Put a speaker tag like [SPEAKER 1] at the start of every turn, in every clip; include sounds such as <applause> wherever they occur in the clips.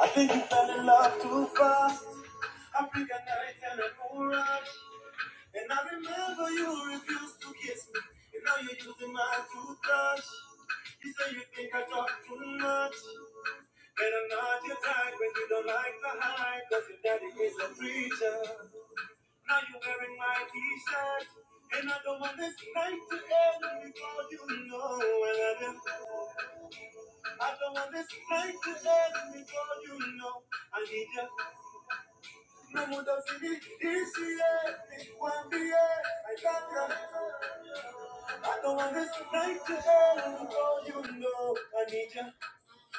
[SPEAKER 1] I think you fell in love too fast. African night and a cool rush. And I remember you refused to kiss me. And now you're using my toothbrush. You say you think I talk too much. Better not your type when you don't like the hype. Cause your daddy is a preacher. Now you're wearing my t-shirt. And I don't want this night to end before you know I love you. I don't want this night to end before you know I need you. No mundo fini, easy, yeah, it won't be, yeah, I got ya. I don't want this night to end, oh, you know, I need you.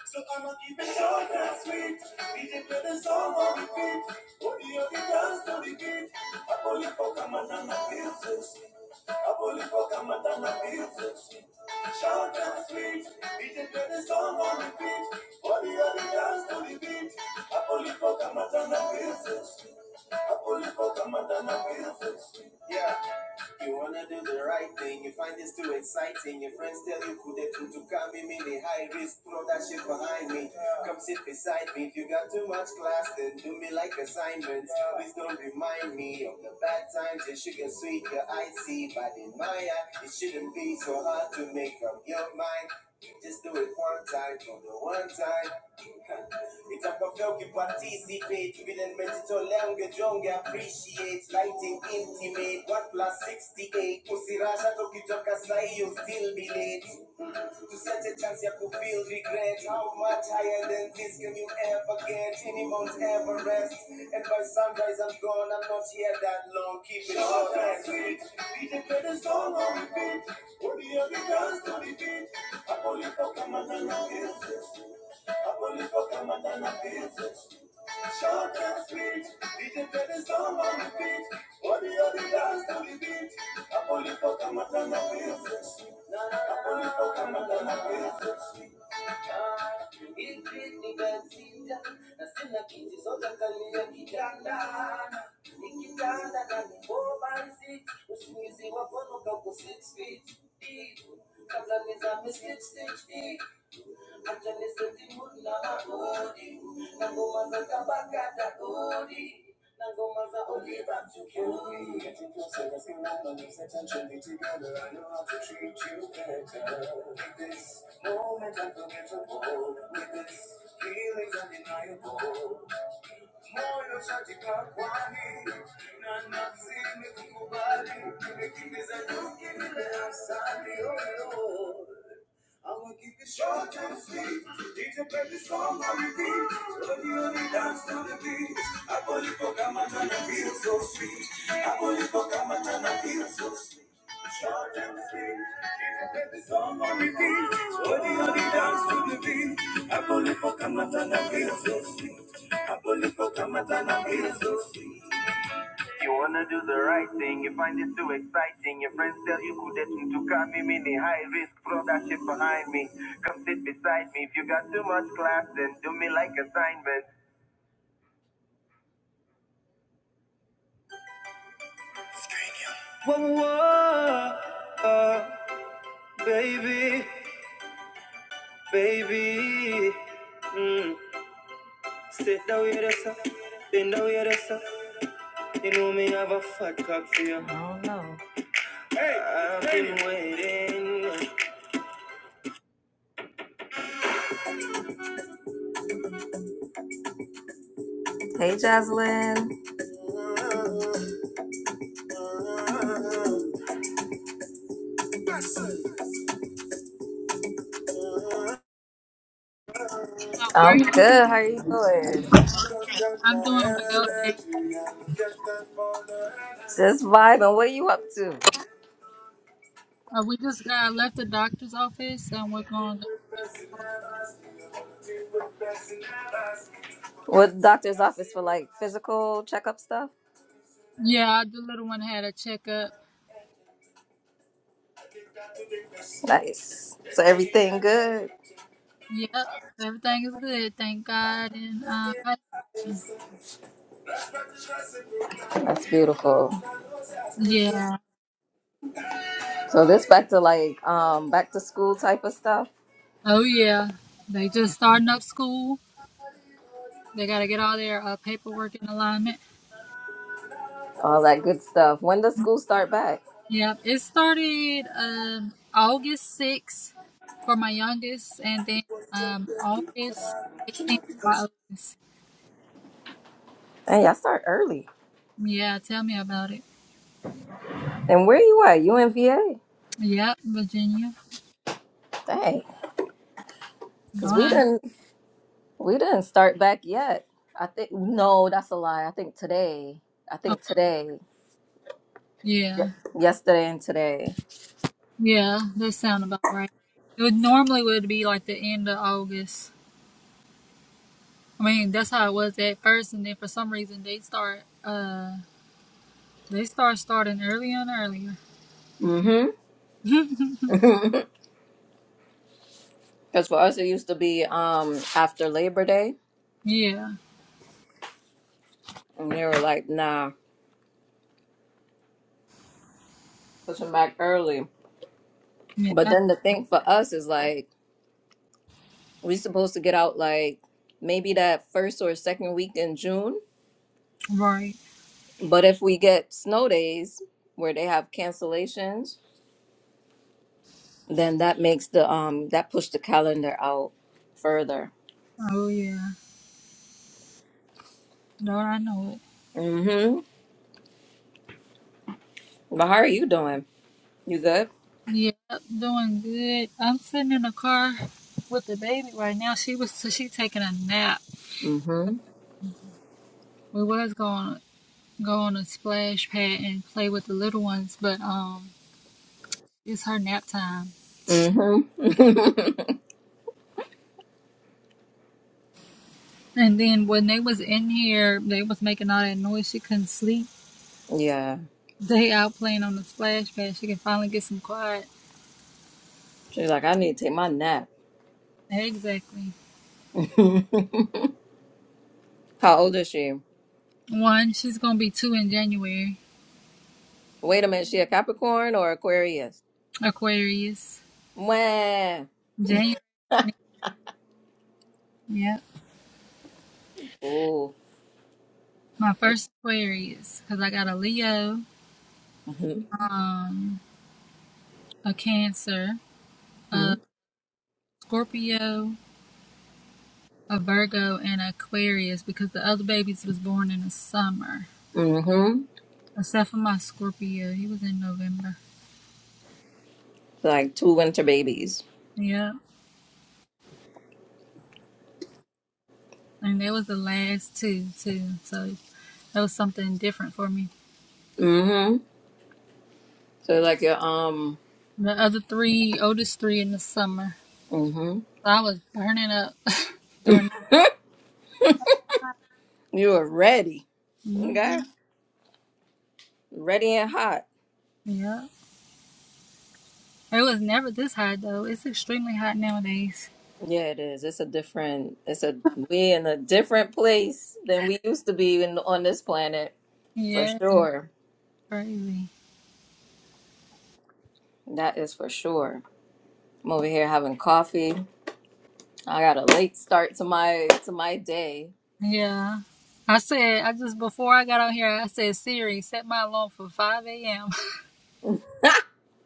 [SPEAKER 1] So I'ma keep it short and sweet. DJ play the song on repeat. Body on the dance to the beat. I pull it for Kamatana Pills. I pull it for Kamatana Pills. Short and sweet. DJ play the song on repeat. Body on the dance to the beat. I pull it for Kamatana Pills. I pull it for Kamatana Pilsen. Yeah. You wanna do the right thing, you find this too exciting. Your friends tell you could they too to come in the high risk, throw that shit behind me. Come sit beside me. If you got too much class, then do me like assignments. Please don't remind me of the bad times. Your sugar sweet, your icy, but in my eye, it shouldn't be so hard to make up your mind. Just do it one time for the one time. It's a cocktail you Nitatokea ukiparticipate vile nimejitolea ungejonge appreciate Lighting intimate 1 plus 68 usirasha tukitoka sahi you still be late to such a chance you could feel regret. How much higher than this can you ever get? Any Mount Everest. And by sunrise I'm gone, I'm not here that long. Keep it Shout all that sweet. Be the song on repeat. Put the other dance to the beat. I believe Apoli poka I believe Apoli poka matana pieces. Short and sweet, DJ play the song on the beat. Body on the dance to the beat. Napoli for Kamatana Princess. Napoli for Kamatana Princess ikinigasita na sina kiti zote kalia kitandana nikitanda na ni four by six usingizi wakonoka ku six feet deep kabla nizame six six feet hata nisetimu na magodi na ngoma za kabaka Nagoma za Oliva me. the loose attention. I know to treat With this moment unforgettable, with this feelings undeniable. Moyo shatika kwani na nafsi imekukubali, nimekimbiza nyuki mbele ya sani, oh Lord. I'm gonna keep it short and sweet. DJ play this song on repeat. Love you and dance to the beat. I pull you for Gamma and I feel so sweet. I pull you for Gamma and I feel so sweet. Short and sweet. DJ play this song on repeat. Love you and dance to the beat. I pull you for Gamma and I feel so sweet. I pull you for Gamma and I feel so sweet. You wanna do the right thing, you find it too exciting. Your friends tell you couldn't to come me meaning high risk, throw that shit behind me. Come sit beside me. If you got too much class, then do me like assignment. Whoa, whoa, uh, baby, baby. Mm, sit down with us, uh, bend down with us. uh. You know me have a fat cock for you. Oh no. Hey, I've been baby. waiting. Hey, Jocelyn.
[SPEAKER 2] How are
[SPEAKER 1] I'm
[SPEAKER 2] you?
[SPEAKER 1] good. How are you doing?
[SPEAKER 2] I'm doing well, thanks.
[SPEAKER 1] Just vibing. What are you up to?
[SPEAKER 2] Uh, we just uh, left the doctor's office and we're going. to.
[SPEAKER 1] What doctor's office for like physical checkup stuff?
[SPEAKER 2] Yeah, the little one had a checkup.
[SPEAKER 1] Nice. So everything good.
[SPEAKER 2] Yep, everything is good, thank God. And uh,
[SPEAKER 1] That's beautiful.
[SPEAKER 2] yeah,
[SPEAKER 1] So this back to like um back to school type of stuff.
[SPEAKER 2] oh yeah, they just starting up school. They got to get all their uh, paperwork in alignment.
[SPEAKER 1] All that good stuff. When does school start back?
[SPEAKER 2] Yep, it started um, August 6th for my youngest, and then um, August 18th for my oldest.
[SPEAKER 1] Dang, y'all start early.
[SPEAKER 2] Yeah, tell me about it.
[SPEAKER 1] And where you at? You in VA?
[SPEAKER 2] Yep, Virginia.
[SPEAKER 1] Dang. Cause we
[SPEAKER 2] Don't
[SPEAKER 1] didn't we didn't start back yet. I think no, that's a lie. I think today. I
[SPEAKER 2] I?
[SPEAKER 1] think today.
[SPEAKER 2] Yeah,
[SPEAKER 1] Yesterday and today.
[SPEAKER 2] yeah, that sound about right. It would normally would be like the end of August. I mean, that's how it was at first, and then for some reason they start uh they start starting earlier and earlier.
[SPEAKER 1] Mm-hmm.
[SPEAKER 2] <laughs>
[SPEAKER 1] <laughs> Because for us, it used to be um after Labor Day,
[SPEAKER 2] yeah,
[SPEAKER 1] and they were like, "Nah, push them back early."
[SPEAKER 2] yeah,
[SPEAKER 1] But
[SPEAKER 2] that's
[SPEAKER 1] then the thing for us is like we supposed to get out like maybe that first or second week in June.
[SPEAKER 2] right.
[SPEAKER 1] But if we get snow days where they have cancellations, then that makes the um that push the calendar out further.
[SPEAKER 2] Oh yeah, Lord, I know it.
[SPEAKER 1] Mm-hmm. But how are you doing? You good?
[SPEAKER 2] Yeah, doing good. I'm sitting in the car with the baby right now. She was so she taking a nap.
[SPEAKER 1] Mm-hmm.
[SPEAKER 2] We was going go on a splash pad and play with the little ones, but um, it's her nap time.
[SPEAKER 1] Mm-hmm.
[SPEAKER 2] And then when they was in here, they was making all that noise. She couldn't sleep.
[SPEAKER 1] <laughs> yeah.
[SPEAKER 2] They out playing on the splash pad. She can finally get some quiet.
[SPEAKER 1] She's like, I need to take my nap.
[SPEAKER 2] Exactly.
[SPEAKER 1] <laughs> How old is she?
[SPEAKER 2] One, she's gonna be two in January.
[SPEAKER 1] Wait a minute, she a Capricorn or Aquarius?
[SPEAKER 2] Aquarius.
[SPEAKER 1] Mwah.
[SPEAKER 2] January. Yep.
[SPEAKER 1] Oh.
[SPEAKER 2] My first Aquarius, cause I got a Leo,
[SPEAKER 1] Mm-hmm.
[SPEAKER 2] um, a Cancer, a Scorpio, a Virgo, and an Aquarius. Because the other babies was born in the summer,
[SPEAKER 1] Mm-hmm.
[SPEAKER 2] except for my Scorpio. He was in November.
[SPEAKER 1] Like two winter babies.
[SPEAKER 2] Yep. and that was the last two too. So that was something different for me.
[SPEAKER 1] Mm-hmm. So like you're um
[SPEAKER 2] The other three, oldest three in the summer,
[SPEAKER 1] mm-hmm.
[SPEAKER 2] so I was burning up <laughs> during.
[SPEAKER 1] You are ready.
[SPEAKER 2] hmm
[SPEAKER 1] Okay? Ready and hot.
[SPEAKER 2] Yeah, it was never this hot though. It's extremely hot nowadays.
[SPEAKER 1] Yeah, it is. It's a different it's a we in a different place than we used to be in, on this planet for
[SPEAKER 2] Yeah, it's
[SPEAKER 1] sure.
[SPEAKER 2] crazy.
[SPEAKER 1] That is for sure. I'm over here having coffee. I got a late start to my to my day.
[SPEAKER 2] Yeah, I said I just before I got on here, I said Siri, set my alarm for five a.m. <laughs>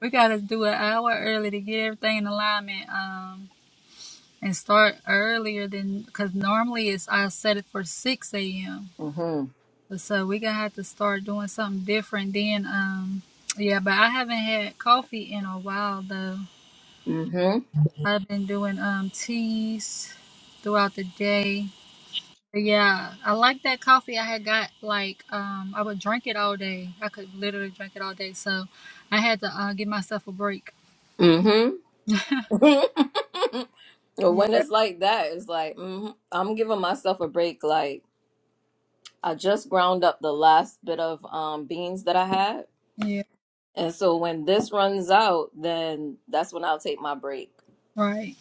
[SPEAKER 2] We gotta do an hour early to get everything in alignment. Um. And start earlier than because normally it's I set it for six a.m. So we gonna have to start doing something different then. Um, yeah, but I haven't had coffee in a while though.
[SPEAKER 1] Mm-hmm.
[SPEAKER 2] I've been doing um teas throughout the day. But yeah, I like that coffee I had got. Like um, I would drink it all day. I could literally drink it all day. So I had to uh, give myself a break.
[SPEAKER 1] Mm-hmm.
[SPEAKER 2] <laughs>
[SPEAKER 1] <laughs> when
[SPEAKER 2] Yeah.
[SPEAKER 1] it's like that, it's like, hmm I'm giving myself a break. Like I just ground up the last bit of um beans that I had.
[SPEAKER 2] Yeah.
[SPEAKER 1] And so when this runs out, then that's when I'll take my break.
[SPEAKER 2] Right.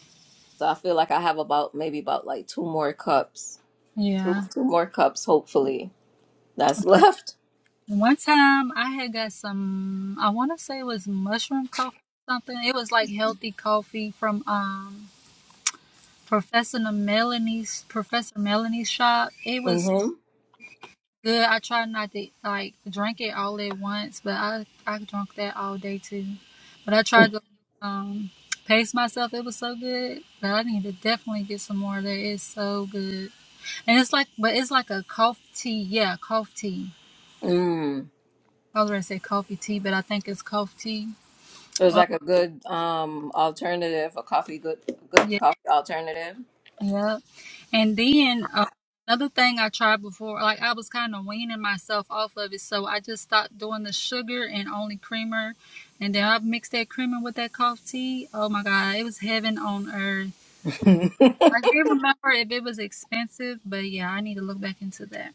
[SPEAKER 1] So I feel like I have about maybe about like two more cups. Two,
[SPEAKER 2] Yeah.
[SPEAKER 1] two more cups, hopefully, that's <laughs> left.
[SPEAKER 2] One time I had got some. I want to say it was mushroom coffee. Something. It was like healthy coffee from um Professor Melanie's Professor Melanie's shop. It was
[SPEAKER 1] Mm-hmm.
[SPEAKER 2] good. I tried not to like drink it all at once, but I I drank that all day too. But I tried to um pace myself. It was so good. But I need to definitely get some more of that. It's so good. And it's like but it's like a cough tea. Yeah, cough tea.
[SPEAKER 1] Mm.
[SPEAKER 2] I was gonna say coffee tea, but I think it's cough tea.
[SPEAKER 1] So
[SPEAKER 2] Oh,
[SPEAKER 1] like a good um alternative, a coffee good good
[SPEAKER 2] yeah.
[SPEAKER 1] coffee alternative.
[SPEAKER 2] Yep. And then uh, another thing I tried before, like I was kind of weaning myself off of it, so I just stopped doing the sugar and only creamer, and then I mixed that creamer with that cough tea. Oh my God, it was heaven on earth.
[SPEAKER 1] <laughs>
[SPEAKER 2] I can't remember if it was expensive, but yeah, I need to look back into that.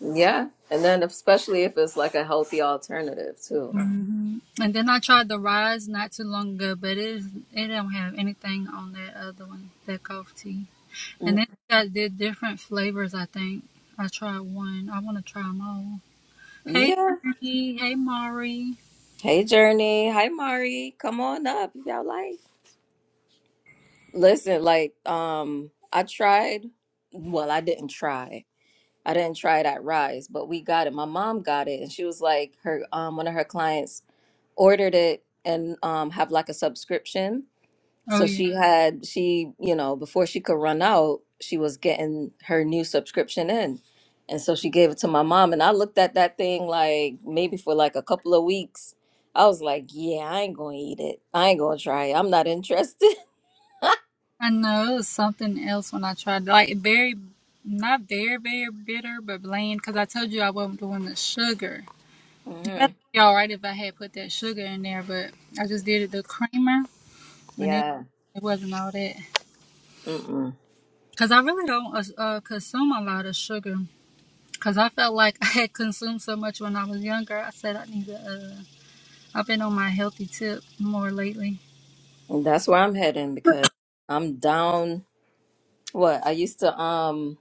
[SPEAKER 1] Yeah. And then especially if it's like a healthy alternative too.
[SPEAKER 2] hmm And then I tried the rise not too long ago, but it is, it don't have anything on that other one, that cough tea. And
[SPEAKER 1] Mm.
[SPEAKER 2] then I did different flavors. I think I tried one. I want to try them all. Hey,
[SPEAKER 1] Yeah.
[SPEAKER 2] Tony. Hey, Mari.
[SPEAKER 1] Hey Journey. Hi Mari. Come on up if y'all like. Listen, like um I tried well, I didn't try. I didn't try that rise, but we got it. My mom got it and she was like her um one of her clients ordered it and um have like a subscription
[SPEAKER 2] Oh,
[SPEAKER 1] So
[SPEAKER 2] yeah.
[SPEAKER 1] she had she, you know, before she could run out, she was getting her new subscription in. And so she gave it to my mom and I looked at that thing like maybe for like a couple of weeks. I was like, yeah, I ain't going to eat it. I ain't going to try it. I'm not interested. <laughs>
[SPEAKER 2] I know it was something else when I tried. Like, very, not very, very bitter, but bland. Because I told you I wasn't doing the sugar. It
[SPEAKER 1] hmm
[SPEAKER 2] would be all right if I had put that sugar in there, but I just did it the creamer, and it,
[SPEAKER 1] Yeah.
[SPEAKER 2] it wasn't all that.
[SPEAKER 1] Mm-mm.
[SPEAKER 2] Because I really don't uh, uh, consume a lot of sugar. Because I felt like <laughs> I had consumed so much when I was younger. I said I need to, uh, I've been on my healthy tip more lately.
[SPEAKER 1] And that's where I'm heading because I'm down. What I used to um,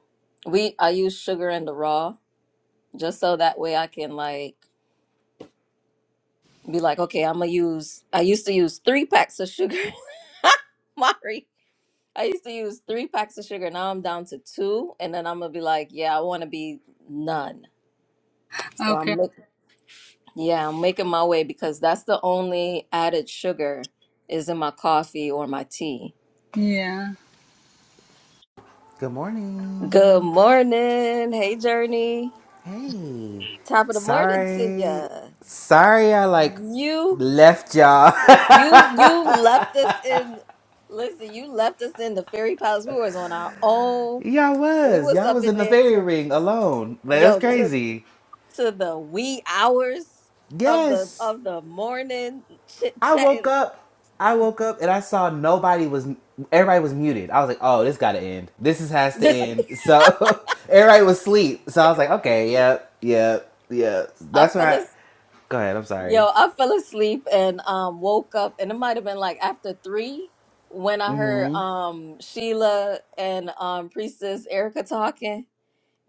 [SPEAKER 1] we I use sugar in the raw just so that way I can like be like, okay, I'm gonna use. I used to use three packs of sugar. <laughs> Mari, I used to use three packs of sugar. Now I'm down to two, and then I'm gonna be like, yeah, I want to be none. So I'm
[SPEAKER 2] Okay.
[SPEAKER 1] make, yeah, I'm making my way because that's the only added sugar is in my coffee or my tea.
[SPEAKER 2] Yeah.
[SPEAKER 3] Good
[SPEAKER 1] Good
[SPEAKER 3] morning.
[SPEAKER 1] morning, hey Journey.
[SPEAKER 3] Hey,
[SPEAKER 1] Top of the morning to
[SPEAKER 3] sorry,
[SPEAKER 1] ya.
[SPEAKER 3] sorry, I like
[SPEAKER 1] You,
[SPEAKER 3] left y'all.
[SPEAKER 1] you, you left us in. Listen, you left us in the fairy palace. We was on our
[SPEAKER 3] <laughs>
[SPEAKER 1] own
[SPEAKER 3] y'all
[SPEAKER 1] we
[SPEAKER 3] was
[SPEAKER 1] was
[SPEAKER 3] y'all
[SPEAKER 1] up
[SPEAKER 3] was
[SPEAKER 1] in
[SPEAKER 3] in the
[SPEAKER 1] there
[SPEAKER 3] fairy
[SPEAKER 1] to
[SPEAKER 3] ring alone. Like that's
[SPEAKER 1] yo to
[SPEAKER 3] crazy.
[SPEAKER 1] to the wee hours of the
[SPEAKER 3] Yes,
[SPEAKER 1] of the morning chit
[SPEAKER 3] I woke
[SPEAKER 1] chatting.
[SPEAKER 3] up. I woke up and I saw nobody was. Everybody was muted. I was like, oh, this gotta end. This is, has to end. So <laughs> everybody was asleep. So
[SPEAKER 1] <laughs>
[SPEAKER 3] I
[SPEAKER 1] it
[SPEAKER 3] was like,
[SPEAKER 1] was.
[SPEAKER 3] okay, yep, yep, yep.
[SPEAKER 1] I
[SPEAKER 3] That's why.
[SPEAKER 1] fell as,
[SPEAKER 3] I, go ahead. I'm
[SPEAKER 1] yo
[SPEAKER 3] sorry.
[SPEAKER 1] I fell asleep and um woke up and it might have been like after three when I heard um Sheila and um Priestess Erica talking.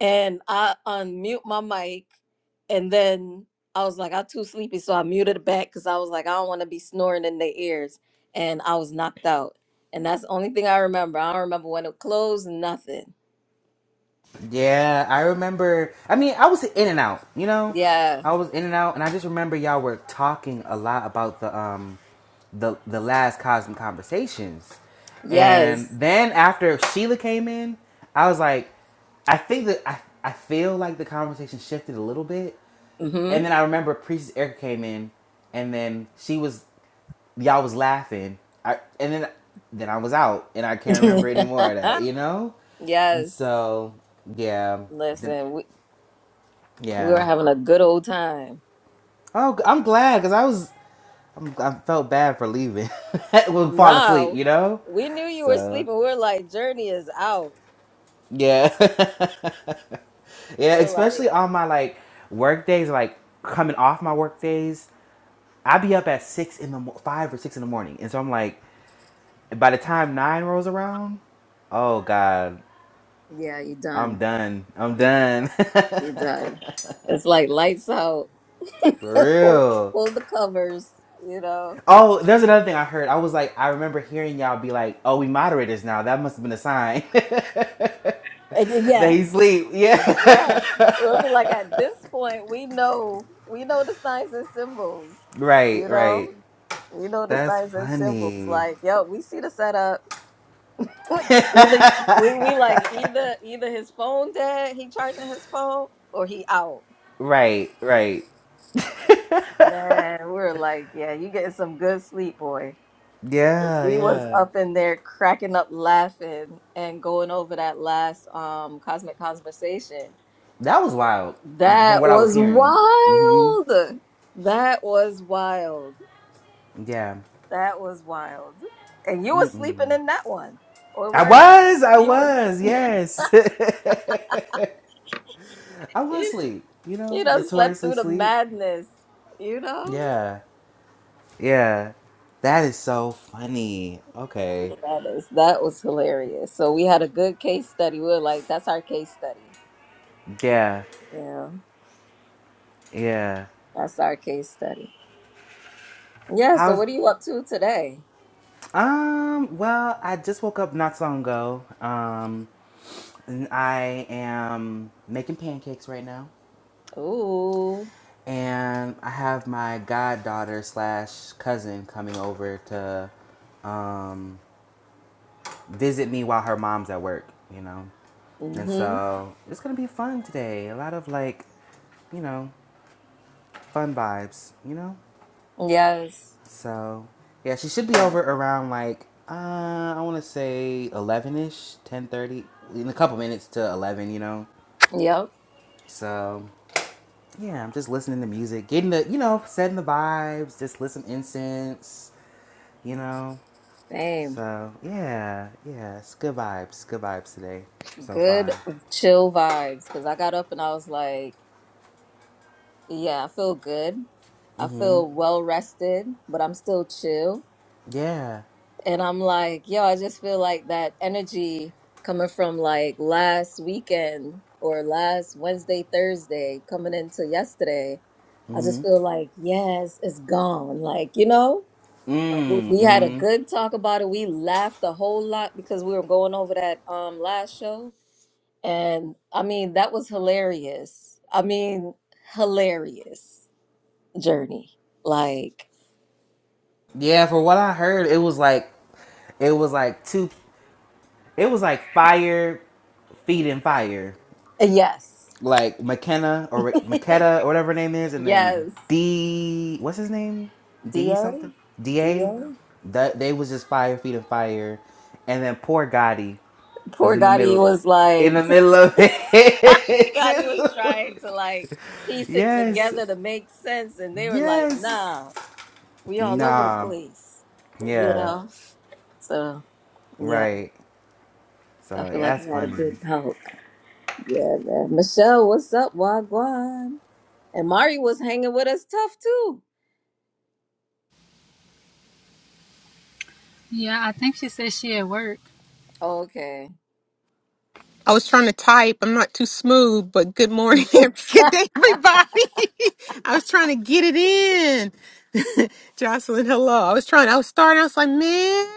[SPEAKER 1] and I unmute my mic, and then I was like, I'm too sleepy, so I muted it back because I was like, I don't want to be snoring in their ears, and I was knocked out, and that's the only thing I remember. I don't remember when it closed, nothing.
[SPEAKER 3] Yeah, I remember. I mean, I was in and out, you know.
[SPEAKER 1] Yeah.
[SPEAKER 3] I was in and out, and I just remember y'all were talking a lot about the um, the the last Cosmic Conversations, and
[SPEAKER 1] Yes.
[SPEAKER 3] then after Sheila came in, I was like, I think that I I feel like the conversation shifted a little bit,
[SPEAKER 1] Mm-hmm.
[SPEAKER 3] and then I remember Priestess Erica came in, and then she was y'all was laughing, I and then then I was out, and I can't remember any more of that, you know.
[SPEAKER 1] <laughs>
[SPEAKER 3] And
[SPEAKER 1] yes.
[SPEAKER 3] so yeah, then
[SPEAKER 1] Listen, we we were
[SPEAKER 3] yeah.
[SPEAKER 1] having a good old time.
[SPEAKER 3] Oh, i I'm glad because I was I'm, I felt bad for leaving <laughs> when fall asleep,
[SPEAKER 1] No,
[SPEAKER 3] you know.
[SPEAKER 1] we knew you were
[SPEAKER 3] So
[SPEAKER 1] sleeping. We were like, Journey is out.
[SPEAKER 3] yeah, <laughs> yeah.
[SPEAKER 1] We are like,
[SPEAKER 3] Especially on my like work days, like coming off my work days, I be up at six in the mo- five or six in the morning, and so I'm like, by the time nine rolls around, oh god,
[SPEAKER 1] Yeah, you
[SPEAKER 3] I'm
[SPEAKER 1] done.
[SPEAKER 3] done. I'm done. <laughs>
[SPEAKER 1] He does. It's like lights out. <laughs>
[SPEAKER 3] for
[SPEAKER 1] pull,
[SPEAKER 3] real.
[SPEAKER 1] pull the covers, you know.
[SPEAKER 3] Oh, there's another thing I heard. I was like, I remember hearing y'all be like, "Oh, we moderators now." That must have been a sign <laughs> that
[SPEAKER 1] And y- yeah,
[SPEAKER 3] he sleep. Yeah. <laughs>
[SPEAKER 1] Yeah. Well, Like at this point, we know we know the signs and symbols.
[SPEAKER 3] Right.
[SPEAKER 1] You
[SPEAKER 3] Right.
[SPEAKER 1] know, we know the
[SPEAKER 3] That's
[SPEAKER 1] signs and symbols.
[SPEAKER 3] funny.
[SPEAKER 1] Like, yo, we see the setup. <laughs>
[SPEAKER 3] <laughs>
[SPEAKER 1] Either we we like either either his phone dead, he charging his phone, or he out.
[SPEAKER 3] Right. Right.
[SPEAKER 1] Man, we're like, yeah, you getting some good sleep, boy.
[SPEAKER 3] Yeah.
[SPEAKER 1] We was
[SPEAKER 3] Yeah.
[SPEAKER 1] up in there cracking up laughing and going over that last um cosmic conversation.
[SPEAKER 3] That was wild. From
[SPEAKER 1] That
[SPEAKER 3] what I was
[SPEAKER 1] was
[SPEAKER 3] hearing. Mm-hmm.
[SPEAKER 1] wild. That was wild.
[SPEAKER 3] Yeah.
[SPEAKER 1] That was wild. And you were sleeping in that one. Or
[SPEAKER 3] I
[SPEAKER 1] were you?
[SPEAKER 3] was. I
[SPEAKER 1] You were
[SPEAKER 3] was.
[SPEAKER 1] <laughs>
[SPEAKER 3] Yes. <laughs> I was
[SPEAKER 1] you,
[SPEAKER 3] sleep. You know,
[SPEAKER 1] you know slept
[SPEAKER 3] notoriously
[SPEAKER 1] through the
[SPEAKER 3] sleep.
[SPEAKER 1] madness, you know?
[SPEAKER 3] Yeah. Yeah. That is so funny.
[SPEAKER 1] Through
[SPEAKER 3] Okay.
[SPEAKER 1] the madness. That was hilarious. So we had a good case study. We were like, that's our case study.
[SPEAKER 3] Yeah,
[SPEAKER 1] Yeah.
[SPEAKER 3] yeah.
[SPEAKER 1] That's our case study. Yeah, so
[SPEAKER 3] How's
[SPEAKER 1] what are you up to today?
[SPEAKER 3] um? Well, I just woke up not so long ago. Um, and I am making pancakes right now,
[SPEAKER 1] Ooh.
[SPEAKER 3] and I have my goddaughter slash cousin coming over to um visit me while her mom's at work. You know, and
[SPEAKER 1] Mm-hmm.
[SPEAKER 3] so it's gonna be fun today. A lot of like, you know, fun vibes. You know.
[SPEAKER 1] Yes.
[SPEAKER 3] So, yeah, she should be
[SPEAKER 1] Right.
[SPEAKER 3] over around like uh, I want to say eleven ish, ten thirty, in a couple minutes to eleven. You know.
[SPEAKER 1] Yep.
[SPEAKER 3] So, yeah, I'm just listening to music, getting the you know setting the vibes, just listen incense. You know.
[SPEAKER 1] Same.
[SPEAKER 3] So yeah, yeah, it's good vibes, good vibes today so far.
[SPEAKER 1] Good chill vibes. Cause I got up and I was like, yeah, I feel good. I
[SPEAKER 3] Mm-hmm.
[SPEAKER 1] feel well rested, but I'm still chill.
[SPEAKER 3] Yeah.
[SPEAKER 1] And I'm like, yo, I just feel like that energy coming from like last weekend or last Wednesday, Thursday, coming into yesterday. I just feel like, yes, it's gone. Like, you know? Like we
[SPEAKER 3] Mm,
[SPEAKER 1] we had a
[SPEAKER 3] hmm
[SPEAKER 1] good talk about it. We laughed a whole lot because we were going over that um last show. And I mean, that was hilarious. I mean, hilarious journey. Like,
[SPEAKER 3] Yeah, for what I heard, it was like it was like two it was like fire feeding fire.
[SPEAKER 1] yes.
[SPEAKER 3] like McKenna or
[SPEAKER 1] <laughs>
[SPEAKER 3] McKetta or whatever her name is, and then
[SPEAKER 1] yes.
[SPEAKER 3] D what's his name? D
[SPEAKER 1] DA?
[SPEAKER 3] something? DA?
[SPEAKER 1] DA?
[SPEAKER 3] That they was just fire feet of fire. And then poor Gotti was
[SPEAKER 1] Poor
[SPEAKER 3] in the
[SPEAKER 1] Gotti
[SPEAKER 3] middle
[SPEAKER 1] was
[SPEAKER 3] in
[SPEAKER 1] like,
[SPEAKER 3] the middle of
[SPEAKER 1] <laughs> Gotti
[SPEAKER 3] it <laughs>
[SPEAKER 1] was
[SPEAKER 3] too.
[SPEAKER 1] trying to like piece it
[SPEAKER 3] yes.
[SPEAKER 1] together to make sense. And they were like,
[SPEAKER 3] Yes.
[SPEAKER 1] nah, we all over the
[SPEAKER 3] Nah.
[SPEAKER 1] place, you
[SPEAKER 3] Yeah.
[SPEAKER 1] know? So, yeah.
[SPEAKER 3] Right.
[SPEAKER 1] I
[SPEAKER 3] So yeah,
[SPEAKER 1] feel like
[SPEAKER 3] that's
[SPEAKER 1] we had a
[SPEAKER 3] funny.
[SPEAKER 1] good talk. Yeah, man. Michelle, what's up, Wagwan? And Mari was hanging with us tough too.
[SPEAKER 2] Yeah, I think she said she at work.
[SPEAKER 1] Okay.
[SPEAKER 4] I was trying to type. I'm not too smooth, but good morning, <laughs> good day, everybody. <laughs> I was trying to get it in. <laughs> Jocelyn, hello. I was trying. I was starting. I was like, man,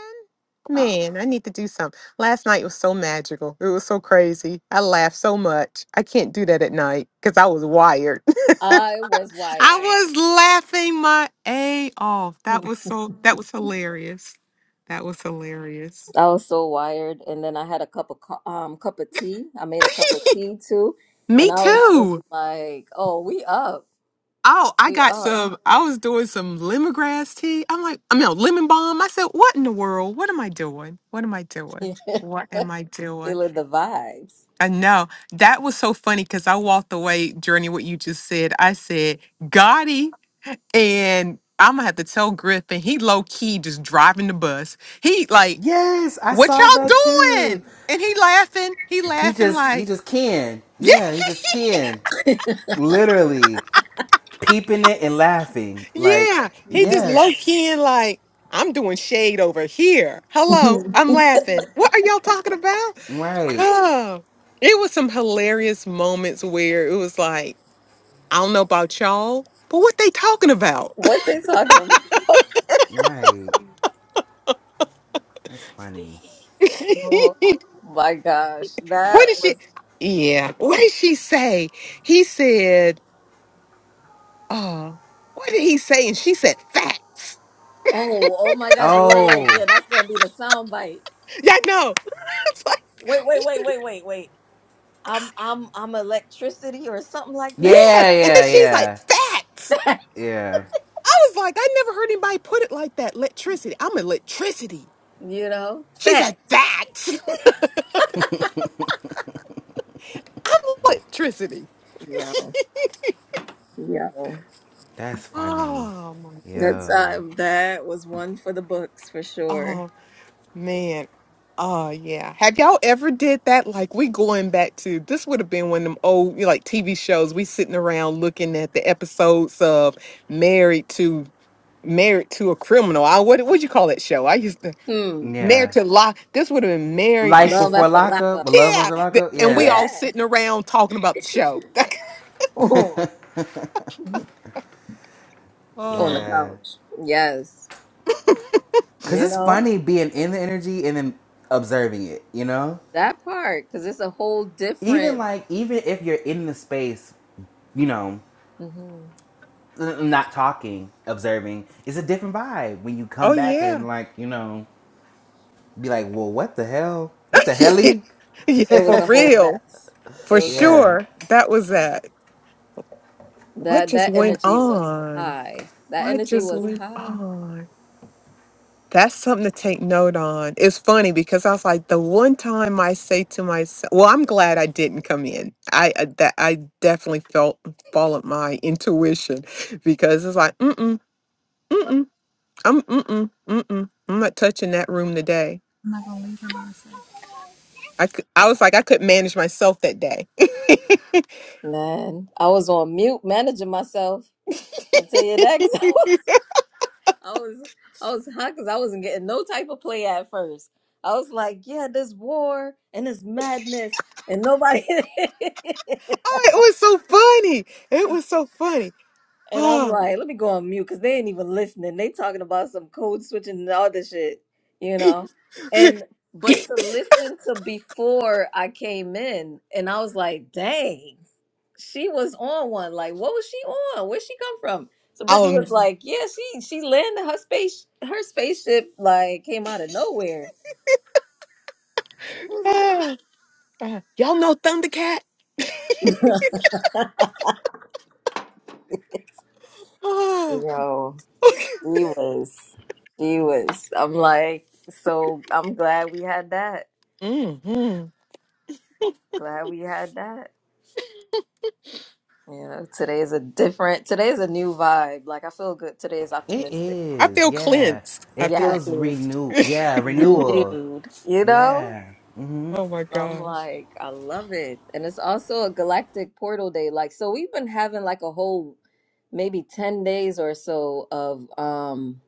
[SPEAKER 2] Oh,
[SPEAKER 4] man, I need to do something. Last night was so magical. It was so crazy. I laughed so much. I can't do that at night because I was wired.
[SPEAKER 1] I was
[SPEAKER 4] <laughs> I
[SPEAKER 1] wired.
[SPEAKER 4] was laughing my a off.
[SPEAKER 1] <laughs>
[SPEAKER 4] That
[SPEAKER 1] I
[SPEAKER 4] was so. That was hilarious. That was hilarious.
[SPEAKER 1] was so wired, and then I had a cup of co- um cup of tea. I made a cup of tea too,
[SPEAKER 4] Me
[SPEAKER 1] and I was just
[SPEAKER 4] too.
[SPEAKER 1] like, "Oh, we up,
[SPEAKER 4] Oh, I
[SPEAKER 1] we
[SPEAKER 4] got
[SPEAKER 1] up,
[SPEAKER 4] some. I was doing some lemongrass tea. I'm like, I mean, no, lemon balm. I said, what in the world? What am I doing? What am I doing? What am I
[SPEAKER 1] <laughs>
[SPEAKER 4] doing?
[SPEAKER 1] feeling the vibes."
[SPEAKER 4] I know that was so funny because I walked away, Journey, what you just said. I said, Gotti. And I'm going to have to tell Griffin, he low key just driving the bus. He like,
[SPEAKER 3] Yes, I
[SPEAKER 4] what
[SPEAKER 3] saw
[SPEAKER 4] y'all
[SPEAKER 3] that too.
[SPEAKER 4] doing? And he laughing. He
[SPEAKER 3] He
[SPEAKER 4] laughing
[SPEAKER 3] just he
[SPEAKER 4] like,
[SPEAKER 3] just can.
[SPEAKER 4] yeah.
[SPEAKER 3] Yeah, he's just can. Literally. peeping it and laughing. Like,
[SPEAKER 4] Yeah, he just low
[SPEAKER 3] yes,
[SPEAKER 4] key and like, I'm doing shade over here. Hello,
[SPEAKER 1] <laughs>
[SPEAKER 4] I'm laughing. What are y'all talking about?
[SPEAKER 3] right,
[SPEAKER 4] Oh, it was some hilarious moments where it was like, I don't know about y'all, but what they talking about?
[SPEAKER 1] what they talking about?
[SPEAKER 3] right. That's funny.
[SPEAKER 4] <laughs>
[SPEAKER 1] Oh my gosh,
[SPEAKER 4] what did
[SPEAKER 1] that
[SPEAKER 4] she?
[SPEAKER 1] was.
[SPEAKER 4] Yeah, what did she say? He said, uh, what did he say? And she said, facts.
[SPEAKER 1] Oh, oh my gosh, we were like, yeah,
[SPEAKER 3] Oh,
[SPEAKER 1] that's gonna be the sound bite.
[SPEAKER 4] Yeah, no. <laughs> It's
[SPEAKER 1] Wait,
[SPEAKER 4] like,
[SPEAKER 1] wait, wait, wait, wait, wait. I'm I'm I'm electricity or something like that.
[SPEAKER 4] yes.
[SPEAKER 3] yeah,
[SPEAKER 4] And then
[SPEAKER 3] yeah,
[SPEAKER 4] she's like,
[SPEAKER 3] yeah,
[SPEAKER 4] facts.
[SPEAKER 3] yeah.
[SPEAKER 4] I was like, I never heard anybody put it like that. Electricity. I'm electricity.
[SPEAKER 1] <laughs> you know?
[SPEAKER 4] She's a
[SPEAKER 1] Facts.
[SPEAKER 4] that. <laughs> I'm electricity. <laughs>
[SPEAKER 1] Yeah. Yeah.
[SPEAKER 3] That's funny.
[SPEAKER 4] Oh, my-
[SPEAKER 1] That's
[SPEAKER 3] Yeah,
[SPEAKER 1] uh that was one for the books for sure.
[SPEAKER 4] oh man. Oh yeah. Have y'all ever did that? Like we going back to this would have been one of them old you know, like TV shows. We sitting around looking at the episodes of Married to Married to a Criminal. I what what you call that show? I used to
[SPEAKER 1] Hmm.
[SPEAKER 3] yeah.
[SPEAKER 4] Married to Law. This would have been Married.
[SPEAKER 3] Life
[SPEAKER 4] <laughs>
[SPEAKER 1] Love
[SPEAKER 3] before
[SPEAKER 1] after
[SPEAKER 3] lockup, but
[SPEAKER 1] lockup.
[SPEAKER 3] love
[SPEAKER 4] Yeah.
[SPEAKER 3] after
[SPEAKER 4] th-
[SPEAKER 3] lockup.
[SPEAKER 4] And we
[SPEAKER 3] Yeah,
[SPEAKER 4] all
[SPEAKER 1] Yeah.
[SPEAKER 4] sitting around talking about the show. <laughs>
[SPEAKER 1] <laughs> Oh. On the
[SPEAKER 4] Oh,
[SPEAKER 3] yeah.
[SPEAKER 1] couch. Yes.
[SPEAKER 3] Cause
[SPEAKER 1] You
[SPEAKER 3] it's
[SPEAKER 1] know?
[SPEAKER 3] funny being in the energy and then observing it. You know,
[SPEAKER 1] That part, because it's a whole
[SPEAKER 3] even
[SPEAKER 1] different
[SPEAKER 3] like even if you're in the space, you know.
[SPEAKER 1] Mhm.
[SPEAKER 3] not talking, observing, it's a different vibe when you come
[SPEAKER 4] oh
[SPEAKER 3] back
[SPEAKER 4] yeah.
[SPEAKER 3] and like you know be like, well, what the hell? What the
[SPEAKER 4] <laughs> yeah.
[SPEAKER 3] helly?
[SPEAKER 4] Yeah,
[SPEAKER 1] it was
[SPEAKER 4] for
[SPEAKER 1] a whole
[SPEAKER 4] real,
[SPEAKER 1] mess. It
[SPEAKER 4] for
[SPEAKER 1] was a whole
[SPEAKER 3] Yeah,
[SPEAKER 4] sure.
[SPEAKER 1] mess.
[SPEAKER 4] That was that. What
[SPEAKER 1] That
[SPEAKER 4] just
[SPEAKER 1] that
[SPEAKER 4] went
[SPEAKER 1] energy was
[SPEAKER 4] on?
[SPEAKER 1] high. That
[SPEAKER 4] What
[SPEAKER 1] energy
[SPEAKER 4] just
[SPEAKER 1] was
[SPEAKER 4] went
[SPEAKER 1] high.
[SPEAKER 4] on? That's something to take note on. It's funny because I was like, the one time I say to myself, "Well, I'm glad I didn't come in." I uh, that I definitely felt followed my intuition because it's like, mm mm mm. I'm mm-mm, mm-mm. I'm not touching that room today.
[SPEAKER 2] I'm not gonna leave her by herself.
[SPEAKER 4] I cou- I was like I couldn't manage myself that day. <laughs> oh, it
[SPEAKER 1] Man, I was on mute managing myself. I'll tell you that 'cause <laughs> I was, I was, I was hot because I wasn't getting no type of play at first. I was like, yeah, this war and this madness and nobody.
[SPEAKER 4] was so funny.
[SPEAKER 1] <laughs>
[SPEAKER 4] It was so funny.
[SPEAKER 1] And I'm
[SPEAKER 4] Oh,
[SPEAKER 1] like, let me go on mute because they ain't even listening. They talking about some code switching and all this shit, you know. And but to listen to before I came in, and I was like, dang, she was on one. Like, what was she on? Where'd she come from? So Brittany
[SPEAKER 4] um,
[SPEAKER 1] was Mhm. like, yeah, she she landed her space her spaceship like came out of nowhere. <laughs>
[SPEAKER 4] ah, ah. y'all know Thundercat. Oh,
[SPEAKER 1] Yo, he was, he was. I'm like, so I'm glad we had that.
[SPEAKER 4] mm-hmm.
[SPEAKER 1] Glad we had that. You know, today is a different, today is a new vibe. Like I feel good. Today is
[SPEAKER 3] it
[SPEAKER 1] optimistic.
[SPEAKER 4] I
[SPEAKER 3] is.
[SPEAKER 4] feel
[SPEAKER 3] Yeah,
[SPEAKER 4] cleansed. I
[SPEAKER 3] it
[SPEAKER 4] feel
[SPEAKER 1] Yes,
[SPEAKER 3] feels
[SPEAKER 4] cleansed.
[SPEAKER 3] renew.
[SPEAKER 4] <laughs>
[SPEAKER 3] Yeah, renewal.
[SPEAKER 1] renewed. You know?
[SPEAKER 3] Yeah.
[SPEAKER 4] oh my
[SPEAKER 1] I'm
[SPEAKER 4] gosh.
[SPEAKER 1] like, I love it. And it's also a galactic portal day. Like, so we've been having like a whole maybe 10 days or so of um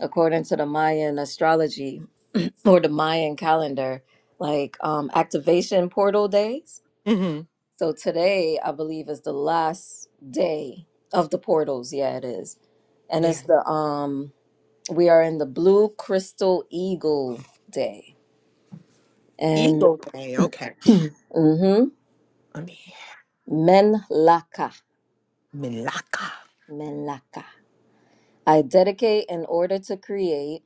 [SPEAKER 1] according to the Mayan astrology <clears throat> or the Mayan calendar, like um activation portal days.
[SPEAKER 4] Mm-hmm.
[SPEAKER 1] So today, I believe, is the last day of the portals. Yeah, it is. and
[SPEAKER 4] Yeah,
[SPEAKER 1] it's the um we are in the blue crystal eagle day and
[SPEAKER 4] Eagle Day. Okay,
[SPEAKER 1] <clears throat> mm-hmm
[SPEAKER 4] I mean
[SPEAKER 1] menlaka
[SPEAKER 4] Malacca.
[SPEAKER 1] menlaka i dedicate in order to create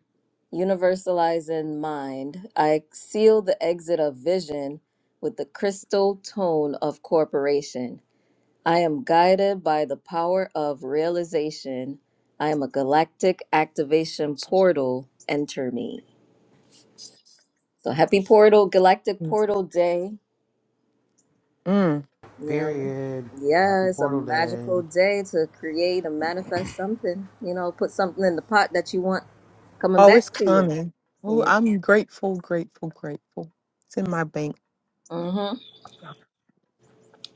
[SPEAKER 1] universalize in mind i seal the exit of vision with the crystal tone of corporation i am guided by the power of realization i am a galactic activation portal enter me So happy portal, galactic portal day.
[SPEAKER 4] Mm.
[SPEAKER 1] You know,
[SPEAKER 3] Period. Happy
[SPEAKER 1] yeah, it's a
[SPEAKER 3] Portal Day.
[SPEAKER 1] magical day to create and manifest something. You know, put something in the pot that you want coming
[SPEAKER 4] Oh, it's
[SPEAKER 1] back to you.
[SPEAKER 4] coming. Oh,
[SPEAKER 1] Yeah.
[SPEAKER 4] I'm grateful, grateful, grateful. It's in my bank.
[SPEAKER 1] Mm-hmm.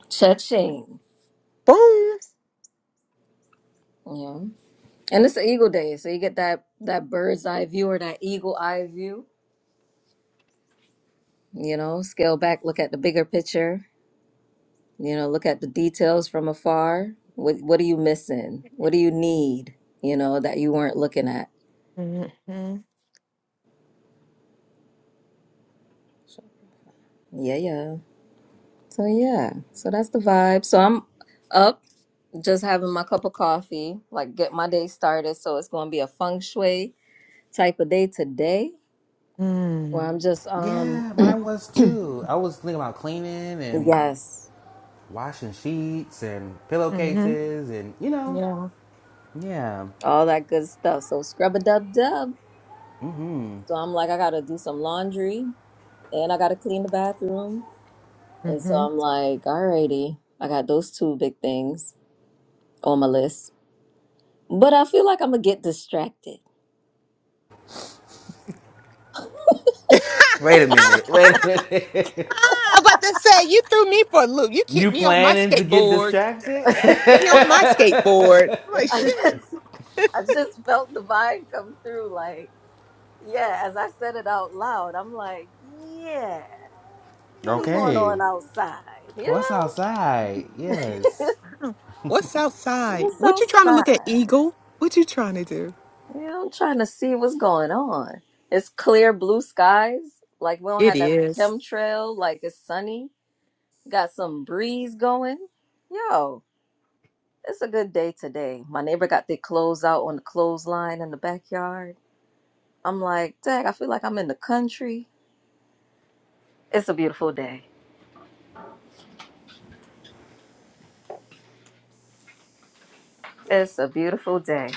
[SPEAKER 1] Cha-ching.
[SPEAKER 4] Boom.
[SPEAKER 1] Yeah. And it's an eagle day, so you get that that bird's eye view or that eagle eye view. You know, scale back, look at the bigger picture. You know, look at the details from afar. What what are you missing? What do you need? You know, that you weren't looking at.
[SPEAKER 4] Mm-hmm.
[SPEAKER 1] Yeah, yeah. So yeah, so that's the vibe. So I'm up, just having my cup of coffee, like get my day started. So it's gonna be a feng shui type of day today, where
[SPEAKER 4] Mm-hmm.
[SPEAKER 1] I'm just um
[SPEAKER 3] Yeah,
[SPEAKER 1] <clears throat>
[SPEAKER 3] mine was too. I was thinking about cleaning and
[SPEAKER 1] yes,
[SPEAKER 3] washing sheets and pillowcases and you know,
[SPEAKER 4] Yeah.
[SPEAKER 3] yeah.
[SPEAKER 1] all that good stuff. So scrub a dub dub. So I'm like, I gotta do some laundry and I gotta clean the bathroom. And so
[SPEAKER 4] Mm-hmm. <laughs>
[SPEAKER 1] I'm like, alrighty, I got those two big things on my list. But I feel like I'm gonna get distracted.
[SPEAKER 3] Wait a minute. Wait a minute. <laughs>
[SPEAKER 4] I'm about to say, you threw me for a loop. You
[SPEAKER 3] You
[SPEAKER 4] kicked me off my
[SPEAKER 3] planning to get
[SPEAKER 4] skateboard.
[SPEAKER 3] distracted? <laughs>
[SPEAKER 1] <laughs> I
[SPEAKER 4] Kicked me off my skateboard. I'm like,
[SPEAKER 1] just
[SPEAKER 4] shit.
[SPEAKER 1] I just felt the vibe come through like Yeah, as I said it out loud, I'm like, yeah, what's going
[SPEAKER 4] man.
[SPEAKER 3] Okay.
[SPEAKER 1] on outside?
[SPEAKER 3] What's
[SPEAKER 1] You
[SPEAKER 3] outside?
[SPEAKER 1] know,
[SPEAKER 3] Yes.
[SPEAKER 4] What's
[SPEAKER 1] <laughs>
[SPEAKER 4] outside?
[SPEAKER 1] what's
[SPEAKER 4] What you trying to look at,
[SPEAKER 1] outside?
[SPEAKER 4] Eagle? What you trying to do?
[SPEAKER 1] You know, I'm trying to see what's going on. It's clear blue skies. Like we don't
[SPEAKER 4] It
[SPEAKER 1] have that
[SPEAKER 4] is.
[SPEAKER 1] chemtrail. Like it's sunny. Got some breeze going. Yo, it's a good day today. My neighbor got their clothes out on the clothesline in the backyard. I'm like, dang, I feel like I'm in the country. It's a beautiful day. It's a beautiful day.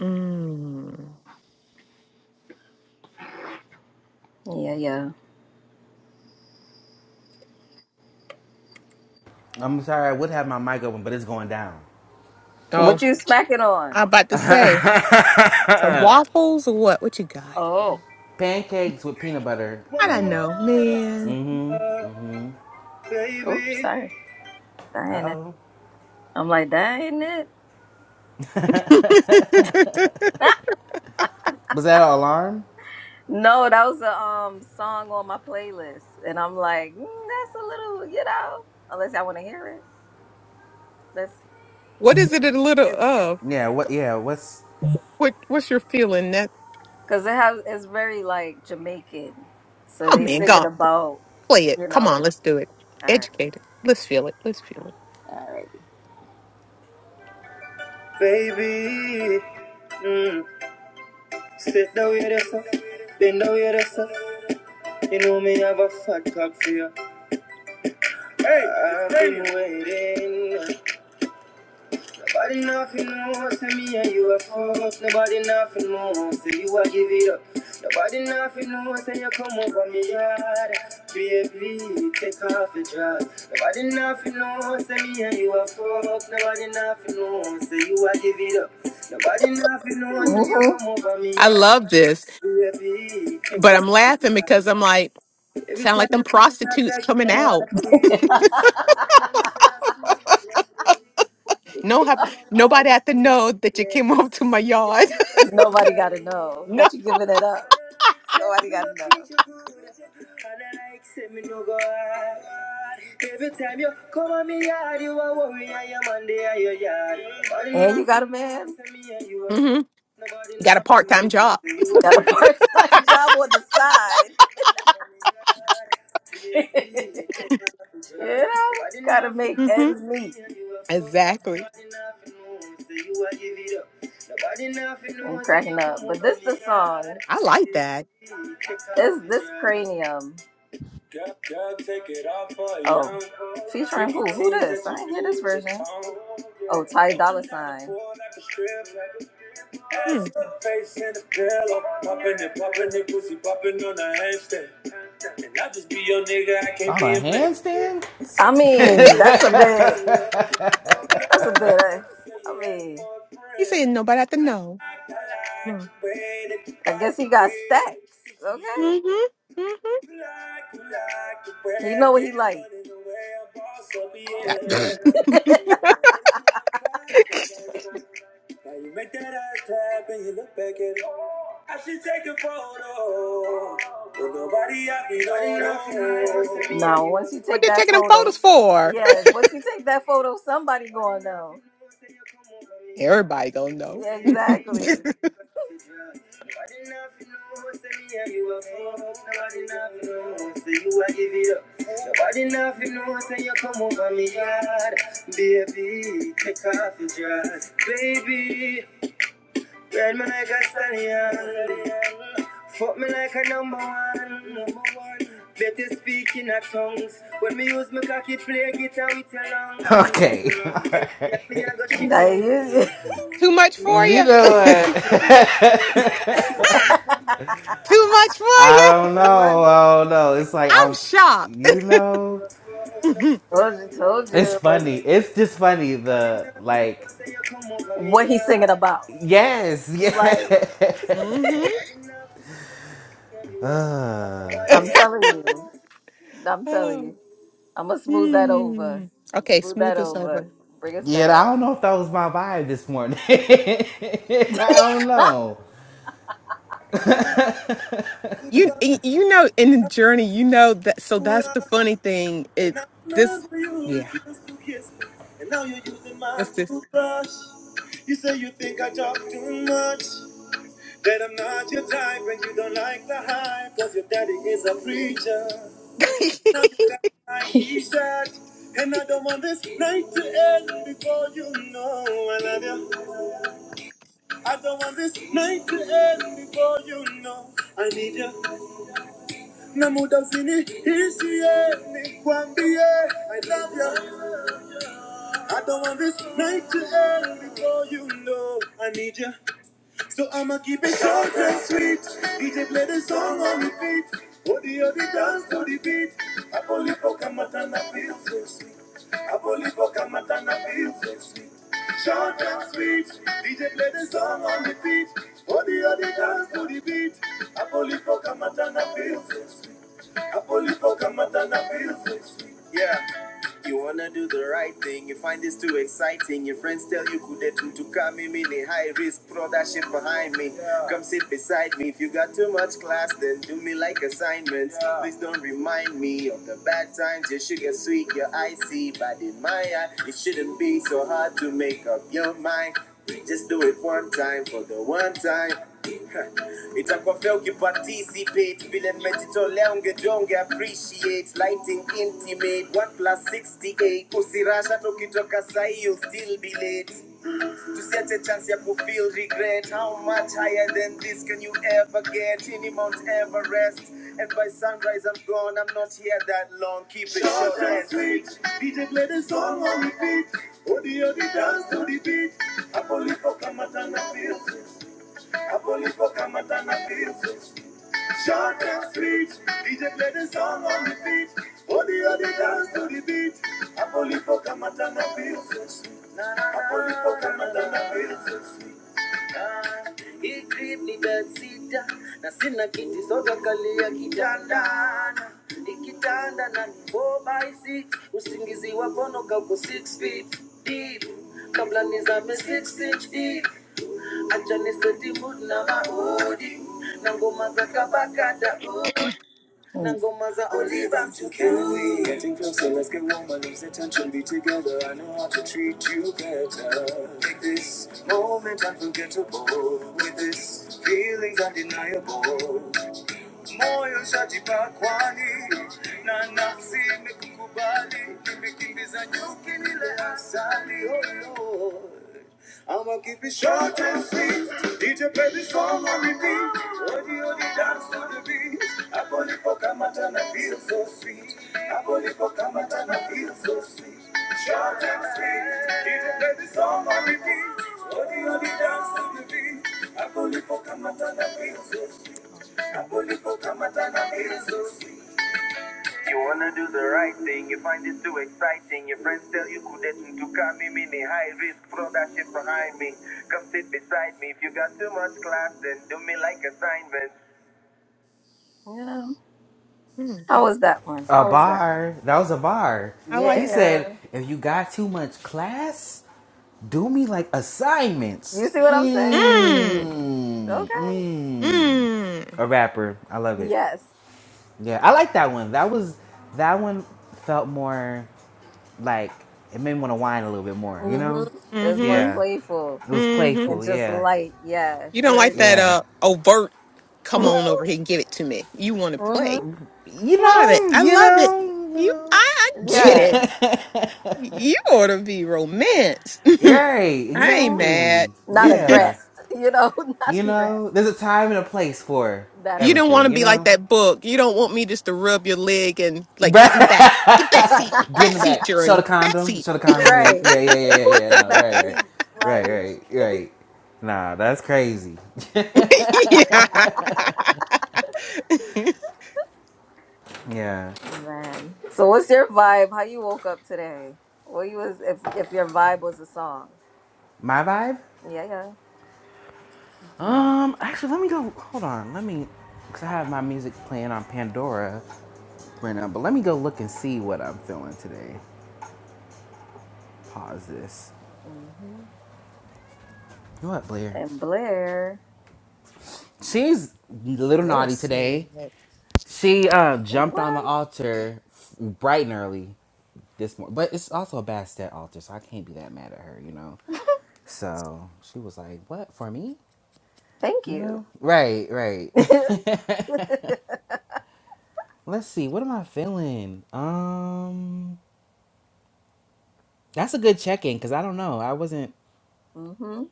[SPEAKER 4] Mm.
[SPEAKER 1] Yeah, yeah.
[SPEAKER 3] I'm sorry, I would have my mic open, but it's going down.
[SPEAKER 1] What
[SPEAKER 4] Oh,
[SPEAKER 1] you smacking on?
[SPEAKER 4] I'm about to say, some waffles or what? What you got?
[SPEAKER 1] Oh,
[SPEAKER 3] Pancakes with peanut butter.
[SPEAKER 4] I don't
[SPEAKER 1] oops,
[SPEAKER 3] Um,
[SPEAKER 4] know, man.
[SPEAKER 1] Baby. sorry.
[SPEAKER 3] uh
[SPEAKER 1] Dang it.
[SPEAKER 3] oh.
[SPEAKER 1] I'm like, that ain't it.
[SPEAKER 4] <laughs>
[SPEAKER 1] <laughs>
[SPEAKER 3] Was that an alarm?
[SPEAKER 1] no, that was a um song on my playlist, and I'm like, mm, that's a little, you know, unless I want to hear it. That's
[SPEAKER 4] what is it a little
[SPEAKER 1] it's
[SPEAKER 4] of?
[SPEAKER 3] Yeah, what, yeah, what's
[SPEAKER 4] What what's your feeling that
[SPEAKER 1] because it has it's very like Jamaican, so
[SPEAKER 4] oh
[SPEAKER 1] they
[SPEAKER 4] man,
[SPEAKER 1] singing
[SPEAKER 4] God,
[SPEAKER 1] about,
[SPEAKER 4] play it.
[SPEAKER 1] you
[SPEAKER 4] Come on,
[SPEAKER 1] know.
[SPEAKER 4] let's do it.
[SPEAKER 1] All right,
[SPEAKER 4] Educate it. Let's feel it. Let's feel it.
[SPEAKER 1] all right. Baby, mm. sit down with yourself, bend down with yourself. You know me have a fat cock for you. I've been waiting. Nobody nothing knows to me and you are false. Nobody nothing knows to you. I give it up. Nobody nothing knows and you come over me yard. Baby, take off your dress. Nobody nothing knows to me and you are false. Nobody nothing knows to you. I give it up. Nobody nothing knows and you Mhm. come over
[SPEAKER 4] I love this,
[SPEAKER 1] me. Take
[SPEAKER 4] but I'm laughing because I'm like, sound like them prostitutes coming out. No hap- nobody had to know that you came <laughs> over to my yard.
[SPEAKER 1] Nobody got to
[SPEAKER 4] <laughs>
[SPEAKER 1] know
[SPEAKER 4] no.
[SPEAKER 1] that you're giving it up. So I got And you got a man.
[SPEAKER 4] hmm You got a part-time job.
[SPEAKER 1] got a part-time <laughs> job on the side. <laughs> you know, gotta make
[SPEAKER 4] hmm
[SPEAKER 1] ends meet.
[SPEAKER 4] Exactly.
[SPEAKER 1] I'm cracking up, but this the song.
[SPEAKER 4] I like that.
[SPEAKER 1] This this cranium. Oh, featuring who? Who this? I didn't hear this version. Oh, Ty Dolla Sign.
[SPEAKER 4] Mm.
[SPEAKER 3] on a handstand?
[SPEAKER 1] I mean, that's a bit. That's a bit. Uh, I mean,
[SPEAKER 4] He said nobody had to know.
[SPEAKER 1] I guess he got stacks. Okay.
[SPEAKER 4] Huh. Mm-hmm.
[SPEAKER 1] You know what he like. <laughs>
[SPEAKER 4] hmm <coughs>
[SPEAKER 1] Now you make that ass clap and you look back at I should take a photo. But nobody happy, no, no. No, once you
[SPEAKER 4] <clears throat> what
[SPEAKER 1] take
[SPEAKER 4] they
[SPEAKER 1] that
[SPEAKER 4] taking them
[SPEAKER 1] photo,
[SPEAKER 4] photos for?
[SPEAKER 1] yes, once you take that photo, somebody going know.
[SPEAKER 4] <laughs> Everybody gonna know.
[SPEAKER 1] Yeah,
[SPEAKER 4] <laughs>
[SPEAKER 1] exactly. Baby, Ride me like a stallion. Fuck me like a number one. Number one. Better speak in a tongues. When me use my cocky play guitar with your lungs.
[SPEAKER 3] Okay, <laughs>
[SPEAKER 1] Hey, yeah,
[SPEAKER 3] alright.
[SPEAKER 1] I Like, you,
[SPEAKER 4] Too much for
[SPEAKER 3] You
[SPEAKER 4] you?
[SPEAKER 3] know what? <laughs>
[SPEAKER 4] Too much for
[SPEAKER 3] I
[SPEAKER 4] you? <laughs>
[SPEAKER 1] The
[SPEAKER 3] don't
[SPEAKER 1] you
[SPEAKER 3] know.
[SPEAKER 1] right.
[SPEAKER 3] I don't know. It's like
[SPEAKER 4] I'm
[SPEAKER 3] I'm,
[SPEAKER 4] shocked.
[SPEAKER 3] you know,
[SPEAKER 4] <laughs> mm-hmm.
[SPEAKER 1] told you, told you
[SPEAKER 3] it's
[SPEAKER 1] it was
[SPEAKER 3] funny. It's just funny. The like,
[SPEAKER 1] what he's singing about.
[SPEAKER 3] yes, <laughs>
[SPEAKER 1] Like,
[SPEAKER 3] yes.
[SPEAKER 1] I'm telling you, I'm telling
[SPEAKER 4] Oh,
[SPEAKER 1] you, I'm gonna smooth that
[SPEAKER 4] hmm.
[SPEAKER 1] over. I'm
[SPEAKER 4] Okay,
[SPEAKER 1] smooth
[SPEAKER 4] smooth
[SPEAKER 1] that
[SPEAKER 4] this over.
[SPEAKER 1] over. Bring us
[SPEAKER 3] Yeah, I
[SPEAKER 1] down.
[SPEAKER 3] don't know if that was my vibe this morning. <laughs> I don't know.
[SPEAKER 4] You y- you know in the journey, you know that so
[SPEAKER 1] And
[SPEAKER 4] that's the funny thing. It
[SPEAKER 1] I
[SPEAKER 4] this
[SPEAKER 1] remember you
[SPEAKER 4] yeah.
[SPEAKER 1] refused to kiss me. And now you're using my
[SPEAKER 4] What's this?
[SPEAKER 1] toothbrush. You say you think I talk too much. That I'm not your type and you don't like the hype. Cause your daddy is a preacher. Now
[SPEAKER 4] <laughs>
[SPEAKER 1] you got my <laughs> t-shirt. And I don't want this night to end before you know I love you. I don't want this night to end before you know I need you. Na muda usini hisi eh, nikwambie I love you. I don't want this night to end before you know I need ya. So I'ma keep it short and sweet. DJ play the song on repeat. Feet. Odi odi dance to the beat. Apolipo kamatana feel so sweet. Apolipo kamatana feel so sweet. Short and sweet. DJ play the song on repeat. Feet. Odi odi dance to the beat. Apolipo kamatana feel so sweet. Apolipo kamatana feel so sweet. Too exciting. Your friends tell you could they too to come in a high risk. Throw that shit behind me. Yeah. Come sit beside me. If you got too much class, then do me like assignments. Yeah. Please don't remind me of the bad times. Your sugar sweet, your icy, but in my eye, it shouldn't be so hard to make up your mind. Just do it one time for the one time. Itakuwa fair ukiparticipate vile mmejitolea ungejonge appreciate lighting intimate Short and sweet. DJ play the song on repeat. Odi odi dance to the beat. Apolipo kamatana feels. it. Apolipo kamatana feels. it. Short and sweet. DJ play and dance. Nikitanda na ni 4 by 6. Usingizi wakonoka uko 6 feet deep. Kabla nizame 6 inch deep. Acha niseti mood na maodi. Na believe I'm too carefree. Getting closer, let's get warmer, lose the tension, be together. I know how to treat you better. Make this moment unforgettable. With this feeling's undeniable moyo shatiba kwani na nafsi imekukubali, imekimbiza nyuki nile asali oh Lord. I'm gonna keep it short and sweet. DJ play this song on repeat. Odi odi dance to the beat. Hapo nipo kamata na feel so sweet. Hapo nipo kamata na feel so sweet. Short and sweet. DJ play this song on repeat. Odi odi dance to the beat. Hapo nipo kamata na feel so sweet. You wanna do the right thing, you find it too exciting. Your friends tell you couldn't to come me, meaning high risk behind me. Come me if you been. Yeah.
[SPEAKER 4] Hmm,
[SPEAKER 1] How was that one?
[SPEAKER 3] A
[SPEAKER 1] How was that?
[SPEAKER 3] bar. That was a bar.
[SPEAKER 4] I
[SPEAKER 3] He
[SPEAKER 4] like
[SPEAKER 3] said,
[SPEAKER 1] Yeah.
[SPEAKER 3] if you got too much class, do me like assignments.
[SPEAKER 1] You see what I'm saying?
[SPEAKER 4] that.
[SPEAKER 1] Okay.
[SPEAKER 3] Mmm. Mmm.
[SPEAKER 4] Mm.
[SPEAKER 3] A rapper. I love it.
[SPEAKER 1] Yes.
[SPEAKER 3] Yeah, I like that one. That was that one felt more like it made me want to whine a little bit more, you know?
[SPEAKER 1] Mm-hmm. There's more
[SPEAKER 4] Mm-hmm.
[SPEAKER 3] Yeah.
[SPEAKER 1] playful
[SPEAKER 3] It was
[SPEAKER 4] Mm-hmm.
[SPEAKER 1] and
[SPEAKER 3] playful,
[SPEAKER 1] just
[SPEAKER 3] yeah.
[SPEAKER 1] light. Yeah.
[SPEAKER 4] You don't like
[SPEAKER 1] Flirty.
[SPEAKER 4] that
[SPEAKER 3] Yeah.
[SPEAKER 4] uh overt
[SPEAKER 1] <laughs>
[SPEAKER 4] come on over here and give it to me. You want to play.
[SPEAKER 1] Mm-hmm.
[SPEAKER 3] You
[SPEAKER 4] Love it.
[SPEAKER 3] know,
[SPEAKER 4] I
[SPEAKER 3] you
[SPEAKER 4] love it.
[SPEAKER 3] know,
[SPEAKER 4] You I, I get
[SPEAKER 3] you
[SPEAKER 1] Yeah.
[SPEAKER 4] it.
[SPEAKER 3] know.
[SPEAKER 4] You ought to be romance.
[SPEAKER 3] <laughs> right,
[SPEAKER 4] <laughs> I ain't
[SPEAKER 1] Mm-hmm.
[SPEAKER 4] mad.
[SPEAKER 3] exactly.
[SPEAKER 1] Not
[SPEAKER 3] Yeah.
[SPEAKER 1] aggressed. You know, <laughs> not
[SPEAKER 3] You
[SPEAKER 1] aggressed.
[SPEAKER 3] know, there's a time and a place for
[SPEAKER 1] That
[SPEAKER 4] You
[SPEAKER 1] is
[SPEAKER 4] don't want
[SPEAKER 3] everything,
[SPEAKER 4] to
[SPEAKER 3] you
[SPEAKER 1] true.
[SPEAKER 4] be like
[SPEAKER 3] know?
[SPEAKER 4] that book. You don't want me just to rub your leg and
[SPEAKER 3] <laughs>
[SPEAKER 4] like
[SPEAKER 3] Get
[SPEAKER 4] getting back. Get back
[SPEAKER 1] <laughs>
[SPEAKER 4] seat.
[SPEAKER 3] in
[SPEAKER 4] Back
[SPEAKER 3] the
[SPEAKER 4] seat
[SPEAKER 3] back. Show the
[SPEAKER 4] journey. Back
[SPEAKER 3] condom.
[SPEAKER 4] seat.
[SPEAKER 3] Show the condom and then
[SPEAKER 1] Right.
[SPEAKER 3] yeah, yeah, yeah, yeah,
[SPEAKER 1] Point
[SPEAKER 3] yeah.
[SPEAKER 1] to the
[SPEAKER 3] No,
[SPEAKER 1] back
[SPEAKER 3] right, right.
[SPEAKER 1] seat.
[SPEAKER 3] Right,
[SPEAKER 1] Like
[SPEAKER 3] right, right. Nah, that's crazy.
[SPEAKER 4] <laughs> yeah. <laughs>
[SPEAKER 3] <laughs> yeah.
[SPEAKER 1] man. So what's your vibe? How you woke up today? What you was if if your vibe was a song?
[SPEAKER 3] My vibe?
[SPEAKER 1] Yeah, yeah.
[SPEAKER 3] Um, actually let me go hold on, let me because I have my music playing on Pandora right now, but let me go look and see what I'm feeling today. pause this.
[SPEAKER 1] hmm
[SPEAKER 3] You know what, Blair?
[SPEAKER 1] And Blair.
[SPEAKER 3] She's a little naughty
[SPEAKER 4] Let's see.
[SPEAKER 3] today.
[SPEAKER 4] That.
[SPEAKER 3] She uh, jumped
[SPEAKER 1] What?
[SPEAKER 3] on the altar bright and early this morning, but it's also a Bastet altar, so I can't be that mad at her, you know. So she was like, "What for me?"
[SPEAKER 1] Thank
[SPEAKER 3] You
[SPEAKER 1] you.
[SPEAKER 3] know? Right, right. <laughs>
[SPEAKER 1] <laughs>
[SPEAKER 3] Let's see. What am I feeling? Um, that's a good check-in because I don't know. I wasn't.
[SPEAKER 1] hmm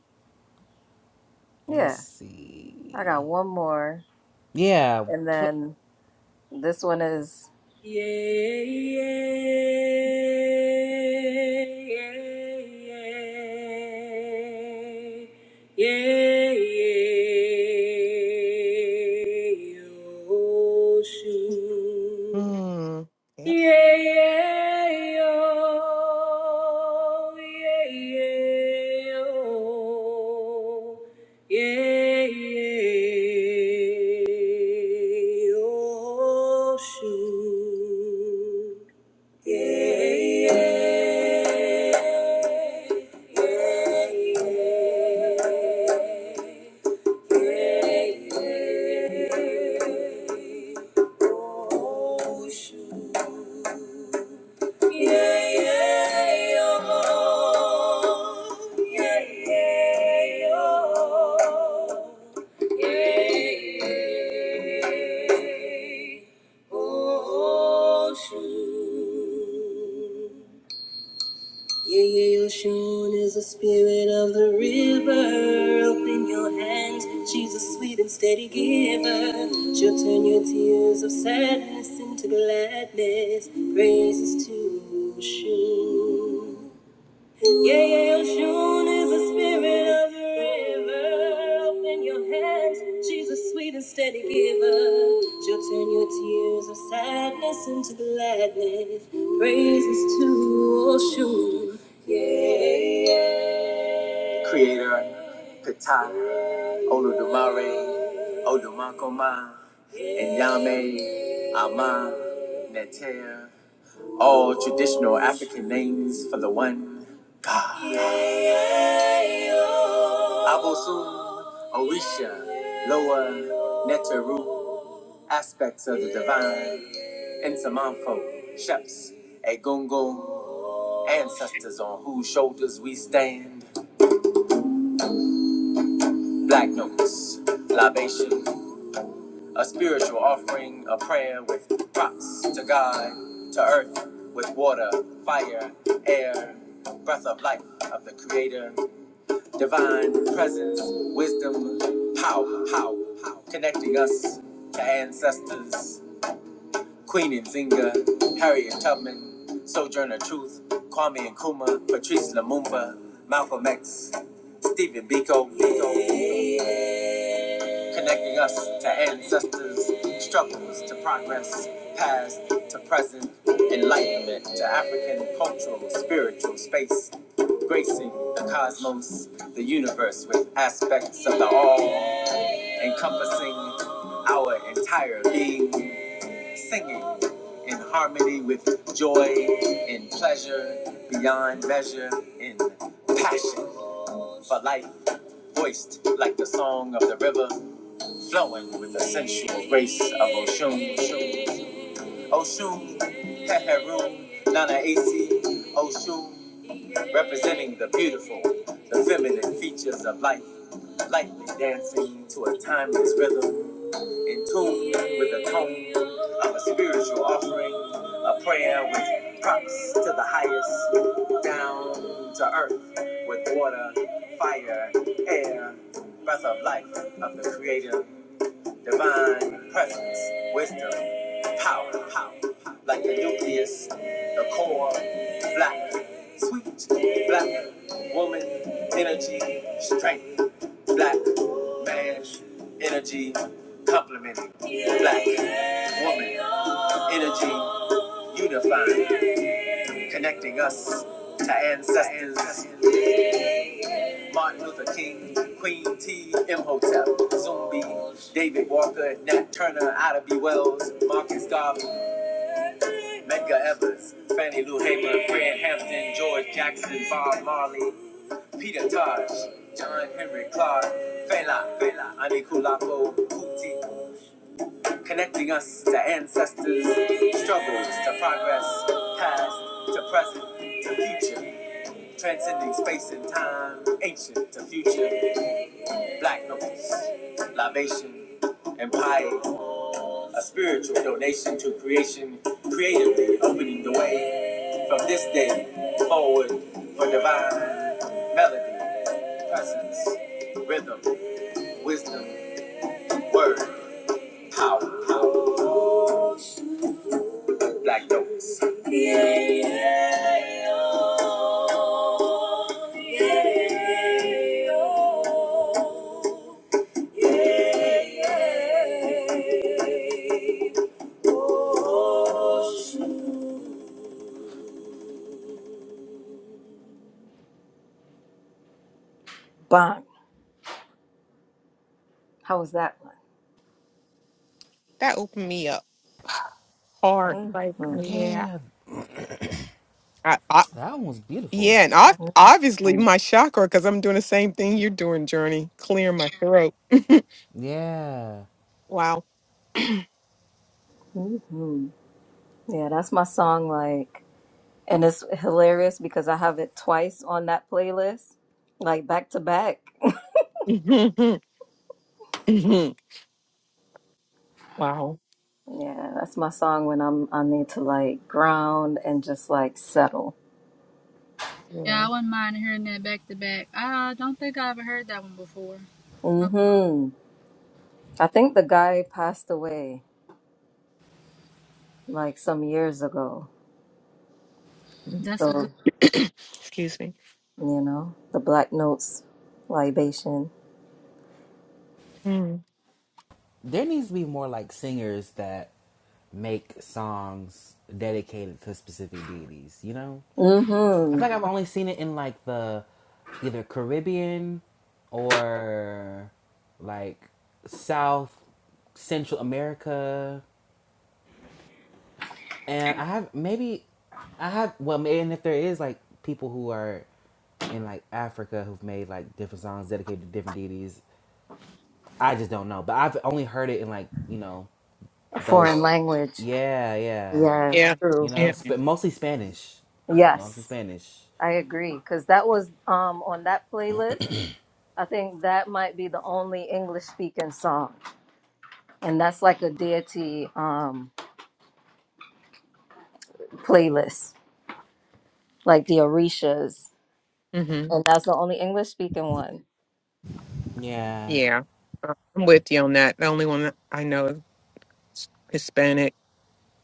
[SPEAKER 3] Let's
[SPEAKER 1] Yeah. I
[SPEAKER 3] see.
[SPEAKER 1] got one more.
[SPEAKER 3] Yeah,
[SPEAKER 1] And
[SPEAKER 3] pl-
[SPEAKER 1] then this one is Yeah, yeah, oh, shoot.
[SPEAKER 4] Hmm. Yep.
[SPEAKER 1] Yeah, yeah, oh, yeah, yeah, oh, yeah, yeah, oh, shoot. Yeah, yeah, yeah, yeah, yeah, oh, shoot. Is a spirit and steady giver. Turn your tears of sadness to gladness. Yeah, yeah, Oshun is a spirit. Tears of sadness into gladness. Praises to Oshun. Yeah, yeah. Creator, Ptah, Oludumare, Odumakoma, Enyame, Ama, Neter, all traditional African names for the one God. Abosun, Orisha, Loa, Neteru, aspects of the divine, Insamanfo, Sheps, Egungun, ancestors on whose shoulders we stand, black notes, libation. a spiritual offering, a prayer with props to God, to earth, with water, fire, air, breath of life of the Creator, divine presence, wisdom, power, power, power, connecting us to ancestors, Queen Nzinga, Harriet Tubman, Sojourner Truth, Kwame Nkrumah, Patrice Lumumba, Malcolm X, Stephen Biko, Biko connecting us to ancestors, struggles to progress, past to present, enlightenment to African cultural, spiritual space, gracing the cosmos, the universe with aspects of the all, encompassing our entire being, singing in harmony with joy, in pleasure, beyond measure, in passion for life, voiced like the song of the river flowing with the sensual grace of Oshun. Oshun, Heheru, Nana Esi, Oshun, representing the beautiful, the feminine features of life, lightly dancing to a timeless rhythm, in tune with the tone of a spiritual offering, a prayer with props to the highest, down to earth with water, fire, air, breath of life of the Creator. Divine presence, wisdom, power, power, like the nucleus, the core, black, sweet, black, woman, energy, strength, black, man, energy, complementing, black, woman, energy, unifying, connecting us to ancestors, Martin Luther King, Queen T, Imhotep, Zumbi, David Walker, Nat Turner, Ida B. Wells, Marcus Garvey, Medgar Evers, Fannie Lou Hamer, Fred Hampton, George Jackson, Bob Marley, Peter Tosh, John Henry Clark, Fela, Fela, Anikulapo, Kuti, connecting us to ancestors, struggles to progress, past to present to future, transcending space and time, ancient to future. Black notes, libation, and pie, a spiritual donation to creation, creatively opening the way from this day forward for divine melody, presence, rhythm, wisdom, word, power, power, black notes. Yeah, yeah, oh, yeah, oh. Bang. How was that
[SPEAKER 4] That opened me up. hard.
[SPEAKER 1] one?
[SPEAKER 4] Like,
[SPEAKER 1] Mm-hmm.
[SPEAKER 4] yeah,
[SPEAKER 3] yeah.
[SPEAKER 4] I, I,
[SPEAKER 3] That one was beautiful.
[SPEAKER 4] yeah, and I, obviously my chakra because I'm doing the same thing you're doing, Journey. Clear my throat.
[SPEAKER 3] Yeah.
[SPEAKER 4] Wow.
[SPEAKER 1] Mm-hmm. hmm Yeah, that's my song. Like, and it's hilarious because I have it twice on that playlist, like back to back.
[SPEAKER 4] <laughs> wow.
[SPEAKER 1] Yeah, that's my song when I'm I need to like ground and just like settle.
[SPEAKER 2] Yeah,
[SPEAKER 4] Yeah.
[SPEAKER 2] I wouldn't mind hearing that back to back. I don't think I ever heard that one before. Oh,
[SPEAKER 1] Mm-hmm. I think the guy passed away like some years ago.
[SPEAKER 4] Mm.
[SPEAKER 2] That's a
[SPEAKER 1] So
[SPEAKER 2] good.
[SPEAKER 4] <clears throat> Excuse me.
[SPEAKER 1] you know, the Black Notes libation.
[SPEAKER 4] Mm.
[SPEAKER 3] there needs to be more like singers that make songs dedicated to specific deities. You know, I
[SPEAKER 1] Mm-hmm.
[SPEAKER 3] feel like I've only seen it in like the either Caribbean or like South Central America, and I have maybe I have well, ma- and if there is like people who are in like Africa who've made like different songs dedicated to different deities, I just don't know. But I've only heard it in like you know
[SPEAKER 1] A
[SPEAKER 3] those,
[SPEAKER 1] foreign language.
[SPEAKER 3] yeah, yeah.
[SPEAKER 1] Yeah,
[SPEAKER 4] Yeah.
[SPEAKER 1] true.
[SPEAKER 3] You know,
[SPEAKER 4] Yeah.
[SPEAKER 3] sp- mostly Spanish. Mostly
[SPEAKER 1] Yes,
[SPEAKER 3] Spanish.
[SPEAKER 1] I agree. Because that was um on that playlist. I think that might be the only English speaking song. And that's like a deity um playlist, like the Orishas.
[SPEAKER 4] hmm
[SPEAKER 1] And that's the only English speaking one.
[SPEAKER 3] Yeah.
[SPEAKER 4] Yeah. Uh, I'm with you on that. The only one I know is Hispanic,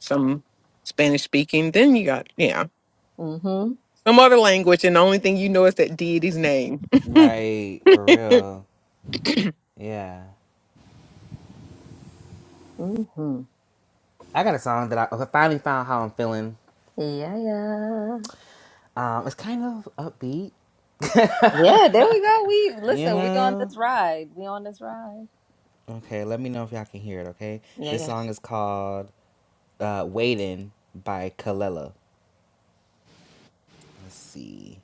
[SPEAKER 4] some Spanish speaking. Then you got yeah,
[SPEAKER 1] Mm-hmm.
[SPEAKER 4] some other language, and the only thing you know is that deity's name.
[SPEAKER 3] Right. For real. Yeah.
[SPEAKER 1] Mm-hmm.
[SPEAKER 3] I got a song that I finally found how I'm feeling.
[SPEAKER 1] Yeah, yeah.
[SPEAKER 3] Um, it's kind of upbeat.
[SPEAKER 1] Yeah, there we go. We
[SPEAKER 3] You
[SPEAKER 1] listen, we on
[SPEAKER 3] know.
[SPEAKER 1] this ride. We on this ride.
[SPEAKER 3] Okay. Let me know if y'all can hear it. Okay.
[SPEAKER 1] Yeah, yeah.
[SPEAKER 3] This song is called uh, "Waiting" by Kalela. Let's see.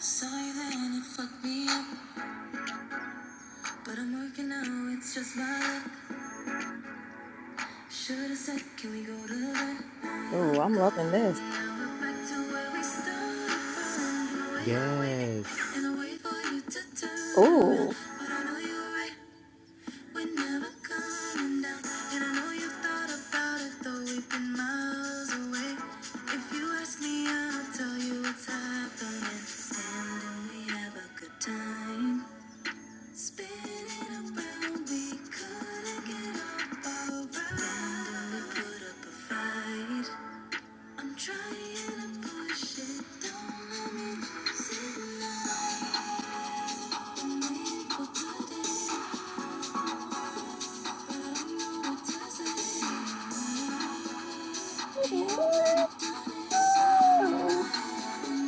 [SPEAKER 3] Saw you then, it fucked me up. But I'm working now, it's just my luck. Should've said, can we go to bed?
[SPEAKER 1] Ooh, I'm loving this.
[SPEAKER 3] Now we're back to where we started from. Yes. And I wait for you to turn around.
[SPEAKER 1] Ooh,
[SPEAKER 3] But I know you're right, we're never coming down. And I know you thought about it, though we've been miles away. If you ask me, I'll tell you what's happening. Stand and we have a good time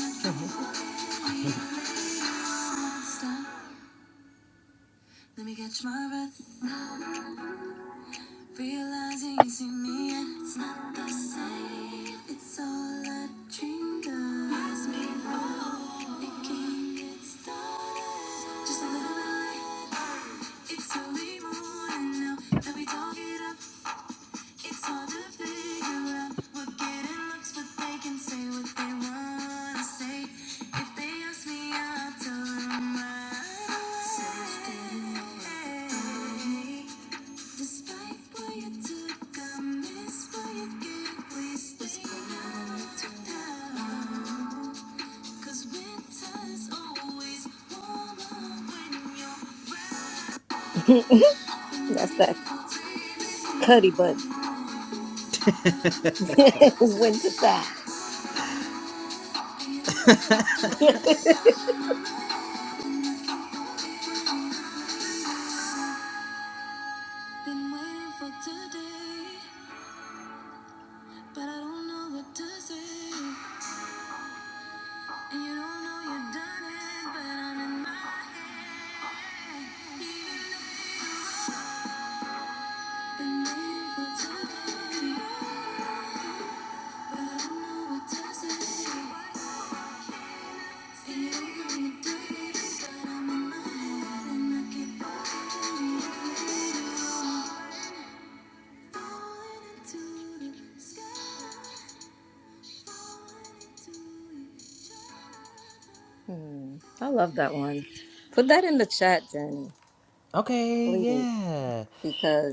[SPEAKER 1] <laughs> that's
[SPEAKER 3] let me catch my breath. Realizing you see me and it's not the same. It's all I dreamed of. Has me wrong. It can't get started. Just a little bit. It's early morning now that we talk it up. It's hard to figure out. We're getting looks, but they can say what they wanna say. If they ask me, I'll tell them right away. Sounds good. Despite what you took, I miss what you gave. We stay out to now. winter's always warmer when you're
[SPEAKER 1] that
[SPEAKER 3] Oh,
[SPEAKER 1] cuddy
[SPEAKER 3] baby,
[SPEAKER 1] buddy. <laughs>
[SPEAKER 3] wasn't
[SPEAKER 1] Winter time. <laughs>
[SPEAKER 3] Been waiting for today, but I don't know what to say. And you don't know you've done but I'm in my head. Been waiting for today.
[SPEAKER 1] hmm, I love that one. Put that in the chat, Jenny,
[SPEAKER 3] Okay,
[SPEAKER 1] please,
[SPEAKER 3] yeah.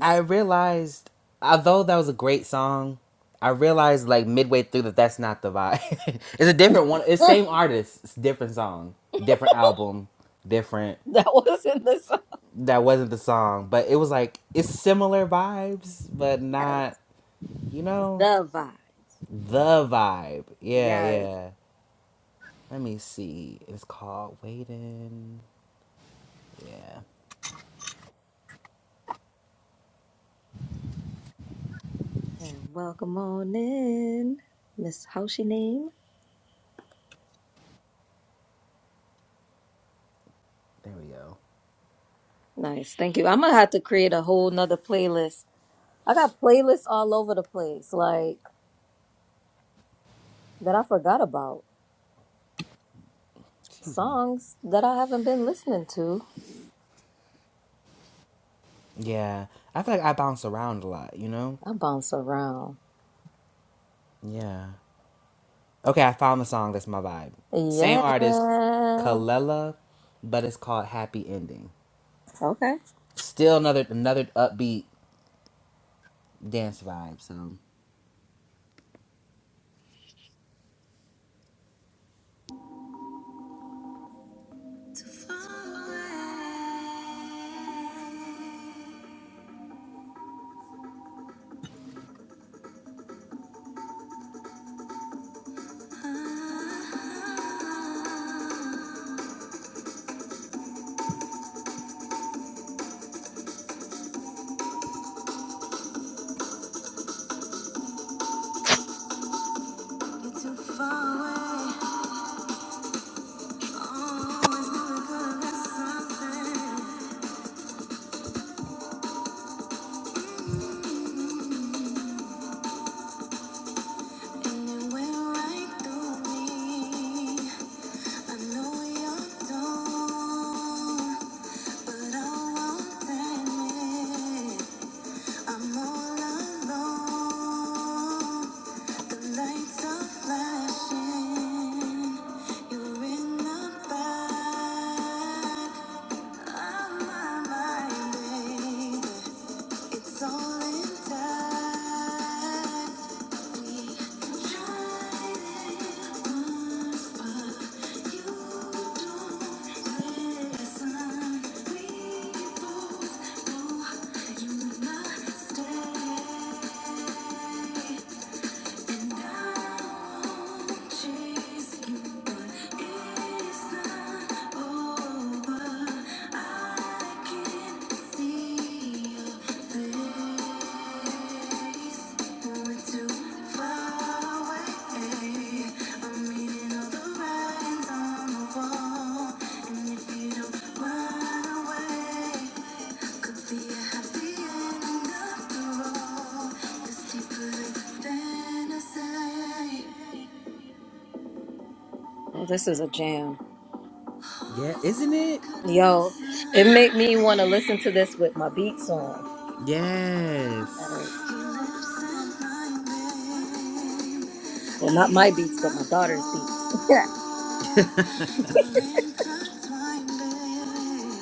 [SPEAKER 3] I realized, although that was a great song, I realized like midway through that that's not the vibe. <laughs> it's a different one.
[SPEAKER 1] <laughs>
[SPEAKER 3] It's
[SPEAKER 1] that
[SPEAKER 3] same artist, it's different song, different album, different.
[SPEAKER 1] was in the song.
[SPEAKER 3] That wasn't the song, but it was like it's similar vibes, but
[SPEAKER 1] yes,
[SPEAKER 3] not you know
[SPEAKER 1] the vibe.
[SPEAKER 3] the vibe. Yeah,
[SPEAKER 1] Yes.
[SPEAKER 3] yeah. Let me see. It's called Waiting. Yeah,
[SPEAKER 1] And welcome on in, Miss. How's your name?
[SPEAKER 3] there we go.
[SPEAKER 1] Nice, thank you. I'm gonna have to create a whole nother playlist. I got playlists all over the place, like that I forgot about.
[SPEAKER 3] Excuse me.
[SPEAKER 1] songs that I haven't been listening to.
[SPEAKER 3] Yeah, I feel like I bounce around a lot. You know.
[SPEAKER 1] I bounce around.
[SPEAKER 3] Yeah. Okay, I found the song that's my vibe. Same
[SPEAKER 1] Yeah.
[SPEAKER 3] artist, Kalela, but it's called Happy Ending.
[SPEAKER 1] Okay.
[SPEAKER 3] Still another another upbeat dance vibe. So To fall away. You're too far away. Always knew we could have been something. And you went right through me. I know you're gone, but I won't admit I'm all alone. The lights are flashing. You're in the back of my mind, it's all in time. We tried it once, but you don't listen. We both know you must stay. Too far away.
[SPEAKER 1] Well, this is a jam.
[SPEAKER 3] Yeah, isn't it?
[SPEAKER 1] Yo, it made me want to listen to this with my beats on.
[SPEAKER 3] Yes.
[SPEAKER 1] Uh, well, not my beats, but my daughter's beats. <laughs> yeah.
[SPEAKER 3] <laughs> <laughs>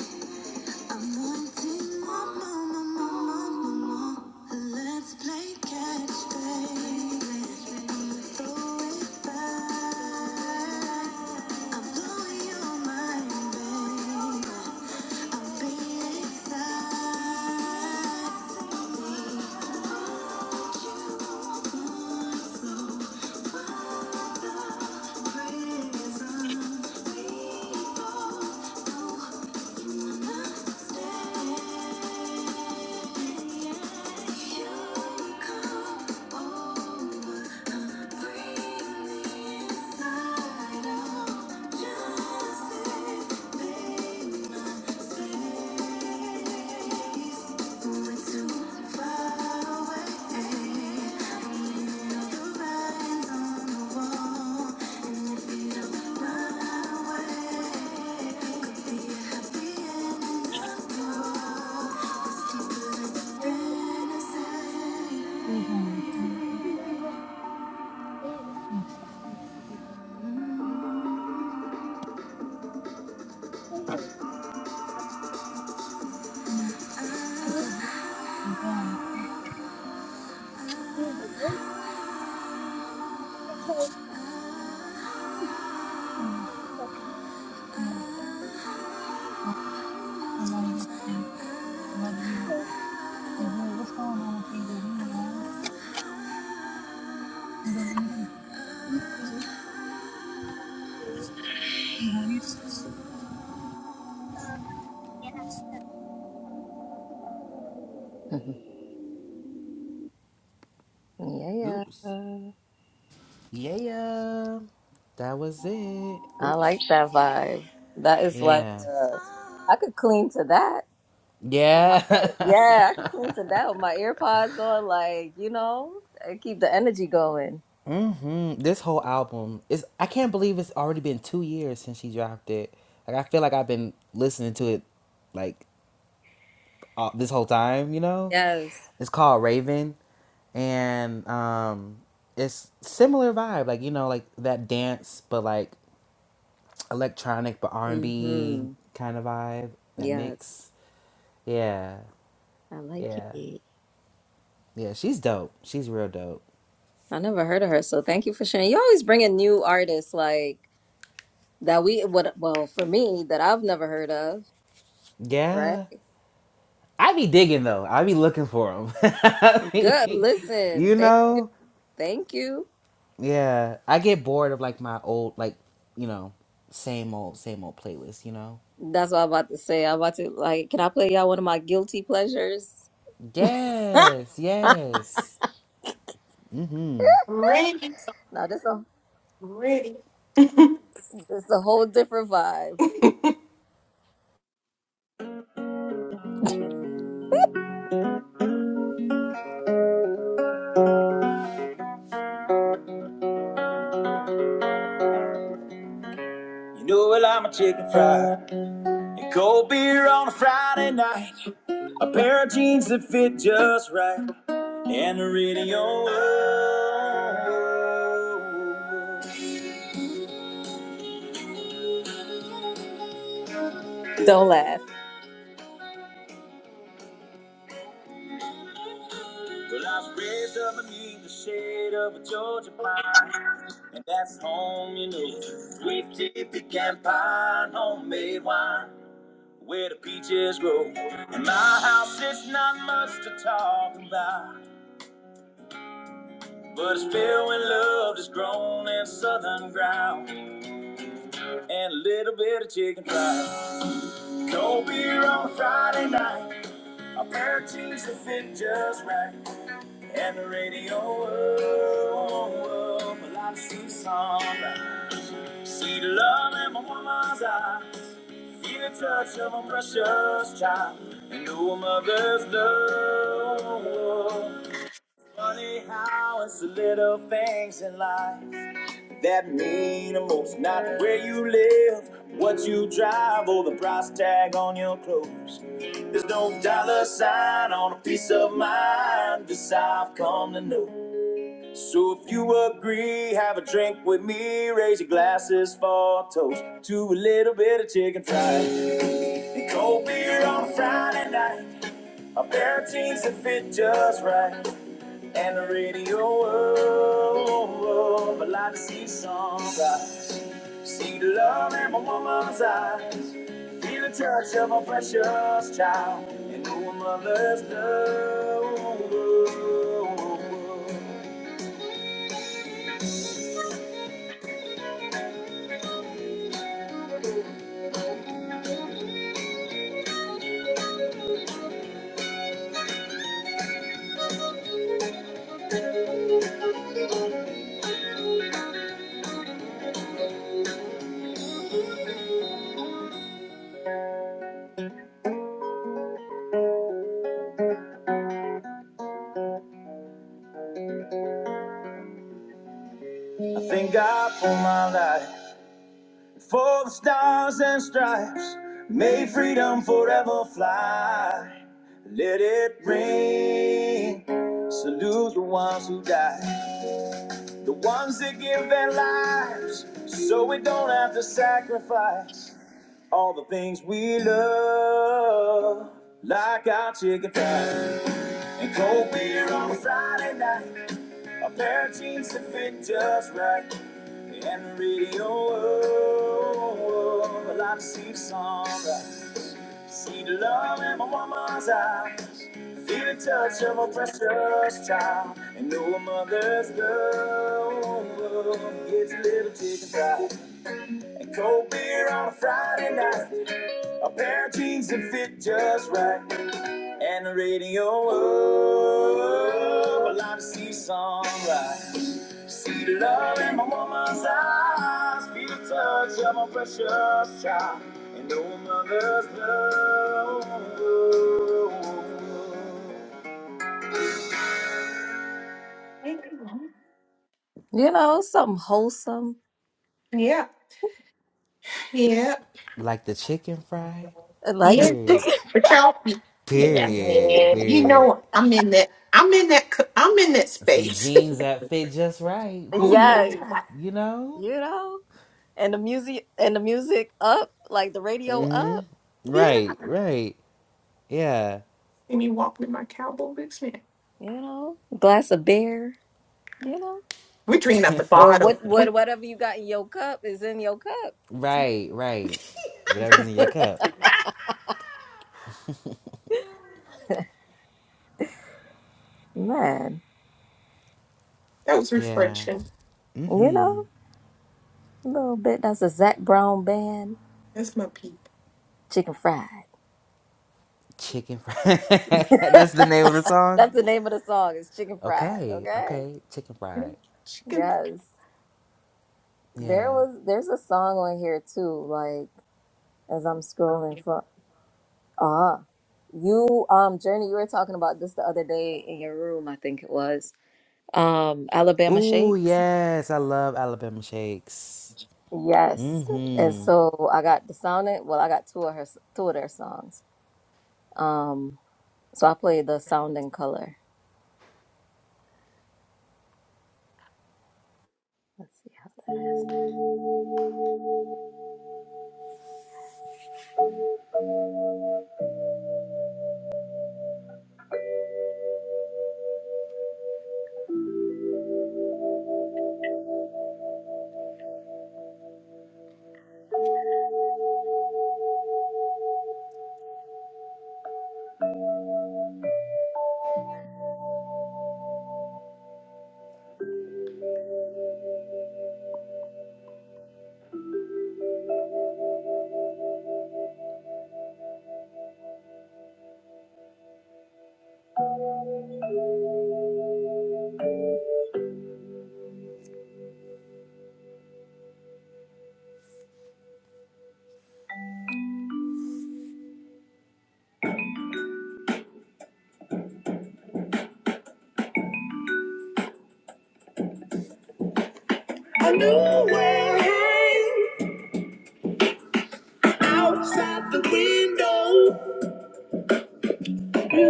[SPEAKER 3] I'm wanting more, more, more, more, more, more, more. Let's play catch, baby. Throw it back. I'm blowing your mind, baby. I'm being excited. Bring me inside
[SPEAKER 2] song. home. Yeah, she's safe. She'll be quiet. No, it's a woman. I'm going. Yeah, yeah. All right, all right, while you get the chance. Love you. You're Good. What's going on with these? Are these yours? You gonna eat 'em? You gonna eat
[SPEAKER 1] Yeah.
[SPEAKER 3] Oops. Yeah, yeah. that was it.
[SPEAKER 1] I
[SPEAKER 3] Oops.
[SPEAKER 1] like that vibe. That is like,
[SPEAKER 3] Yeah.
[SPEAKER 1] uh, I could clean to that. with my ear.
[SPEAKER 3] Yeah.
[SPEAKER 1] Yeah, I could clean to that with my earpods on, like, you know, and keep the energy going.
[SPEAKER 3] <laughs> hmm This whole album is. I can't believe it's already been two years since she dropped it. Like I feel like I've been listening to it, like all, this whole time. You know,
[SPEAKER 1] Yes.
[SPEAKER 3] it's called Raven, and um, it's similar vibe. Like you know, like that dance, but like electronic, but R and
[SPEAKER 1] Mm-hmm.
[SPEAKER 3] B kind of vibe. That
[SPEAKER 1] Yes,
[SPEAKER 3] mix. Yeah.
[SPEAKER 1] I like
[SPEAKER 3] Yeah.
[SPEAKER 1] it.
[SPEAKER 3] Yeah, she's dope. She's real dope.
[SPEAKER 1] I never heard of her, so thank you for sharing. You always bring in new artists like that we what? well, for me, that I've never heard of, right?
[SPEAKER 3] Yeah. I be digging though. I be looking for them. <laughs> I
[SPEAKER 1] Good. <laughs>
[SPEAKER 3] be-
[SPEAKER 1] Listen,
[SPEAKER 3] you
[SPEAKER 1] thank you.
[SPEAKER 3] know?
[SPEAKER 1] Thank you.
[SPEAKER 3] Yeah. I get bored of like my old like, you know, same old same old playlist, you know?
[SPEAKER 1] That's what I'm about to say. I'm about to like, can I play y'all one of my guilty pleasures? <laughs>
[SPEAKER 3] Yes. Yes. Hmm.
[SPEAKER 4] <laughs> Ready,
[SPEAKER 1] Now this a
[SPEAKER 4] ready,
[SPEAKER 1] this a whole different vibe. You know well I'm a chicken fried. A cold beer on a Friday night. A pair of jeans that fit just right. and the radio. Don't laugh. Well, I was raised up beneath the shade of a Georgia pine, and that's home, you know. Sweet tea, pecan pie, homemade wine, where the peaches grow. And my house is not much to talk about, but it's filled with love that's grown in southern ground, and a little bit of chicken fried. Cold beer on Friday night. My virtues that fit just right. And the radio world, well, I see sunrise. See the love in my woman's eye. Feel the touch of a precious child. And know a mother's love. Funny how it's the little things in life. That mean most not where you live, what you drive, or the price tag on your clothes. There's no dollar sign on a piece of mind, this I've come to know. So if you agree, have a drink with me, raise your glasses for a toast to a little bit of chicken fried. cold beer on a Friday night, a pair of jeans that fit just right, and the radio. Oh, oh, oh, but like to see sunrise. See the love in my woman's eyes. Feel the touch of my precious child. And know a mother's love. Let it ring. Salute the ones who die. The ones that give their lives. So we don't have to sacrifice all the things we love. Like our chicken fries and cold beer on a Friday night. A pair of jeans to fit just right. And the radio, oh, oh, oh. Well, I see the sunrise. See the love in my woman's eye. Feel the touch of a precious child. And know a mother's love gets a little chicken fried. And cold beer on a Friday night. A pair of jeans that fit just right and the radio up. I like to see sunrise. See the love in my woman's eyes. Feel the time of my-
[SPEAKER 4] ready.
[SPEAKER 1] You know, something wholesome.
[SPEAKER 4] Yeah. Yeah,
[SPEAKER 3] Like the chicken fry.
[SPEAKER 1] and Like
[SPEAKER 4] yeah.
[SPEAKER 3] Period.
[SPEAKER 4] But y'all, yeah,
[SPEAKER 3] Period.
[SPEAKER 4] man. You
[SPEAKER 3] Period.
[SPEAKER 4] know, I'm in that. I'm in that. c- I'm in that
[SPEAKER 3] Some
[SPEAKER 4] space.
[SPEAKER 3] jeans that fit just right.
[SPEAKER 1] <laughs>
[SPEAKER 4] <laughs> oh yeah,
[SPEAKER 3] Period.
[SPEAKER 1] yes,
[SPEAKER 3] You know?
[SPEAKER 1] you know, and the music and the music up, like the radio
[SPEAKER 3] Mhm.
[SPEAKER 1] up.
[SPEAKER 4] yeah.
[SPEAKER 3] Right, right. Yeah.
[SPEAKER 4] And me walking in my cowboy boots, man.
[SPEAKER 1] You know, glass of beer. You know,
[SPEAKER 4] We're drinking at the
[SPEAKER 3] <laughs>
[SPEAKER 1] or
[SPEAKER 4] bottle.
[SPEAKER 1] what,
[SPEAKER 4] We.
[SPEAKER 1] what, whatever you got in your cup is in your cup.
[SPEAKER 3] Right, right.
[SPEAKER 4] <laughs>
[SPEAKER 3] Whatever's in your
[SPEAKER 4] that
[SPEAKER 3] cup.
[SPEAKER 1] <laughs> Man,
[SPEAKER 4] was
[SPEAKER 3] Yeah.
[SPEAKER 4] refreshing.
[SPEAKER 1] you know, a little bit. That's a Zach Brown band,
[SPEAKER 4] That's my people.
[SPEAKER 1] chicken fried.
[SPEAKER 3] Chicken fried. <laughs> That's the name of the
[SPEAKER 1] <laughs>
[SPEAKER 3] song?
[SPEAKER 1] That's the name of the song. It's chicken fried.
[SPEAKER 3] Okay,
[SPEAKER 1] Okay.
[SPEAKER 3] okay. Chicken fried.
[SPEAKER 4] Chicken.
[SPEAKER 1] Yes. There
[SPEAKER 3] Yeah.
[SPEAKER 1] was there's a song on here too, like as I'm scrolling for ah. You um Journey, you were talking about this the other day in your room, I think it was. Um Alabama
[SPEAKER 3] Ooh,
[SPEAKER 1] Shakes.
[SPEAKER 3] yes. I love Alabama shakes.
[SPEAKER 1] Yes.
[SPEAKER 3] Mm
[SPEAKER 1] And
[SPEAKER 3] hmm.
[SPEAKER 1] so I got the sound it well, I got two of her two of their songs. Um so I played the sound and color. Let's see how that is. Outside the window.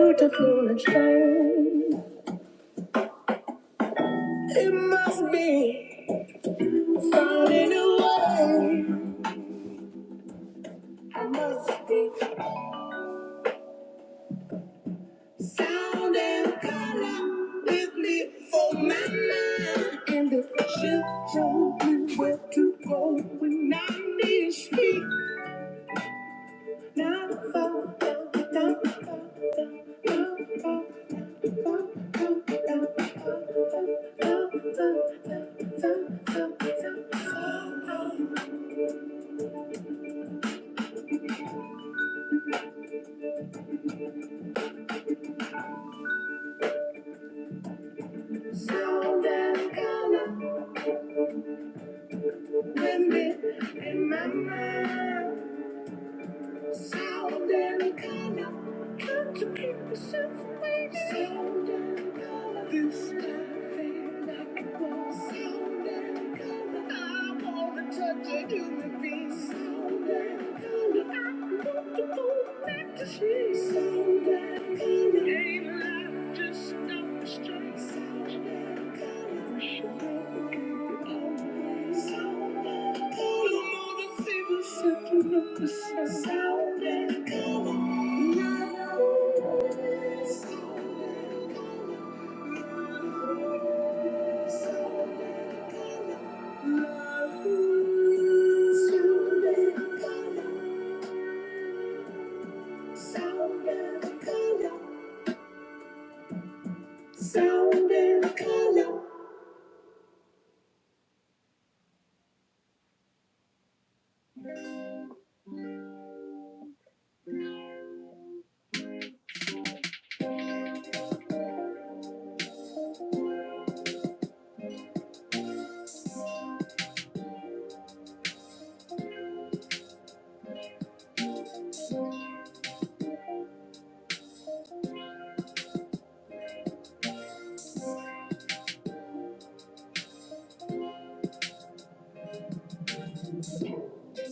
[SPEAKER 1] Beautiful and strange. It must be found in a way. I must be sound and color with me for my mind. And if she shows me where to go when I need speed, now, now, now, now, now, now, now, now, now, now, now, now, now, now, now, now, now, sound and color. with me in my mind. South Americana. Got to keep the shit from this color, This thing like it was. So damn color, I wanna touch a human being. So damn color, I want to go back to sleep. So damn color, Ain't life just another stress? Sound and color. you gotta keep it all. So damn color, I wanna see the shit from the sun. So damn color. Sound and color.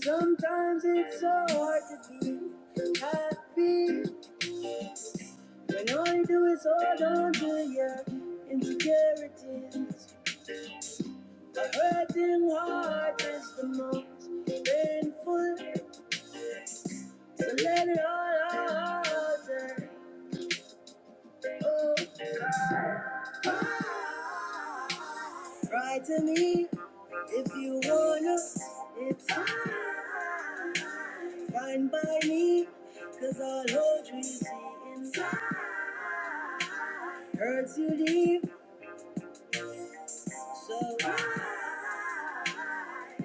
[SPEAKER 1] Sometimes it's so hard to be happy when all you do is hold on to your insecurities. A hurting heart is the most painful. So let it all out. and, Oh, cry. Cry to me if you wanna. It's fine. Fine by me, cause all hold you see inside. Hurts you deep, so cry.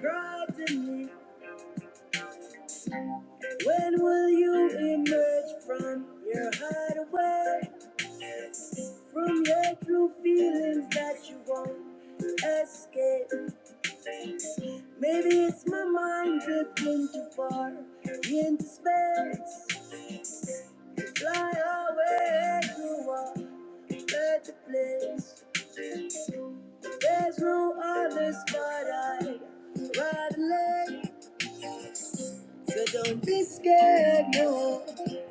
[SPEAKER 1] Cry to me. When will you emerge from your hideaway? From your true feelings that you won't escape. Maybe it's my mind drifting too far into space. Fly away, you are at the place. There's no other spot I'd rather lay. So don't be scared, no,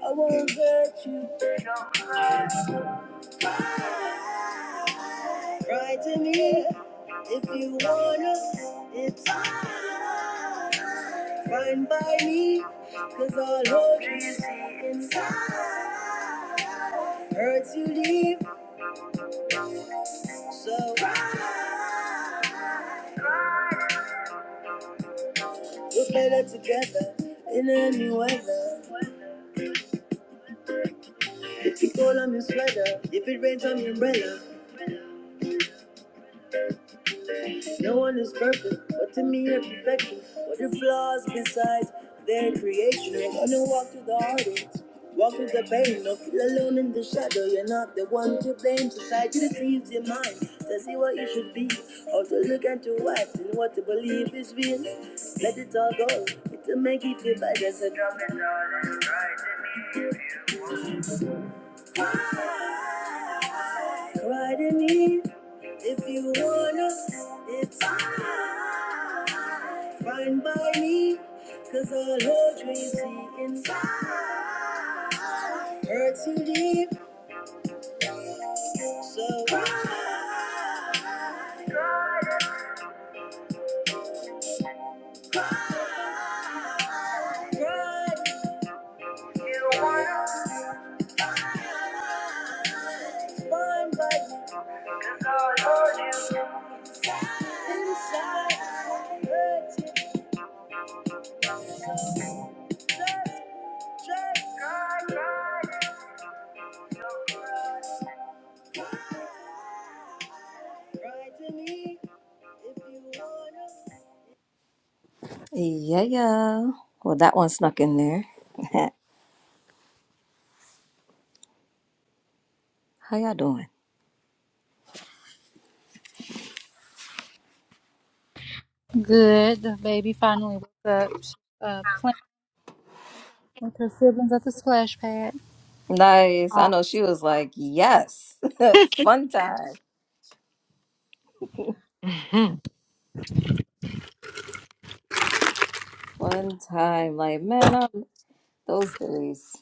[SPEAKER 1] I won't hurt you. Right in here. If you wanna, it's fine by me, cause all of you inside hurts you leave. So we're better together in any weather. If you cold, I'm your sweater. If it rains, I'm your umbrella. No one is perfect, but to me you're perfection. What are flaws besides their creation? You're gonna walk through the heartache, walk through the pain. Don't feel alone in the shadow. You're not the one to blame. Society deceives your mind to see what you should be, or to look at your wife and what to believe is real. Let it all go. It'll make you feel better. So drop it all. Cry to me. If you wanna, it's fine. Fine by me, cause all hold you see inside. Hurt too deep, so ride, ride. You wanna, fine by me, cause all inside. Hurt too, ride to me, if you wanna. Yeah, yeah. Well, that one snuck in there. <laughs> How y'all doing?
[SPEAKER 2] 'em? Good. The baby finally woke up. She, Uh, playing With her siblings at the splash pad.
[SPEAKER 1] Nice. I know she was like, yes, <laughs> fun time. One time, like, man, I'm those days.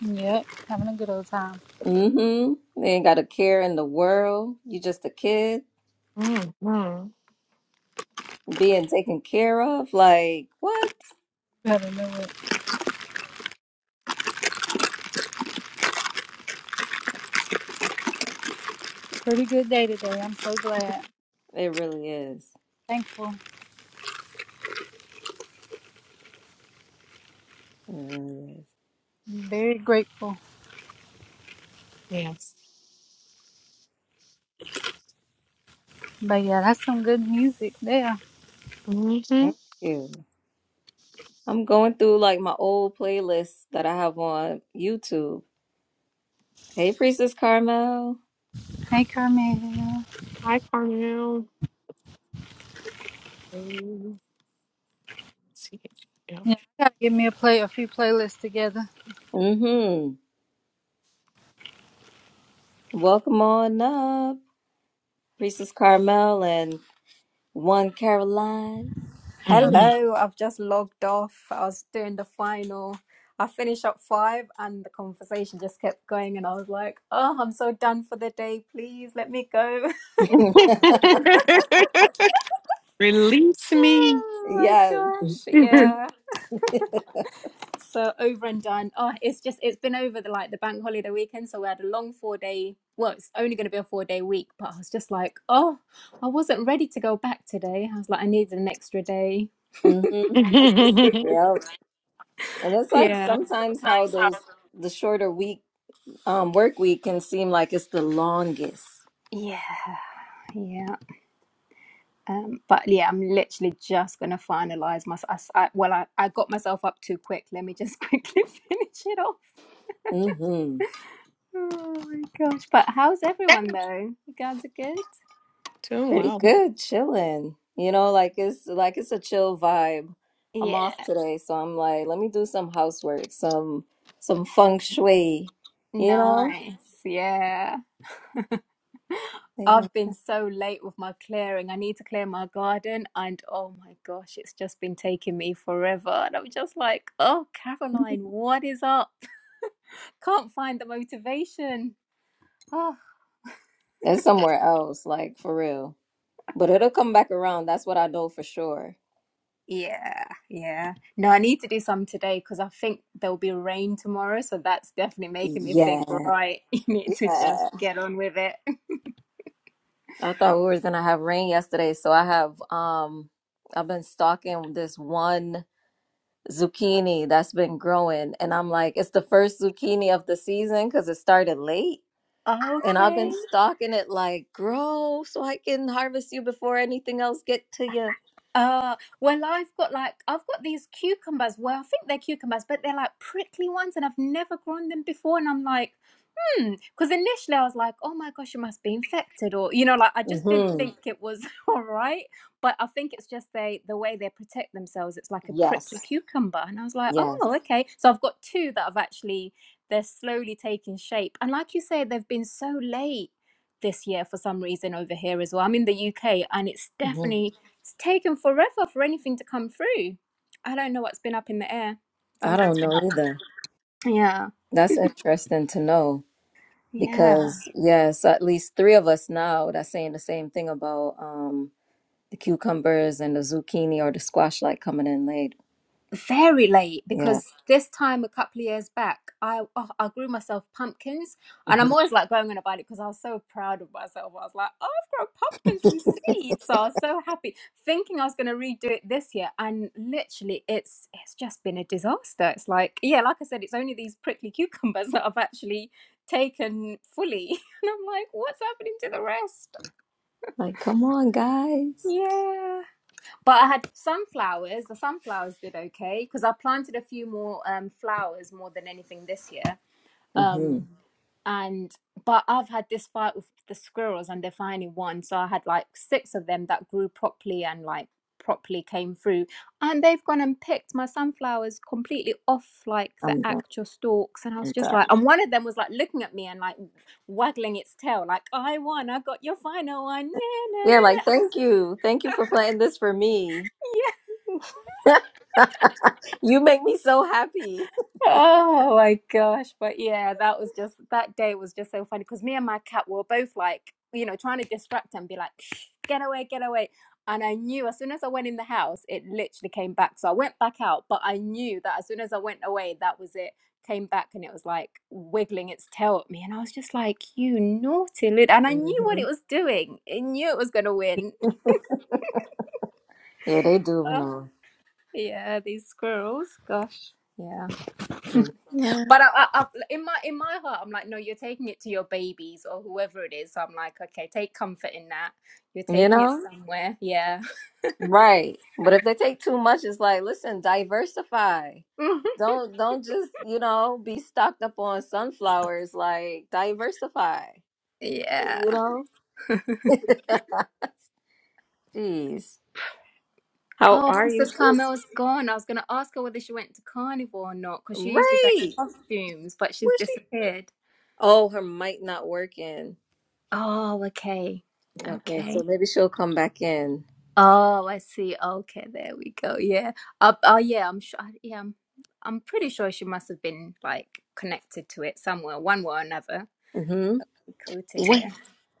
[SPEAKER 2] Yep, having a good old time.
[SPEAKER 1] Mm-hmm. They ain't got a care in the world. You just a kid being taken care of. Like, what?
[SPEAKER 2] Better know it. Pretty good day today. I'm so glad.
[SPEAKER 1] It really is.
[SPEAKER 2] Thankful.
[SPEAKER 1] It really is.
[SPEAKER 2] Very grateful. But yeah, that's some good music there.
[SPEAKER 1] Thank you. I'm going through like my old playlists that I have on YouTube. Hey, Priestess Carmel.
[SPEAKER 2] Hey, Carmel.
[SPEAKER 4] Hi, Carmel. <laughs>
[SPEAKER 2] Yeah, I gotta give me a play, a few playlists together.
[SPEAKER 1] Mm-hmm. Welcome on up, Priestess Carmel and one Caroline.
[SPEAKER 5] Hello, I've just logged off. I was doing the final. I finished up five and the conversation just kept going and I was like, oh, I'm so done for the day. Please let me go.
[SPEAKER 1] <laughs>
[SPEAKER 4] Release
[SPEAKER 5] <laughs>
[SPEAKER 4] me.
[SPEAKER 5] oh my
[SPEAKER 1] Yes.
[SPEAKER 5] gosh.
[SPEAKER 4] Doing
[SPEAKER 5] Yeah. So over and done. Oh, it's just it's been over the like the bank holiday weekend. So we had a long four day well, it's only gonna be a four day week, but I was just like, oh, I wasn't ready to go back today. I was like, I needed an extra day. <laughs>
[SPEAKER 1] Mm-hmm. Yep. And that's like
[SPEAKER 5] Yeah.
[SPEAKER 1] sometimes how those the shorter week um work week can seem like it's the longest.
[SPEAKER 5] Yeah. Yeah. Um, but yeah, I'm literally just gonna finalize my. I, I- well, I, I got myself up too quick. Let me just <laughs> quickly finish it off.
[SPEAKER 1] Mm-hmm.
[SPEAKER 5] Oh my gosh! But how's everyone though? You guys are good.
[SPEAKER 1] Pretty
[SPEAKER 4] well.
[SPEAKER 1] good, chilling. You know, like it's like it's a chill vibe. I'm off
[SPEAKER 5] Yeah,
[SPEAKER 1] today, so I'm like, let me do some housework, some some feng shui, you know?
[SPEAKER 5] nice. Yeah,
[SPEAKER 1] They went-
[SPEAKER 5] I've been so late with my clearing. I need to clear my garden, and oh my gosh, it's just been taking me forever. And I'm just like, oh, Caroline, what is up? Can't find the motivation. Oh.
[SPEAKER 1] It's somewhere else, like for real. But it'll come back around. That's what I know for sure.
[SPEAKER 5] Yeah, yeah. No, I need to do some today because I think there'll be rain tomorrow, so that's definitely making me
[SPEAKER 1] Yeah.
[SPEAKER 5] think, right, <laughs> you need to just get on with it.
[SPEAKER 1] I thought we were gonna have rain yesterday, so I have um I've been stalking this one zucchini that's been growing, and I'm like, it's the first zucchini of the season because it started late, and I've
[SPEAKER 5] Okay.
[SPEAKER 1] been stalking it like grow so I can harvest you before anything else get to you.
[SPEAKER 5] Uh, well, I've got like I've got these cucumbers. Well, I think they're cucumbers, but they're like prickly ones, and I've never grown them before. And I'm like, Because initially I was like, oh my gosh, you must be infected, or you know, like I just didn't
[SPEAKER 1] Mm-hmm.
[SPEAKER 5] think it was <laughs> all right. But I think it's just they the way they protect themselves. It's like a prickly
[SPEAKER 1] Yes.
[SPEAKER 5] cucumber, and I was like,
[SPEAKER 1] Yes.
[SPEAKER 5] oh okay. So I've got two that I've actually they're slowly taking shape, and like you say, they've been so late this year for some reason over here as well. I'm in the UK, and it's
[SPEAKER 1] hmm
[SPEAKER 5] definitely it's taken forever for anything to come through. I don't know what's been up in the air.
[SPEAKER 1] I don't
[SPEAKER 5] Something's been
[SPEAKER 1] know
[SPEAKER 5] up.
[SPEAKER 1] either.
[SPEAKER 5] Yeah,
[SPEAKER 1] That's interesting to know
[SPEAKER 5] yeah.
[SPEAKER 1] because yes, at least three of us now that's saying the same thing about um. the cucumbers and the zucchini or the squash like coming in later.
[SPEAKER 5] very late
[SPEAKER 1] Yeah.
[SPEAKER 5] because this time a couple of years back i oh, i grew myself pumpkins and i'm
[SPEAKER 1] Mhm.
[SPEAKER 5] always like going on about it because i was so proud of myself i was like oh i've grown pumpkins from seeds," so i was so happy thinking i was going to redo it this year and literally it's it's just been a disaster it's like yeah like i said it's only these prickly cucumbers <laughs> that i've actually taken fully <laughs> and i'm like what's happening to the rest
[SPEAKER 1] Like, come on, guys.
[SPEAKER 5] yeah but I had sunflowers. The sunflowers did okay because I planted a few more um, flowers more than anything this year.
[SPEAKER 1] hmm
[SPEAKER 5] Um, and but I've had this fight with the squirrels, and they finally won. So I had like six of them that grew properly and like properly came through, and they've gone and picked my sunflowers completely off like the
[SPEAKER 1] I'm done.
[SPEAKER 5] actual stalks. And I was
[SPEAKER 1] I'm
[SPEAKER 5] just
[SPEAKER 1] done.
[SPEAKER 5] like, and one of them was like looking at me and like waggling its tail, like I won, I got your final one. No, no,
[SPEAKER 1] Yeah, like,
[SPEAKER 5] no, no.
[SPEAKER 1] thank you. Thank you for playing this for me. <laughs> you make me so happy.
[SPEAKER 5] Oh my gosh. But yeah, that was just that day was just so funny because me and my cat were both like, you know, trying to distract and be like, "Shh, get away, get away. And I knew as soon as I went in the house, it literally came back. So I went back out, but I knew that as soon as I went away, that was it. Came back and it was like wiggling its tail at me. And I was just like, you naughty little. And I knew what
[SPEAKER 1] hmm
[SPEAKER 5] it was doing. It knew it was going to win. <laughs>
[SPEAKER 1] Yeah, they do be
[SPEAKER 5] Oh,
[SPEAKER 1] knowing.
[SPEAKER 5] yeah, these squirrels. Gosh. yeah.
[SPEAKER 1] Mhm.
[SPEAKER 5] But I, I, I, in my in my heart, I'm like, no, you're taking it to your babies or whoever it is. So I'm like, okay, take comfort in that. You're
[SPEAKER 1] You
[SPEAKER 5] taking it
[SPEAKER 1] know?
[SPEAKER 5] somewhere. Yeah.
[SPEAKER 1] Right. But if they take too much, it's like, listen, diversify.
[SPEAKER 5] <laughs>
[SPEAKER 1] Don't don't just, you know, be stocked up on sunflowers, like diversify.
[SPEAKER 5] yeah.
[SPEAKER 1] You know? <laughs> Jeez. How
[SPEAKER 5] Oh,
[SPEAKER 1] are you?
[SPEAKER 5] Princess
[SPEAKER 1] Where's
[SPEAKER 5] Carmel's gone. I was going to ask her whether she went to Carnival or not because she usually does
[SPEAKER 1] Ray?
[SPEAKER 5] costumes, but she's
[SPEAKER 1] Where's she?
[SPEAKER 5] disappeared.
[SPEAKER 1] Oh, her mic not working.
[SPEAKER 5] Oh, okay.
[SPEAKER 1] Okay,
[SPEAKER 5] Okay.
[SPEAKER 1] so maybe she'll come back in.
[SPEAKER 5] Oh, I see. Okay, there we go. Yeah. Uh, oh, yeah. I'm sure. Yeah, I'm, I'm pretty sure she must have been like connected to it somewhere, one way or another.
[SPEAKER 1] Mm-hmm.
[SPEAKER 5] Cool to
[SPEAKER 1] What?
[SPEAKER 5] hear.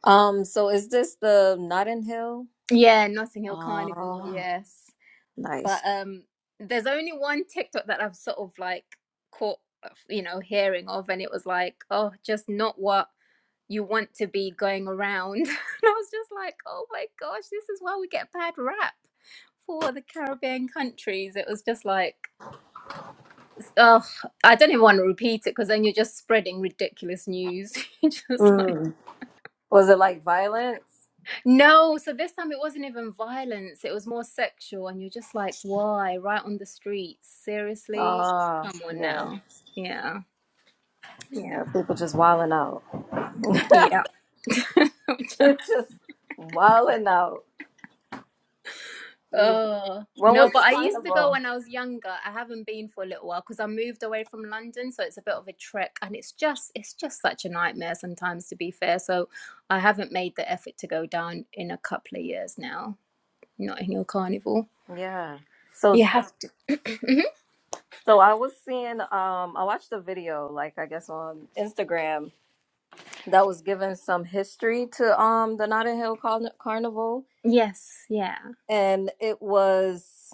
[SPEAKER 1] Um, so is this the Notting Hill?
[SPEAKER 5] Yeah, Notting Hill Carnival,
[SPEAKER 1] Oh,
[SPEAKER 5] yes. But
[SPEAKER 1] nice.
[SPEAKER 5] um there's only one TikTok that I've sort of like caught, you know, hearing of, and it was like, oh, just not what you want to be going around. <laughs> and I was just like, oh my gosh, this is why we get a bad rap for the Caribbean countries. It was just like, oh, I don't even want to repeat it because then you're just spreading ridiculous news. <laughs> You're just like.
[SPEAKER 1] Mm. Was it like violence?
[SPEAKER 5] No, so this time it wasn't even violence, it was more sexual, and you're just like, why? Right on the streets. Seriously?
[SPEAKER 1] Ah,
[SPEAKER 5] Come on
[SPEAKER 1] yeah.
[SPEAKER 5] now. Yeah. Yeah.
[SPEAKER 1] Uh, People just wilding out. <laughs>
[SPEAKER 5] Yeah. <laughs>
[SPEAKER 1] They're
[SPEAKER 5] just,
[SPEAKER 1] just wilding out. You-
[SPEAKER 5] oh.
[SPEAKER 1] When
[SPEAKER 5] No,
[SPEAKER 1] was
[SPEAKER 5] but
[SPEAKER 1] the
[SPEAKER 5] I used to go
[SPEAKER 1] carnival?
[SPEAKER 5] when I was younger. I haven't been for a little while because I moved away from London, so it's a bit of a trek and it's just it's just such a nightmare sometimes to be fair. So I haven't made the effort to go down in a couple of years now. Not in your carnival.
[SPEAKER 1] Yeah.
[SPEAKER 5] You
[SPEAKER 1] So
[SPEAKER 5] have to. <clears throat> Mhm.
[SPEAKER 1] so I was seeing um I watched a video like I guess on Instagram that was giving some history to um the Notting Hill Carn- Carnival
[SPEAKER 5] Yes, yeah.
[SPEAKER 1] and it was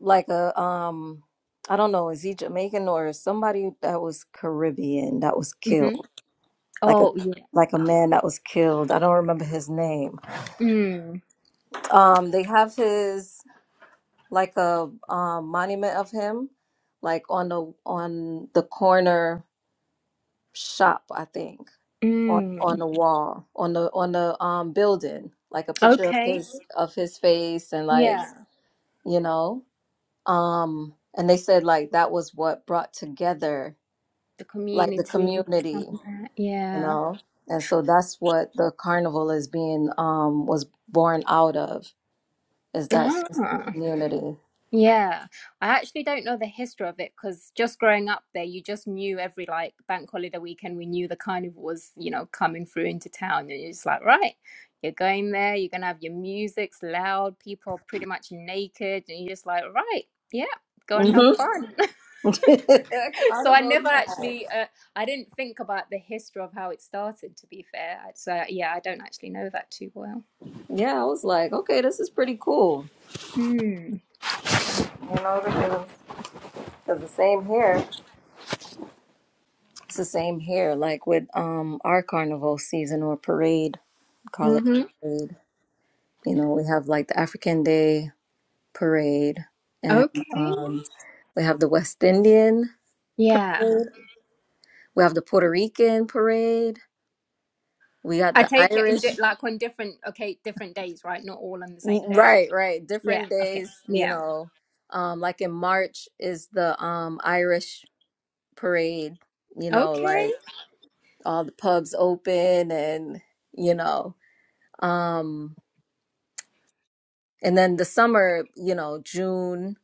[SPEAKER 1] like a um I don't know is he Jamaican or somebody that was Caribbean that was
[SPEAKER 5] Mm-hmm.
[SPEAKER 1] killed like a
[SPEAKER 5] Oh, yeah.
[SPEAKER 1] like a
[SPEAKER 5] Oh,
[SPEAKER 1] man that was killed I don't remember his name
[SPEAKER 5] Mm,
[SPEAKER 1] Um, they have his like a um, monument of him, like on the on the corner shop, I think, on
[SPEAKER 5] mm.
[SPEAKER 1] on the wall, on the on the um building, like a picture of
[SPEAKER 5] Okay.
[SPEAKER 1] his of his face and like
[SPEAKER 5] Yeah.
[SPEAKER 1] you know, um, and they said like that was what brought together
[SPEAKER 5] The
[SPEAKER 1] like the
[SPEAKER 5] community. um,
[SPEAKER 1] community, you
[SPEAKER 5] Yeah.
[SPEAKER 1] know, and so that's what the carnival is being um was born out of is that sense of
[SPEAKER 5] Ah,
[SPEAKER 1] community.
[SPEAKER 5] yeah. I actually don't know the history of it because just growing up there, you just knew every like bank holiday weekend, we knew the carnival was, you know, coming through into town. And you're just like, right, you're going there, you're going to have your music's loud, people are pretty much naked. And you're just like, right, yeah, go and have fun.
[SPEAKER 1] <laughs>
[SPEAKER 5] so I
[SPEAKER 1] Carnival
[SPEAKER 5] never
[SPEAKER 1] time.
[SPEAKER 5] actually, uh, I didn't think about the history of how it started. To be fair, so yeah, I don't actually know that too well.
[SPEAKER 1] Yeah, I was like, okay, this is pretty cool.
[SPEAKER 5] Mm.
[SPEAKER 1] You know the things. Because the same here. It's the same here, like with um our carnival season or parade, call it
[SPEAKER 5] hmm
[SPEAKER 1] parade. You know, we have like the African Day parade, and
[SPEAKER 5] Okay.
[SPEAKER 1] um we have the West Indian,
[SPEAKER 5] Yeah,
[SPEAKER 1] we have the Puerto Rican parade, we got
[SPEAKER 5] I
[SPEAKER 1] the
[SPEAKER 5] take it in
[SPEAKER 1] Irish.
[SPEAKER 5] di- like on different, okay, different days, right? Not all on the
[SPEAKER 1] N-
[SPEAKER 5] same day.
[SPEAKER 1] Right, right.
[SPEAKER 5] Yeah.
[SPEAKER 1] Different
[SPEAKER 5] Okay.
[SPEAKER 1] days, you
[SPEAKER 5] Yeah.
[SPEAKER 1] know. Um, like in March is the um Irish parade, you know,
[SPEAKER 5] Okay.
[SPEAKER 1] like all the pubs open and, you know, um, and then the summer, you know, June,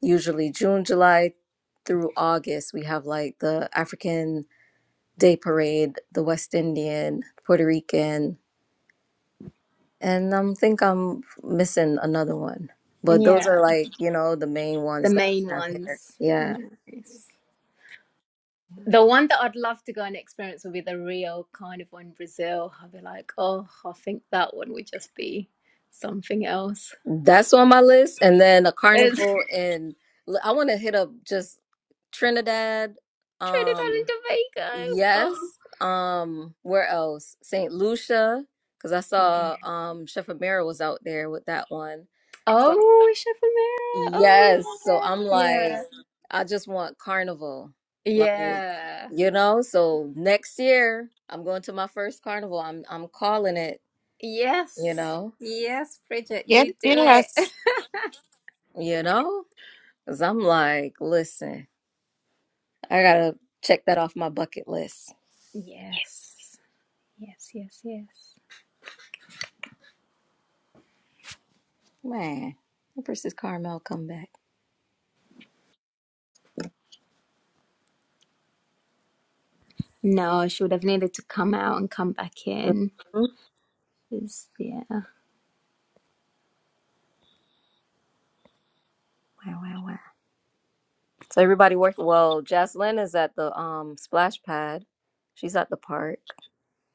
[SPEAKER 1] usually June, July through August, we have like the African Day Parade, the West Indian, Puerto Rican, and I think I'm missing another one. But those are
[SPEAKER 5] Yeah.
[SPEAKER 1] like, you know, the main
[SPEAKER 5] The
[SPEAKER 1] ones that
[SPEAKER 5] main
[SPEAKER 1] we have here.
[SPEAKER 5] ones.
[SPEAKER 1] yeah.
[SPEAKER 5] Nice. The one that I'd love to go and experience would be the Rio Carnival in Brazil. I'd be like, oh, I think that one would just be something else.
[SPEAKER 1] That's on my list. And then a
[SPEAKER 5] <laughs>
[SPEAKER 1] carnival in l- I want to hit up just Trinidad.
[SPEAKER 5] Trinidad and
[SPEAKER 1] Um
[SPEAKER 5] Tobago.
[SPEAKER 1] yes.
[SPEAKER 5] Oh,
[SPEAKER 1] Um where else? St. Lucia cuz I
[SPEAKER 5] yeah.
[SPEAKER 1] saw um Chef Amira was out there with that one. So
[SPEAKER 5] Oh, Chef Amira.
[SPEAKER 1] yes, so
[SPEAKER 5] Oh,
[SPEAKER 1] I'm
[SPEAKER 5] yeah.
[SPEAKER 1] like
[SPEAKER 5] Yeah.
[SPEAKER 1] I just want carnival. Like
[SPEAKER 5] Yeah.
[SPEAKER 1] you know, so next year I'm going to my first carnival. I'm I'm calling it, you
[SPEAKER 5] Yes.
[SPEAKER 1] know.
[SPEAKER 5] Yes, Bridget,
[SPEAKER 4] Yes,
[SPEAKER 5] you do it.
[SPEAKER 4] yes.
[SPEAKER 5] <laughs>
[SPEAKER 1] You know? Cuz I'm like, listen. I gotta check that off my bucket list.
[SPEAKER 5] yes. Yes, yes, yes.
[SPEAKER 1] Man, when versus Carmel come back.
[SPEAKER 5] No, she would have needed to come out and come back
[SPEAKER 1] Mhm.
[SPEAKER 5] in. She's- yeah.
[SPEAKER 1] Wow, wow, wow. So everybody working. Well, Jaslyn is at the um splash pad. She's at the park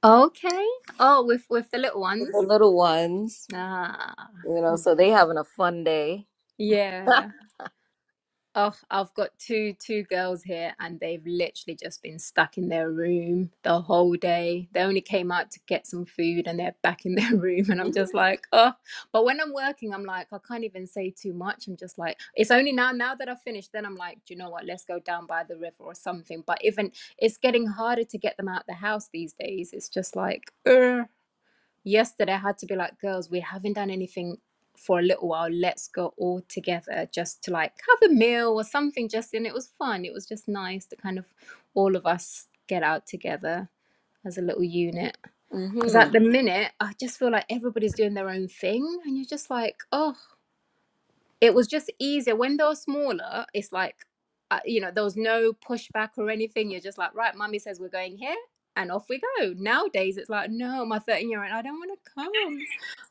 [SPEAKER 5] Okay. Oh, with with the little
[SPEAKER 1] with
[SPEAKER 5] ones.
[SPEAKER 1] the little ones.
[SPEAKER 5] Ah.
[SPEAKER 1] You know, so they having a fun day.
[SPEAKER 5] Yeah. Oh, I've got two two girls here and they've literally just been stuck in their room the whole day. They only came out to get some food and they're back in their <laughs> room and I'm just like, oh. But when I'm working, I'm like, I can't even say too much. I'm just like, it's only now now that I've finished, then I'm like, do you know what? Let's go down by the river or something. But even it's getting harder to get them out the house these days. It's just like, "Ugh." yesterday I had to be like, girls, we haven't done anything for a little while. Let's go all together just to like have a meal or something. Just and it was fun. It was just nice to kind of all of us get out together as a little unit. Because
[SPEAKER 1] Mhm.
[SPEAKER 5] at the minute, I just feel like everybody's doing their own thing, and you're just like, oh it was just easier when they're smaller it's like uh, you know there was no pushback or anything you're just like right mummy says we're going here and off we go nowadays it's like no my 13 year old i don't want to come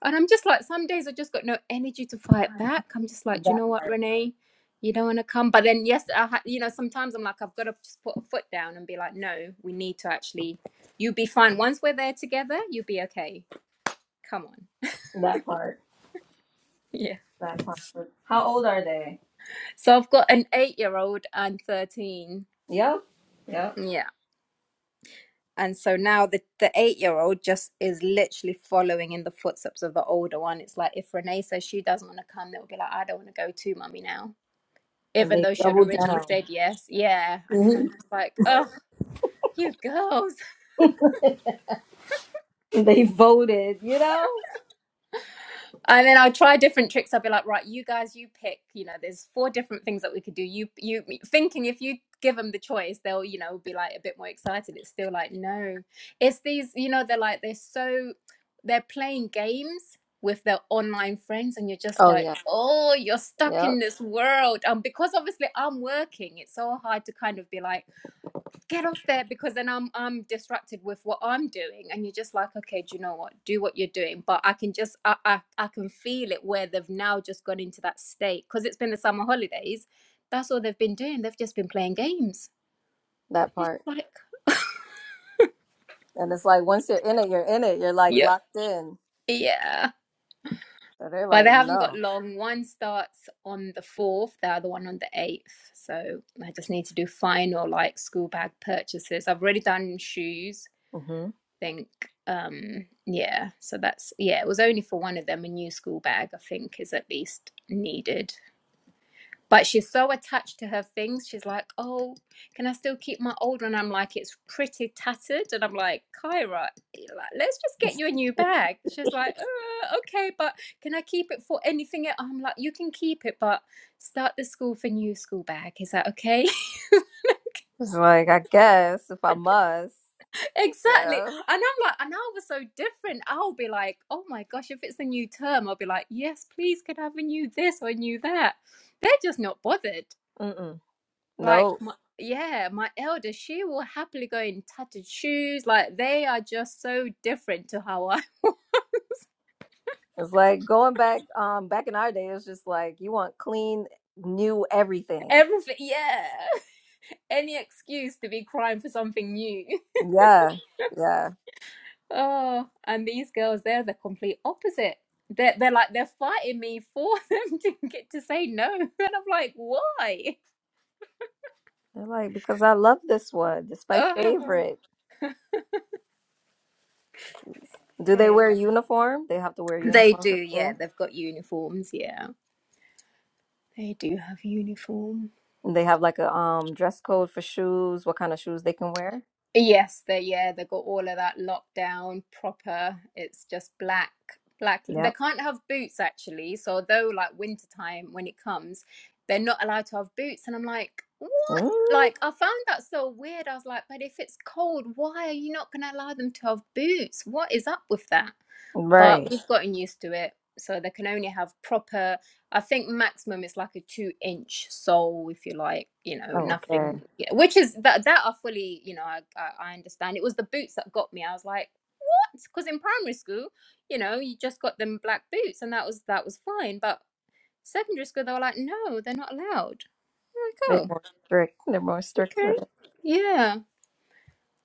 [SPEAKER 5] and i'm just like some days i just got no energy to fight back i'm just like do you know
[SPEAKER 1] That
[SPEAKER 5] what
[SPEAKER 1] part.
[SPEAKER 5] renee you don't want to come but then yes i ha- you know sometimes i'm like i've got to just put a foot down and be like no we need to actually you'll be fine once we're there together you'll be okay come on
[SPEAKER 1] That part.
[SPEAKER 5] yeah
[SPEAKER 1] That part. How old are they?
[SPEAKER 5] so i've got an eight year old and 13
[SPEAKER 1] Yep. Yep.
[SPEAKER 5] Yeah. And so now the, the eight year old just is literally following in the footsteps of the older one. It's like if Renee says she doesn't want to come, they'll be like, I don't want to go too, mummy, now.
[SPEAKER 1] And
[SPEAKER 5] Even
[SPEAKER 1] they
[SPEAKER 5] though she had
[SPEAKER 1] doubled
[SPEAKER 5] originally
[SPEAKER 1] down.
[SPEAKER 5] said yes. Yeah. And then I'm
[SPEAKER 1] Mhm.
[SPEAKER 5] just like, oh, you girls.
[SPEAKER 1] They voted. You know.
[SPEAKER 5] and then I'll try different tricks. I'll be like, right, you guys, you pick. You know, there's four different things that we could do. You, you thinking if you give them the choice, they'll, you know, be like a bit more excited. It's still like, no, it's these. You know, they're like they're so they're playing games with their online friends, and you're just
[SPEAKER 1] Oh
[SPEAKER 5] like,
[SPEAKER 1] yeah.
[SPEAKER 5] oh, you're stuck in
[SPEAKER 1] Yep.
[SPEAKER 5] this world. Um, because obviously I'm working, it's so hard to kind of be like get off there because then I'm I'm distracted with what I'm doing and you're just like okay do you know what do what you're doing but I can just I I, I can feel it where they've now just gone into that state because it's been the summer holidays that's all they've been doing they've just been playing games And
[SPEAKER 1] That
[SPEAKER 5] you're
[SPEAKER 1] part.
[SPEAKER 5] just like
[SPEAKER 1] And it's like once you're in it, you're in it. You're like
[SPEAKER 5] yeah
[SPEAKER 1] locked in.
[SPEAKER 5] yeah
[SPEAKER 1] So they're
[SPEAKER 5] but they
[SPEAKER 1] like,
[SPEAKER 5] haven't got
[SPEAKER 1] no.
[SPEAKER 5] long one starts on the 4th the other one on the 8th so I just need to do final like school bag purchases I've already done shoes
[SPEAKER 1] hmm
[SPEAKER 5] think um yeah so that's yeah it was only for one of them a new school bag i think is at least needed but she's so attached to her things she's like oh can i still keep my old one i'm like it's pretty tattered and i'm like kyra like, let's just get you a new bag she's like uh, okay but can i keep it for anything e-" i'm like you can keep it but start the school for new school bag is that okay
[SPEAKER 1] It's like I guess if I must,
[SPEAKER 5] Exactly.
[SPEAKER 1] yeah.
[SPEAKER 5] And I'm like, and I was so different. I'll be like, oh my gosh, if it's a new term, I'll be like, yes, please, could I have a new this or a new that? They're just not bothered.
[SPEAKER 1] Mm-mm.
[SPEAKER 5] Like,
[SPEAKER 1] Nope.
[SPEAKER 5] my, yeah, my elder, she will happily go in tattered shoes. Like, they are just so different to how I,
[SPEAKER 1] It's like going back. Um, back in our day, it's just like you want clean, new
[SPEAKER 5] <laughs>
[SPEAKER 1] everything.
[SPEAKER 5] everything, yeah. <laughs> Any excuse to be crying for something new. <laughs>
[SPEAKER 1] Yeah, yeah.
[SPEAKER 5] Oh, and these girls, they're the complete opposite. They're, they're like, they're fighting me for <laughs> them to get to say no. <laughs> And I'm like, why?
[SPEAKER 1] They're like because I love this one. It's my
[SPEAKER 5] Oh,
[SPEAKER 1] favorite. Do they
[SPEAKER 5] okay.
[SPEAKER 1] wear uniform? They have to wear
[SPEAKER 5] They
[SPEAKER 1] uniform
[SPEAKER 5] do,
[SPEAKER 1] for
[SPEAKER 5] yeah.
[SPEAKER 1] school.
[SPEAKER 5] They've got uniforms, yeah. They do have uniform.
[SPEAKER 1] And they have like a um dress code for shoes. What kind of shoes they can wear?
[SPEAKER 5] Yes, they yeah, they've got all of that lockdown proper. It's just black, black. They
[SPEAKER 1] Yep.
[SPEAKER 5] can't have boots actually. So although like wintertime when it comes, they're not allowed to have boots. And I'm like, what?
[SPEAKER 1] Mm,
[SPEAKER 5] Like I found that so weird. I was like, but if it's cold, why are you not gonna allow them to have boots? What is up with that? but
[SPEAKER 1] right.
[SPEAKER 5] we've gotten used to it so they can only have proper i think maximum is like a two inch sole if you like you know
[SPEAKER 1] Oh, okay.
[SPEAKER 5] nothing yeah, which is that that are fully you know I, I i understand it was the boots that got me i was like what because in primary school you know you just got them black boots and that was that was fine but secondary school they were like no they're not allowed like
[SPEAKER 1] They're
[SPEAKER 5] oh
[SPEAKER 1] more strict. They're more strict with
[SPEAKER 5] okay
[SPEAKER 1] it.
[SPEAKER 5] yeah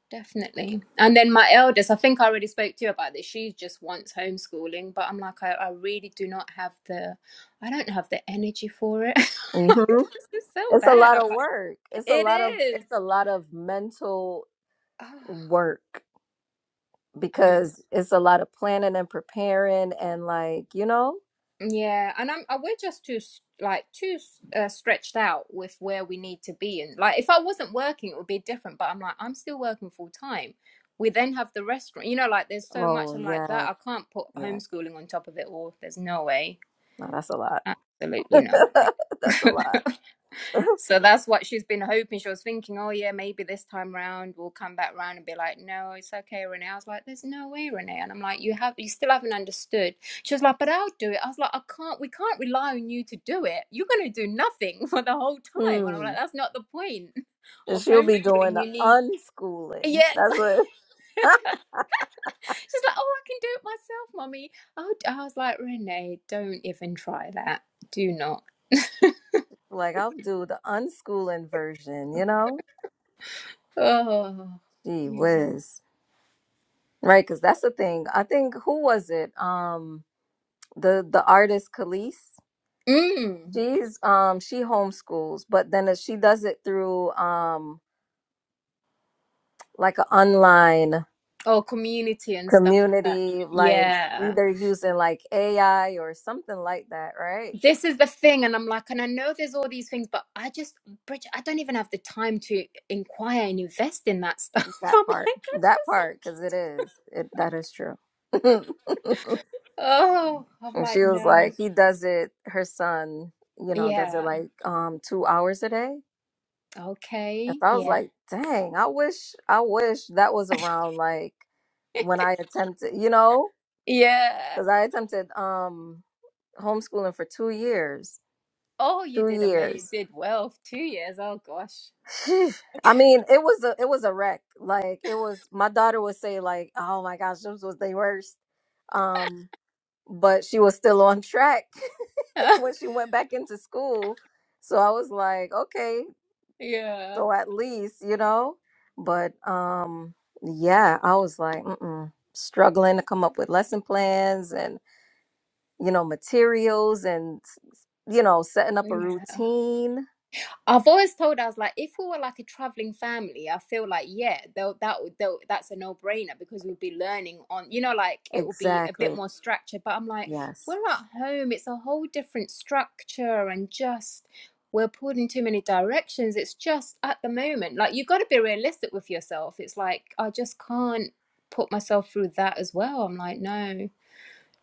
[SPEAKER 5] Definitely. And then my eldest, I think I already spoke to you about this. She just wants homeschooling, but I'm like, I, I really do not have the, I don't have the energy for it. <laughs> Like,
[SPEAKER 1] hmm
[SPEAKER 5] this is so
[SPEAKER 1] It's a
[SPEAKER 5] bad.
[SPEAKER 1] lot
[SPEAKER 5] I'm
[SPEAKER 1] of
[SPEAKER 5] like,
[SPEAKER 1] work. It's a
[SPEAKER 5] it
[SPEAKER 1] lot of
[SPEAKER 5] is.
[SPEAKER 1] it's a lot of mental
[SPEAKER 5] Oh,
[SPEAKER 1] work
[SPEAKER 5] and it's,
[SPEAKER 1] because it's a lot of planning and preparing and like you know.
[SPEAKER 5] yeah. And I'm, I, we're just too, s- like, too s- uh, stretched out with where we need to be. And like, if I wasn't working, it would be different, but I'm like, I'm still working full time. We then have the restaurant, you know, like, there's so much.
[SPEAKER 1] Oh
[SPEAKER 5] I'm like, that,
[SPEAKER 1] yeah,
[SPEAKER 5] I can't put
[SPEAKER 1] yeah.
[SPEAKER 5] homeschooling on top of it all. There's no way.
[SPEAKER 1] No, that's a lot.
[SPEAKER 5] Absolutely no.
[SPEAKER 1] <laughs> that's
[SPEAKER 5] <laughs>
[SPEAKER 1] a lot. <laughs>
[SPEAKER 5] So that's what she's been hoping. She was thinking, oh yeah, maybe this time round we'll come back round and be like, no, it's okay, Renee. I was like, there's no way, Renee. And I'm like, you have, you still haven't understood. She was like, but I'll do it. I was like, I can't. We can't rely on you to do it. You're gonna do nothing <laughs> for the whole time. And I'm like,
[SPEAKER 1] Hmm.
[SPEAKER 5] that's not the point <laughs>
[SPEAKER 1] And
[SPEAKER 5] of
[SPEAKER 1] she'll be doing
[SPEAKER 5] homeschooling.
[SPEAKER 1] the
[SPEAKER 5] You need. Yeah,
[SPEAKER 1] unschooling. That's
[SPEAKER 5] <laughs>
[SPEAKER 1] what. <laughs>
[SPEAKER 5] she's like, oh, I can do it myself, mommy. Oh, I was like, Renee, don't even try that. Do not.
[SPEAKER 1] like I'll do the unschooling version. You know.
[SPEAKER 5] Oh,
[SPEAKER 1] Gee
[SPEAKER 5] yeah.
[SPEAKER 1] whiz. Right, because that's the thing. I think who was it? Um, the the artist Khalees.
[SPEAKER 5] Mm.
[SPEAKER 1] She's um she homeschools, but then she does it through um like an online
[SPEAKER 5] or community and stuff like that.
[SPEAKER 1] community, like
[SPEAKER 5] Yeah.
[SPEAKER 1] either using like AI or something like that, right?
[SPEAKER 5] This is the thing. And I'm like, and I know there's all these things, but I just, Bridget, I don't even have the time to inquire and invest in that stuff. <laughs>
[SPEAKER 1] That
[SPEAKER 5] I'm like,
[SPEAKER 1] part,
[SPEAKER 5] I
[SPEAKER 1] that
[SPEAKER 5] just,
[SPEAKER 1] part,
[SPEAKER 5] so
[SPEAKER 1] because it is it that is true. <laughs> and
[SPEAKER 5] oh, I'm
[SPEAKER 1] she
[SPEAKER 5] like,
[SPEAKER 1] was
[SPEAKER 5] no.
[SPEAKER 1] like, he does it. Her son, you know, does it
[SPEAKER 5] Yeah.
[SPEAKER 1] like um two hours a day. And
[SPEAKER 5] Okay.
[SPEAKER 1] so I was
[SPEAKER 5] Yeah.
[SPEAKER 1] like, dang, I wish, I wish that was around like when I attempted, you know,
[SPEAKER 5] Yeah.
[SPEAKER 1] because I attempted um homeschooling for two years.
[SPEAKER 5] Oh, you
[SPEAKER 1] Two
[SPEAKER 5] did amazing.
[SPEAKER 1] years.
[SPEAKER 5] Did well. for Two years. Oh, gosh.
[SPEAKER 1] Phew. I mean, it was a it was a wreck. Like it was my daughter would say like, "Oh my gosh, this was the worst." Um, but she was still on track <laughs>
[SPEAKER 5] <laughs>
[SPEAKER 1] when she went back into school. So I was like, "Okay,
[SPEAKER 5] yeah.
[SPEAKER 1] so at least, you know." But um yeah, I was like, Mm-mm. struggling to come up with lesson plans and, you know, materials and, you know, setting up a
[SPEAKER 5] Yeah.
[SPEAKER 1] routine.
[SPEAKER 5] I've always told us like, if we were like a traveling family, I feel like yeah, they'll, that would- they'll, that's a no brainer because we'll be learning on, you know, like it will be a
[SPEAKER 1] Exactly.
[SPEAKER 5] bit more structured. But I'm like,
[SPEAKER 1] Yes.
[SPEAKER 5] we're at home; it's a whole different structure, and just we're pulled in too many directions. It's just at the moment, like you got to be realistic with yourself. It's like I just can't put myself through that as well. I'm like, no.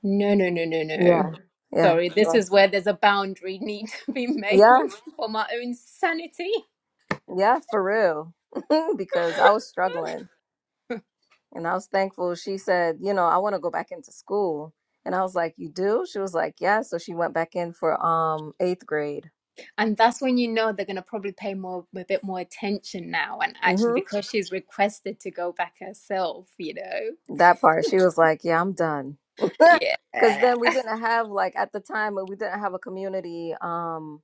[SPEAKER 5] No, no, no, no, no.
[SPEAKER 1] Yeah. Yeah.
[SPEAKER 5] Sorry, this
[SPEAKER 1] So-
[SPEAKER 5] is where there's a boundary <laughs> need to be made
[SPEAKER 1] Yeah.
[SPEAKER 5] <laughs> for my own sanity.
[SPEAKER 1] Yeah, for real. <laughs> because I
[SPEAKER 5] <laughs>
[SPEAKER 1] was struggling and I was thankful. She said, you know, I want to go back into school. And I was like, you do? She was like, yeah. So she went back in for um eighth grade.
[SPEAKER 5] And that's when you know they're going to probably pay more, a bit more attention now. And actually,
[SPEAKER 1] hmm
[SPEAKER 5] because she's requested to go back herself, you know?
[SPEAKER 1] That part. She was like, yeah, I'm done. <laughs> Because
[SPEAKER 5] Yeah.
[SPEAKER 1] then we didn't have like at the time we didn't have a community. Um,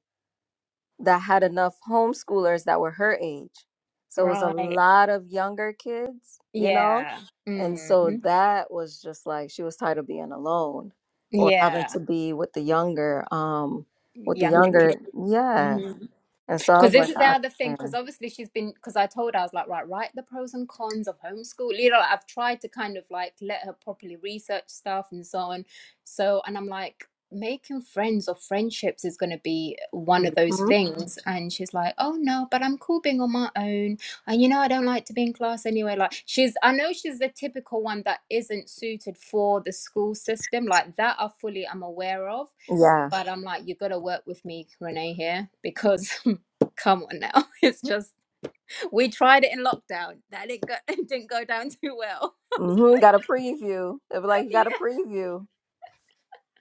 [SPEAKER 1] that had enough homeschoolers that were her age. So it was a
[SPEAKER 5] Right.
[SPEAKER 1] lot of younger kids, you know?
[SPEAKER 5] Yeah.
[SPEAKER 1] And so
[SPEAKER 5] Mm.
[SPEAKER 1] that was just like she was tired of being alone or having
[SPEAKER 5] Yeah.
[SPEAKER 1] to be with the younger, um, with the
[SPEAKER 5] Younger kid.
[SPEAKER 1] younger, yeah.
[SPEAKER 5] Mhm.
[SPEAKER 1] And so I
[SPEAKER 5] Because
[SPEAKER 1] was
[SPEAKER 5] this
[SPEAKER 1] like,
[SPEAKER 5] is the
[SPEAKER 1] I
[SPEAKER 5] other thing. Because
[SPEAKER 1] understand.
[SPEAKER 5] obviously she's been. Because I told her I was like, right, write the pros and cons of homeschool. You know, like, I've tried to kind of like let her properly research stuff and so on. So, and I'm like, making friends or friendships is going to be one of those
[SPEAKER 1] hmm
[SPEAKER 5] things. And she's like, oh no, but I'm cool being on my own. And you know, I don't like to be in class anyway. Like, she's. I know she's the typical one that isn't suited for the school system. Like that, I fully am aware of
[SPEAKER 1] Yeah.
[SPEAKER 5] but I'm like, you got to work with me, Renee, here because <laughs> come on now, <laughs> it's just we tried it in lockdown. That didn't go, <laughs> it didn't go down too well.
[SPEAKER 1] hmm Got a preview. It'd be like,
[SPEAKER 5] <laughs>
[SPEAKER 1] you got a
[SPEAKER 5] yeah.
[SPEAKER 1] preview,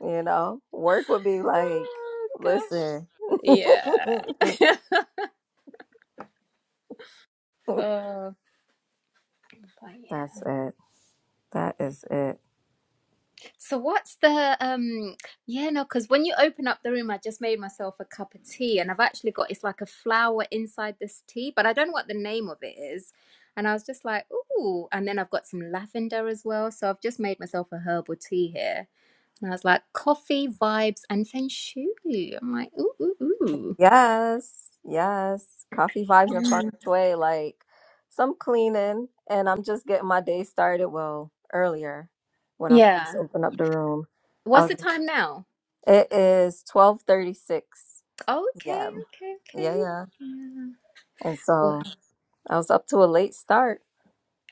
[SPEAKER 1] you know? Work would be like,
[SPEAKER 5] Oh gosh.
[SPEAKER 1] listen, <laughs>
[SPEAKER 5] Yeah. <laughs> oh, but yeah.
[SPEAKER 1] that's it. That is it.
[SPEAKER 5] So what's the um? Yeah, no, because when you open up the room, I just made myself a cup of tea, and I've actually got it's like a flower inside this tea, but I don't know what the name of it is. And I was just like, ooh, and then I've got some lavender as well. So I've just made myself a herbal tea here And I was like, coffee, vibes, and feng shui. I'm like, ooh, ooh, ooh.
[SPEAKER 1] Yes, yes. Coffee vibes and feng
[SPEAKER 5] Mm.
[SPEAKER 1] shui, like some cleaning, and I'm just getting my day started. Well, earlier when I
[SPEAKER 5] Yeah.
[SPEAKER 1] first opened up the room, I
[SPEAKER 5] What's the
[SPEAKER 1] was.
[SPEAKER 5] time now?
[SPEAKER 1] It is twelve thirty six.
[SPEAKER 5] Oh, okay,
[SPEAKER 1] Yeah,
[SPEAKER 5] okay, okay.
[SPEAKER 1] yeah, yeah.
[SPEAKER 5] Yeah.
[SPEAKER 1] And
[SPEAKER 5] What?
[SPEAKER 1] so I was up to a late start,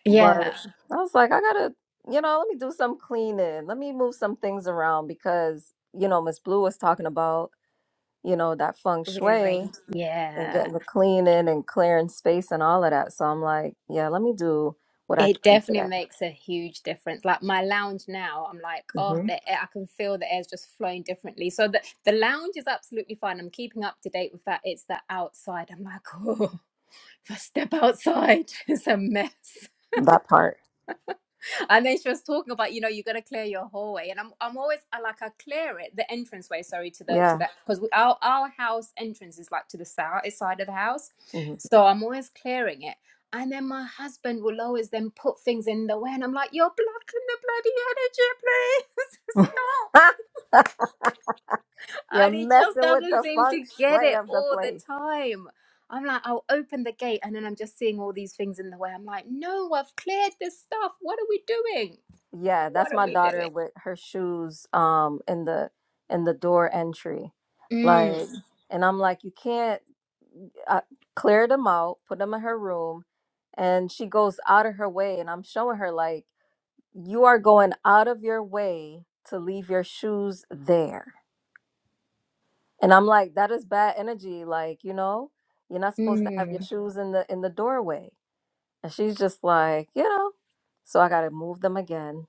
[SPEAKER 5] Yeah.
[SPEAKER 1] but I was like, I gotta, you know, let me do some cleaning. Let me move some things around because you know Miss Blue was talking about you know that feng shui,
[SPEAKER 5] Rearrange.
[SPEAKER 1] and
[SPEAKER 5] Yeah.
[SPEAKER 1] getting the cleaning and clearing space and all of that. So I'm like, yeah, let me do what I
[SPEAKER 5] It
[SPEAKER 1] can today.
[SPEAKER 5] definitely makes a huge difference. Like my lounge now, I'm like, oh,
[SPEAKER 1] hmm
[SPEAKER 5] the air, I can feel the air's just flowing differently. So the, the lounge is absolutely fine. I'm keeping up to date with that. It's the outside. I'm like, <laughs> oh, if I step outside, <laughs> it's a mess.
[SPEAKER 1] That part.
[SPEAKER 5] and then she was talking about you know you got to clear your hallway and i'm i'm always I like i clear it the entrance way sorry to the to
[SPEAKER 1] Yeah.
[SPEAKER 5] that because our our house entrance is like to the south side of the house
[SPEAKER 1] hmm <laughs>
[SPEAKER 5] so i'm always clearing it and then my husband will always then put things in the way and i'm like you're blocking the bloody energy please <laughs> stop
[SPEAKER 1] You're
[SPEAKER 5] and he just
[SPEAKER 1] messing with
[SPEAKER 5] doesn't
[SPEAKER 1] the
[SPEAKER 5] seem
[SPEAKER 1] feng
[SPEAKER 5] to get
[SPEAKER 1] shui
[SPEAKER 5] it
[SPEAKER 1] of the
[SPEAKER 5] all the
[SPEAKER 1] place.
[SPEAKER 5] time I'm like, I'll open the gate and then I'm just seeing all these things in the way. I'm like, no, I've cleared this stuff. What are we doing?
[SPEAKER 1] Yeah,
[SPEAKER 5] What
[SPEAKER 1] that's
[SPEAKER 5] are
[SPEAKER 1] my
[SPEAKER 5] we doing?
[SPEAKER 1] daughter with her shoes um in the in the door entry. Like
[SPEAKER 5] Mm,
[SPEAKER 1] and I'm like, you can't I cleared them out, put them in her room, and she goes out of her way. And I'm showing her, like, you are going out of your way to leave your shoes there and i'm like that is bad energy like you know you're not supposed to have your
[SPEAKER 5] mm.
[SPEAKER 1] shoes in the in the doorway and she's just like you know so i gotta move them again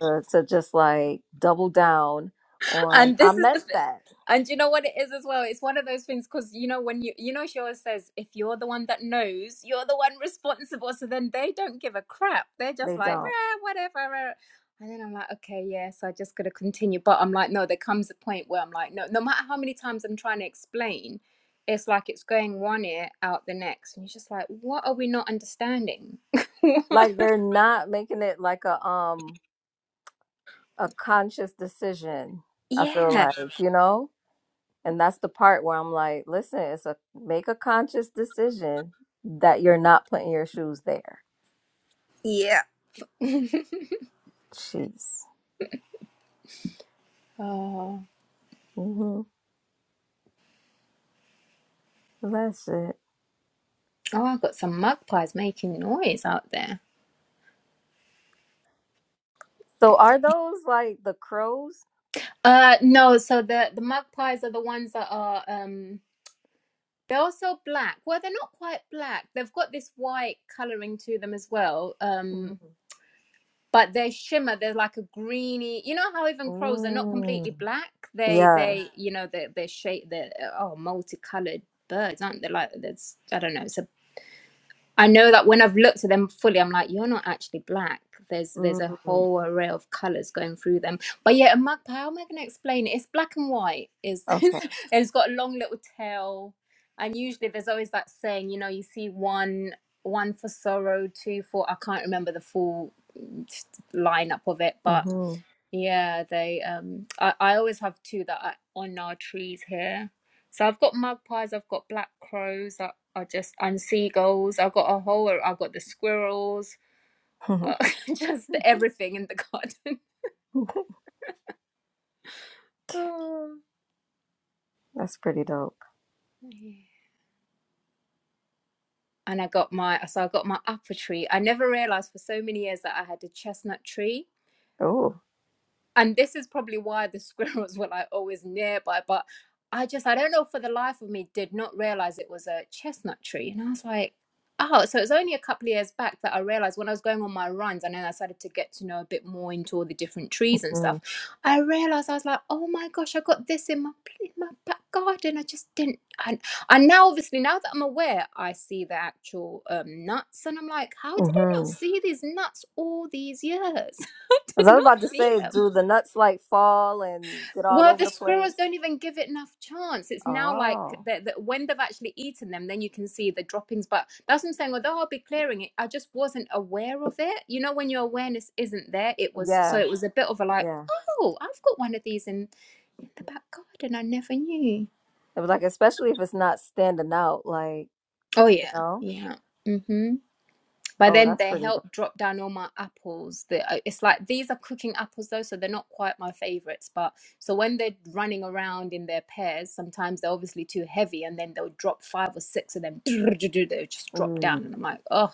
[SPEAKER 1] to, to just like double down on
[SPEAKER 5] And
[SPEAKER 1] i
[SPEAKER 5] this is the
[SPEAKER 1] meant
[SPEAKER 5] thing.
[SPEAKER 1] that
[SPEAKER 5] And you know what it is as well? It's one of those things because you know when you you know she always says if you're the one that knows, you're the one <laughs> responsible. So then they don't give a crap. They're just
[SPEAKER 1] they
[SPEAKER 5] like
[SPEAKER 1] don't
[SPEAKER 5] "Rah, whatever. rah." And then I'm like, okay, yeah. So I just gotta continue. But I'm like, no. There comes a point where I'm like, no. No matter how many times I'm trying to explain, it's like it's going one ear out the next, and you're just like, what are we not understanding?
[SPEAKER 1] like they're not making it like a um a conscious decision
[SPEAKER 5] <laughs>
[SPEAKER 1] i feel
[SPEAKER 5] yeah.
[SPEAKER 1] like you know And that's the part where I'm like, listen, it's a make a conscious decision that you're not putting your shoes there.
[SPEAKER 5] Yeah. <laughs>
[SPEAKER 1] Jeez.
[SPEAKER 5] oh.
[SPEAKER 1] hmm That's it.
[SPEAKER 5] Oh, I've got some magpies making noise out there.
[SPEAKER 1] So are those like the crows?
[SPEAKER 5] Uh, no, so the the magpies are the ones that are um they're also black. Well, they're not quite black. They've got this white coloring to them as well.
[SPEAKER 1] hmm
[SPEAKER 5] Um, but they shimmer. They're like a greeny. You know how even crows are not completely
[SPEAKER 1] Mm.
[SPEAKER 5] black. They
[SPEAKER 1] Yeah.
[SPEAKER 5] they you know they are they are shape they're oh multicolored birds aren't they? Like that's I don't know. It's a I know that when I've looked at them fully, I'm like, you're not actually black. There's there's a
[SPEAKER 1] mm
[SPEAKER 5] whole array of colours going through them. But yeah, a magpie, how am I gonna explain it? It's black and white. Is
[SPEAKER 1] Okay.
[SPEAKER 5] <laughs> it's got a long little tail. And usually there's always that saying, you know, you see one one for sorrow, two for I can't remember the full lineup of it, but
[SPEAKER 1] hmm
[SPEAKER 5] yeah, they um I, I always have two that are on our trees here. So I've got magpies, I've got black crows, I, I just and seagulls. I've got a whole I've got the squirrels,
[SPEAKER 1] <laughs>
[SPEAKER 5] uh, <laughs> just everything in the garden. <laughs> Oh,
[SPEAKER 1] That's pretty dope.
[SPEAKER 5] yeah. And I got my so I got my apple tree. I never realized for so many years that I had a chestnut tree.
[SPEAKER 1] Oh.
[SPEAKER 5] and this is probably why the <laughs> squirrels were like always nearby but i just i don't know for the life of me did not realize it was a chestnut tree and i was like oh so it was only a couple of years back that i realized when i was going on my runs and then i started to get to know a bit more into all the different trees and
[SPEAKER 1] hmm
[SPEAKER 5] stuff i realized i was like oh my gosh i got this in my in my back garden i just didn't and and now obviously now that i'm aware i see the actual um, nuts and i'm like how did i not
[SPEAKER 1] hmm
[SPEAKER 5] see these nuts all these years <laughs> i
[SPEAKER 1] I
[SPEAKER 5] did
[SPEAKER 1] was
[SPEAKER 5] not
[SPEAKER 1] about to
[SPEAKER 5] see
[SPEAKER 1] say,
[SPEAKER 5] them
[SPEAKER 1] do the nuts like fall and get all
[SPEAKER 5] well,
[SPEAKER 1] over
[SPEAKER 5] the
[SPEAKER 1] the
[SPEAKER 5] squirrels
[SPEAKER 1] place?
[SPEAKER 5] don't even give it enough chance. It's now like
[SPEAKER 1] Oh.
[SPEAKER 5] that that when they've actually eaten them, then you can see the droppings. But that's what I'm saying. Although I'll be clearing it, I just wasn't aware of it. You know, when your awareness isn't there, it was so
[SPEAKER 1] Yeah.
[SPEAKER 5] it was a bit of a like,
[SPEAKER 1] Yeah.
[SPEAKER 5] oh, I've got one of these in the back garden. I never knew.
[SPEAKER 1] It was like, especially if it's not standing out, like,
[SPEAKER 5] Oh
[SPEAKER 1] you
[SPEAKER 5] yeah,
[SPEAKER 1] know?
[SPEAKER 5] yeah. Hmm. But
[SPEAKER 1] Oh,
[SPEAKER 5] then
[SPEAKER 1] that's
[SPEAKER 5] their
[SPEAKER 1] pretty dope.
[SPEAKER 5] help dropped down all my apples. The, uh, it's like these are cooking apples though, so they're not quite my favorites. But so when they're running around in their pairs, sometimes they're obviously too heavy, and then they'll drop five or six of them. <clicks tongue> They just drop down,
[SPEAKER 1] Mm,
[SPEAKER 5] and I'm like, oh.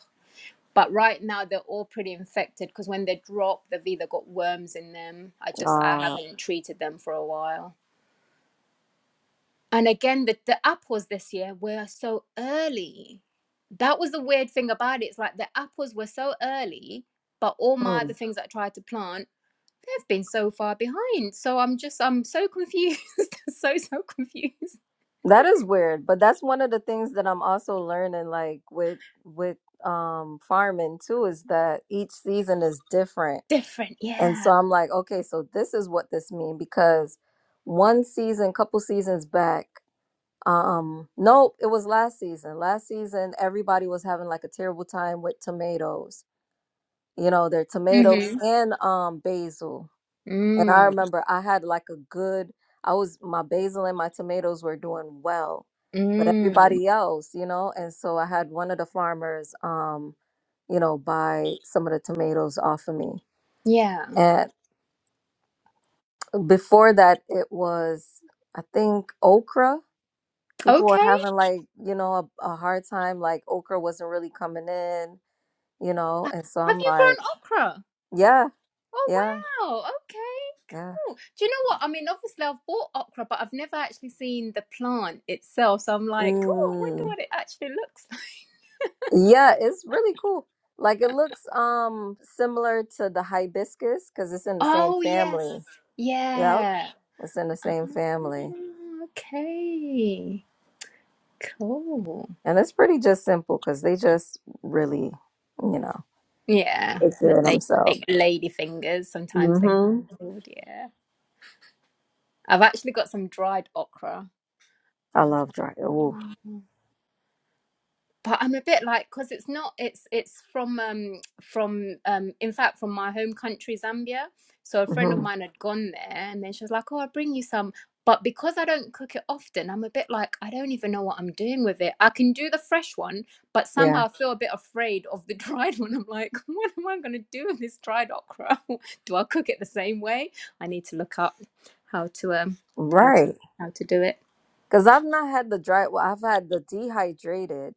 [SPEAKER 5] But right now they're all pretty infected because when they drop, they've either got worms in them. I just I
[SPEAKER 1] uh,
[SPEAKER 5] haven't <sighs> treated them for a while. And again, the, the apples this year were so early. That was the weird thing about it. It's like the apples were so early, but all my
[SPEAKER 1] hmm.
[SPEAKER 5] other things that I tried to plant, they've been so far behind. So I'm just, I'm so confused. <laughs> so, so confused.
[SPEAKER 1] That is weird, but that's one of the things that I'm also learning, like with with um farming too, is that each season is different.
[SPEAKER 5] Different,
[SPEAKER 1] And so
[SPEAKER 5] yeah.
[SPEAKER 1] I'm like, okay, so this is what this mean because one season, couple seasons back, um, nope, it was last season. Last season, everybody was having like a terrible time with tomatoes. You know, their tomatoes
[SPEAKER 5] Mm-hmm.
[SPEAKER 1] and um basil And I
[SPEAKER 5] Mm,
[SPEAKER 1] remember I had like a good, I was, my basil and my tomatoes were doing well, but
[SPEAKER 5] mm,
[SPEAKER 1] everybody else, you know, and so I had one of the farmers, um, you know, buy some of the tomatoes off of me.
[SPEAKER 5] yeah.
[SPEAKER 1] And before that, it was, I think, okra. People were
[SPEAKER 5] Okay.
[SPEAKER 1] having like, you know, a, a hard time, like okra wasn't really coming in, you know, and so
[SPEAKER 5] Have
[SPEAKER 1] I'm
[SPEAKER 5] you
[SPEAKER 1] like,
[SPEAKER 5] grown okra?
[SPEAKER 1] yeah,
[SPEAKER 5] Oh,
[SPEAKER 1] yeah,
[SPEAKER 5] wow. Okay.
[SPEAKER 1] yeah.
[SPEAKER 5] Oh, do you know what? I mean, obviously I've bought okra, but I've never actually seen the plant itself. So I'm like, oh, I wonder
[SPEAKER 1] Mm.
[SPEAKER 5] what it actually looks <laughs> like.
[SPEAKER 1] Yeah, it's really cool. Like it looks um similar to the hibiscus because it's in the same
[SPEAKER 5] Oh, yes.
[SPEAKER 1] family. Yep,
[SPEAKER 5] Yeah.
[SPEAKER 1] it's in the same family,
[SPEAKER 5] Ah, Okay. Cool.
[SPEAKER 1] and it's pretty just simple because they just really, you know,
[SPEAKER 5] Yeah.
[SPEAKER 1] take
[SPEAKER 5] The
[SPEAKER 1] care of
[SPEAKER 5] la-
[SPEAKER 1] themselves.
[SPEAKER 5] big lady fingers. Sometimes they
[SPEAKER 1] hmm
[SPEAKER 5] get cold. Yeah. I've actually got some dried okra.
[SPEAKER 1] I
[SPEAKER 5] I was
[SPEAKER 1] love dry. Oh,
[SPEAKER 5] like, "Oh." but I'm a bit like because it's not it's it's from um from um in fact from my home country Zambia. So a friend of
[SPEAKER 1] hmm
[SPEAKER 5] mine had gone there, and then she was like, "Oh, I'll bring you some." But because I don't cook it often, I'm a bit like I don't even know what I'm doing with it. I can do the fresh one, but
[SPEAKER 1] yeah,
[SPEAKER 5] somehow I feel a bit afraid of the <laughs> dried one. I'm like, <laughs> what am I going to do with this dried okra? <laughs> do I cook it the same way? I need to look up how to um how to
[SPEAKER 1] right.
[SPEAKER 5] how to do it.
[SPEAKER 1] Because I've not had the dry. Well, I've had the dehydrated,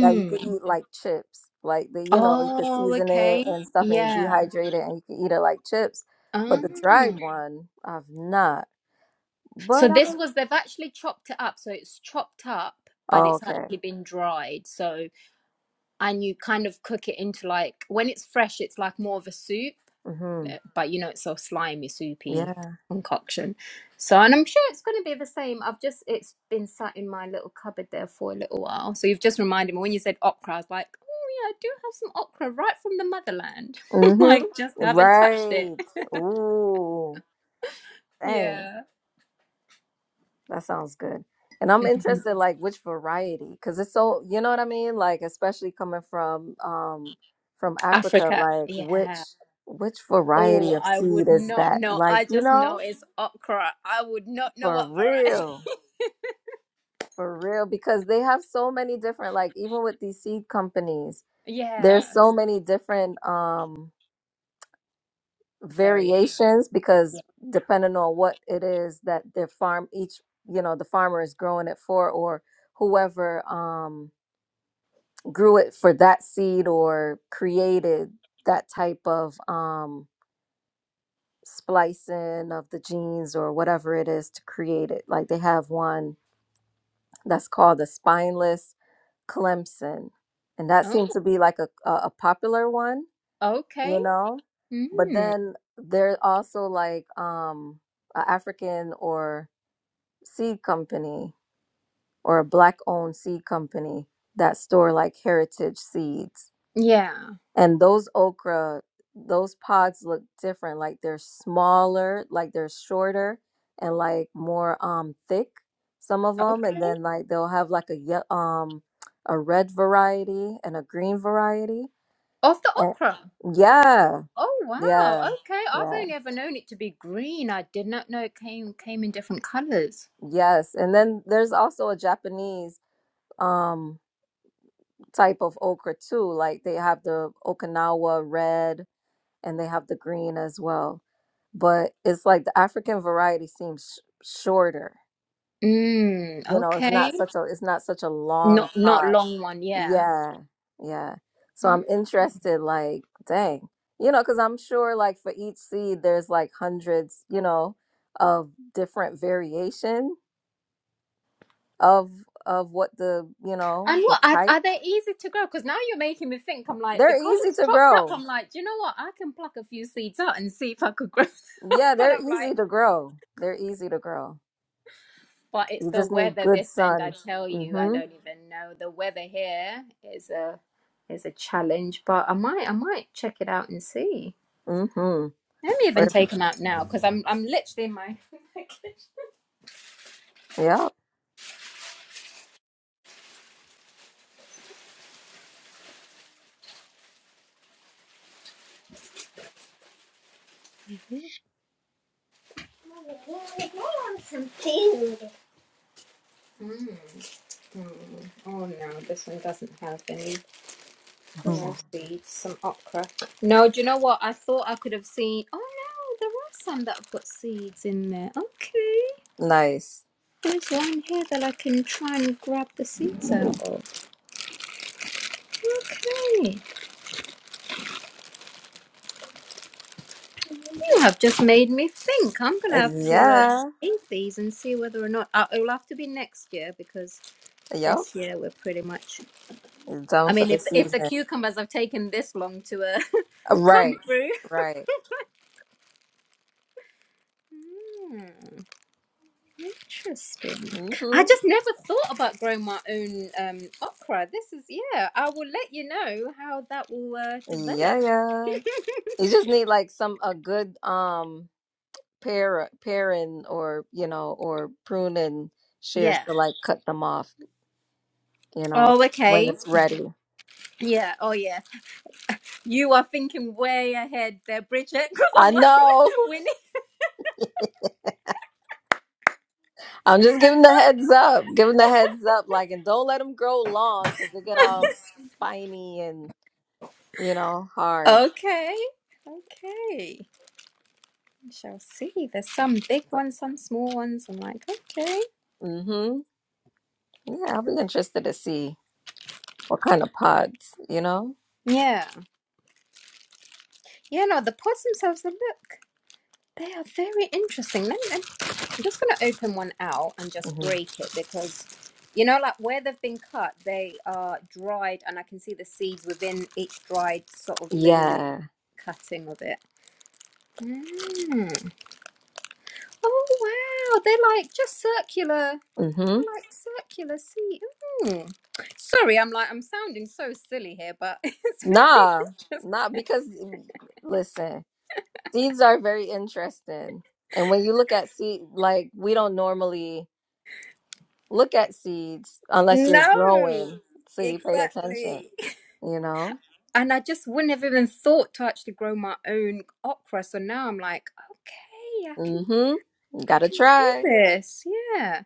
[SPEAKER 1] that you could eat like chips. Like the, you know, you could
[SPEAKER 5] Oh,
[SPEAKER 1] season it
[SPEAKER 5] okay.
[SPEAKER 1] and stuff and you
[SPEAKER 5] Yeah.
[SPEAKER 1] dehydrate it and you could eat it like chips.
[SPEAKER 5] Ah,
[SPEAKER 1] But the dried one, I've not.
[SPEAKER 5] so
[SPEAKER 1] But
[SPEAKER 5] this
[SPEAKER 1] I'm
[SPEAKER 5] was they've actually chopped it up. So it's chopped up, but
[SPEAKER 1] oh,
[SPEAKER 5] it's
[SPEAKER 1] okay.
[SPEAKER 5] actually been dried. So and you kind of cook it into like when it's fresh, it's like more of a soup,
[SPEAKER 1] Mhm.
[SPEAKER 5] uh, but you know it's so slimy, soupy
[SPEAKER 1] Yeah.
[SPEAKER 5] concoction. So and I'm sure it's going to be the same. I've just it's been sat in my little cupboard there for a little while. So you've just reminded me when you said okra, I was like, oh yeah, I do have some okra right from the motherland. <laughs>
[SPEAKER 1] Mhm.
[SPEAKER 5] like just haven't touched it.
[SPEAKER 1] Right.
[SPEAKER 5] <laughs>
[SPEAKER 1] Ooh. Dang.
[SPEAKER 5] Yeah.
[SPEAKER 1] That sounds good. And
[SPEAKER 5] <laughs>
[SPEAKER 1] I'm interested like which variety cuz it's so, you know what I mean? Like especially coming from um from Africa
[SPEAKER 5] Africa.
[SPEAKER 1] like
[SPEAKER 5] Yeah,
[SPEAKER 1] which which
[SPEAKER 5] Oh,
[SPEAKER 1] variety of
[SPEAKER 5] I
[SPEAKER 1] seed
[SPEAKER 5] would
[SPEAKER 1] is
[SPEAKER 5] not
[SPEAKER 1] that?
[SPEAKER 5] know.
[SPEAKER 1] Like,
[SPEAKER 5] I
[SPEAKER 1] you
[SPEAKER 5] just know
[SPEAKER 1] know?
[SPEAKER 5] it's okra. I would not know
[SPEAKER 1] For
[SPEAKER 5] what variety. <laughs>
[SPEAKER 1] real. For real, because they have so many different, like even with these seed companies,
[SPEAKER 5] Yeah,
[SPEAKER 1] there's so many different um
[SPEAKER 5] very.
[SPEAKER 1] variations
[SPEAKER 5] Yeah.
[SPEAKER 1] because depending on what it is that their farm each, you know, the farmer is growing it for or whoever um grew it for that seed or created that type of um splicing of the genes or whatever it is to create it. Like they have one that's called the spineless Clemson, and that
[SPEAKER 5] Oh,
[SPEAKER 1] seems to be like a, a a popular one,
[SPEAKER 5] okay.
[SPEAKER 1] you know. But
[SPEAKER 5] Mm.
[SPEAKER 1] then there's also like um a African or seed company or a black owned seed company that store like heritage seeds
[SPEAKER 5] Yeah.
[SPEAKER 1] and those okra those pods look different like they're smaller like they're shorter and like more um thick some of them and
[SPEAKER 5] Okay.
[SPEAKER 1] then like they'll have like a ye- um a red variety and a green variety
[SPEAKER 5] Of the
[SPEAKER 1] and
[SPEAKER 5] okra.
[SPEAKER 1] yeah
[SPEAKER 5] Oh wow.
[SPEAKER 1] yeah
[SPEAKER 5] Okay. I've
[SPEAKER 1] yeah
[SPEAKER 5] only ever known it to be green. I did not know it came came in different colors.
[SPEAKER 1] yes and then there's also a japanese um type of okra too like they have the okinawa red and they have the green as well. But it's like the African variety seems sh- shorter.
[SPEAKER 5] Mm.
[SPEAKER 1] You know, it's
[SPEAKER 5] Okay.
[SPEAKER 1] not such a it's not such a
[SPEAKER 5] Not
[SPEAKER 1] long
[SPEAKER 5] not
[SPEAKER 1] pod.
[SPEAKER 5] long one. Yeah.
[SPEAKER 1] Yeah, yeah. So
[SPEAKER 5] Mm.
[SPEAKER 1] I'm interested. Like, dang, you know, because I'm sure like for each seed, there's like hundreds, you know, of different variation of of what the you know
[SPEAKER 5] And
[SPEAKER 1] the
[SPEAKER 5] what are,
[SPEAKER 1] type.
[SPEAKER 5] are they easy to grow? Because now you're making me think. I'm like,
[SPEAKER 1] They're
[SPEAKER 5] because
[SPEAKER 1] easy
[SPEAKER 5] it's
[SPEAKER 1] to
[SPEAKER 5] chopped up.
[SPEAKER 1] grow.
[SPEAKER 5] I'm like, do you know what? I can pluck a few seeds out and see if I could grow. them."
[SPEAKER 1] Yeah,
[SPEAKER 5] <laughs> but
[SPEAKER 1] they're
[SPEAKER 5] I'm
[SPEAKER 1] easy
[SPEAKER 5] like,
[SPEAKER 1] to grow. They're easy to grow.
[SPEAKER 5] but it's
[SPEAKER 1] You
[SPEAKER 5] the
[SPEAKER 1] just need
[SPEAKER 5] weather
[SPEAKER 1] good
[SPEAKER 5] this end. I
[SPEAKER 1] sun.
[SPEAKER 5] tell you, I
[SPEAKER 1] Mm-hmm.
[SPEAKER 5] don't even know. The weather here is a is a challenge. But I might I might check it out and see.
[SPEAKER 1] Mm-hmm.
[SPEAKER 5] Let me even take them out now because I'm I'm literally in my.
[SPEAKER 1] Yep.
[SPEAKER 5] I want some tea. Mm, mm. Oh no, this one doesn't have any.
[SPEAKER 1] <laughs>
[SPEAKER 5] No
[SPEAKER 1] Mhm.
[SPEAKER 5] seeds, some okra. No, do you know what? I thought I could have seen. Oh no, there are some that have got seeds in there. Okay,
[SPEAKER 1] Nice.
[SPEAKER 5] there's one here that I can try and grab the seeds out of. Okay, you have just made me think. I'm gonna
[SPEAKER 1] Uh,
[SPEAKER 5] have to uh,
[SPEAKER 1] Yeah.
[SPEAKER 5] save these and see whether or not uh, it'll have to be next year because
[SPEAKER 1] Yep.
[SPEAKER 5] this year we're pretty much. I
[SPEAKER 1] Done for
[SPEAKER 5] mean,
[SPEAKER 1] the
[SPEAKER 5] if if the
[SPEAKER 1] season.
[SPEAKER 5] cucumbers have taken this long to uh, <laughs>
[SPEAKER 1] Uh, Right.
[SPEAKER 5] come through.
[SPEAKER 1] Right.
[SPEAKER 5] Hmm. Interesting. I
[SPEAKER 1] Mm-hmm.
[SPEAKER 5] just never thought about growing my own um, okra. This is, yeah, I will let you know how that will uh, develop.
[SPEAKER 1] Yeah, yeah. You just need like some a good um pair pairing or you know or pruning shears
[SPEAKER 5] Yeah.
[SPEAKER 1] to like cut them off, you know,
[SPEAKER 5] Oh,
[SPEAKER 1] when
[SPEAKER 5] okay.
[SPEAKER 1] it's ready.
[SPEAKER 5] Yeah. Oh, yeah. You are thinking way ahead there, Bridget, <laughs> because I'm
[SPEAKER 1] I
[SPEAKER 5] like,
[SPEAKER 1] know.
[SPEAKER 5] <laughs>
[SPEAKER 1] <laughs>
[SPEAKER 5] we need.
[SPEAKER 1] I'm just giving the heads up. Giving the heads up like and don't let them grow long cuz they get all spiny and you know hard.
[SPEAKER 5] Okay. Okay. We shall see. There's some big ones, some small ones. I'm like, okay.
[SPEAKER 1] Mm-hmm. Yeah, I'll be interested to see what kind of pods, you know?
[SPEAKER 5] Yeah. Yeah, no, the possums have a look. They are very interesting. Let me, let I'm just going to open one out and just
[SPEAKER 1] hmm
[SPEAKER 5] break it because, you know, like where they've been cut, they are dried, and I can see the seeds within each dried sort of little
[SPEAKER 1] Yeah.
[SPEAKER 5] cutting of it. Mm. Oh, wow. They're like just circular.
[SPEAKER 1] Mm-hmm.
[SPEAKER 5] They're like circular seeds. Mm. Sorry, I'm like, I'm sounding so silly here, but <laughs> it's
[SPEAKER 1] Nah,
[SPEAKER 5] very
[SPEAKER 1] nah, because mm, listen, seeds are very interesting. And when you look at seed, like we don't normally look at seeds unless
[SPEAKER 5] interesting.
[SPEAKER 1] you're
[SPEAKER 5] No,
[SPEAKER 1] growing, so you pay attention,
[SPEAKER 5] exactly.
[SPEAKER 1] you know?
[SPEAKER 5] and I just wouldn't have even thought to actually grow my own okra. So now I'm like, okay, I can
[SPEAKER 1] Mm-hmm. You
[SPEAKER 5] I
[SPEAKER 1] gotta
[SPEAKER 5] can do
[SPEAKER 1] try.
[SPEAKER 5] this. Yeah,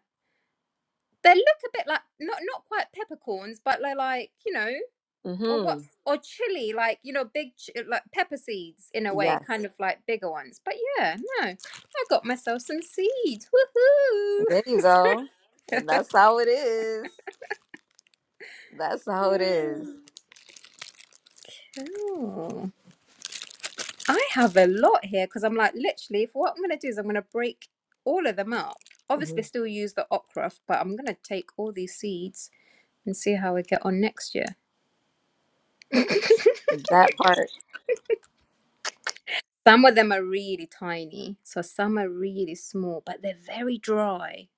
[SPEAKER 5] they look a bit like not not quite peppercorns, but they're like you know, or what
[SPEAKER 1] Mm-hmm.
[SPEAKER 5] or chili, like you know, big ch- like pepper seeds in a way, kind
[SPEAKER 1] Yes.
[SPEAKER 5] of like bigger ones. But yeah, no, I got myself some seeds. Woohoo!
[SPEAKER 1] There you go. And that's how it is. That's
[SPEAKER 5] <laughs>
[SPEAKER 1] how it is.
[SPEAKER 5] Mm. Cool. I have a lot here because I'm like, literally, if what I'm going to do is I'm going to break all of them up. Obviously,
[SPEAKER 1] Mhm.
[SPEAKER 5] still use the okra, but I'm going to take all these seeds and see how we get on next year. <coughs>
[SPEAKER 1] That part.
[SPEAKER 5] Some of them are really tiny, so some are really small, but they're very dry.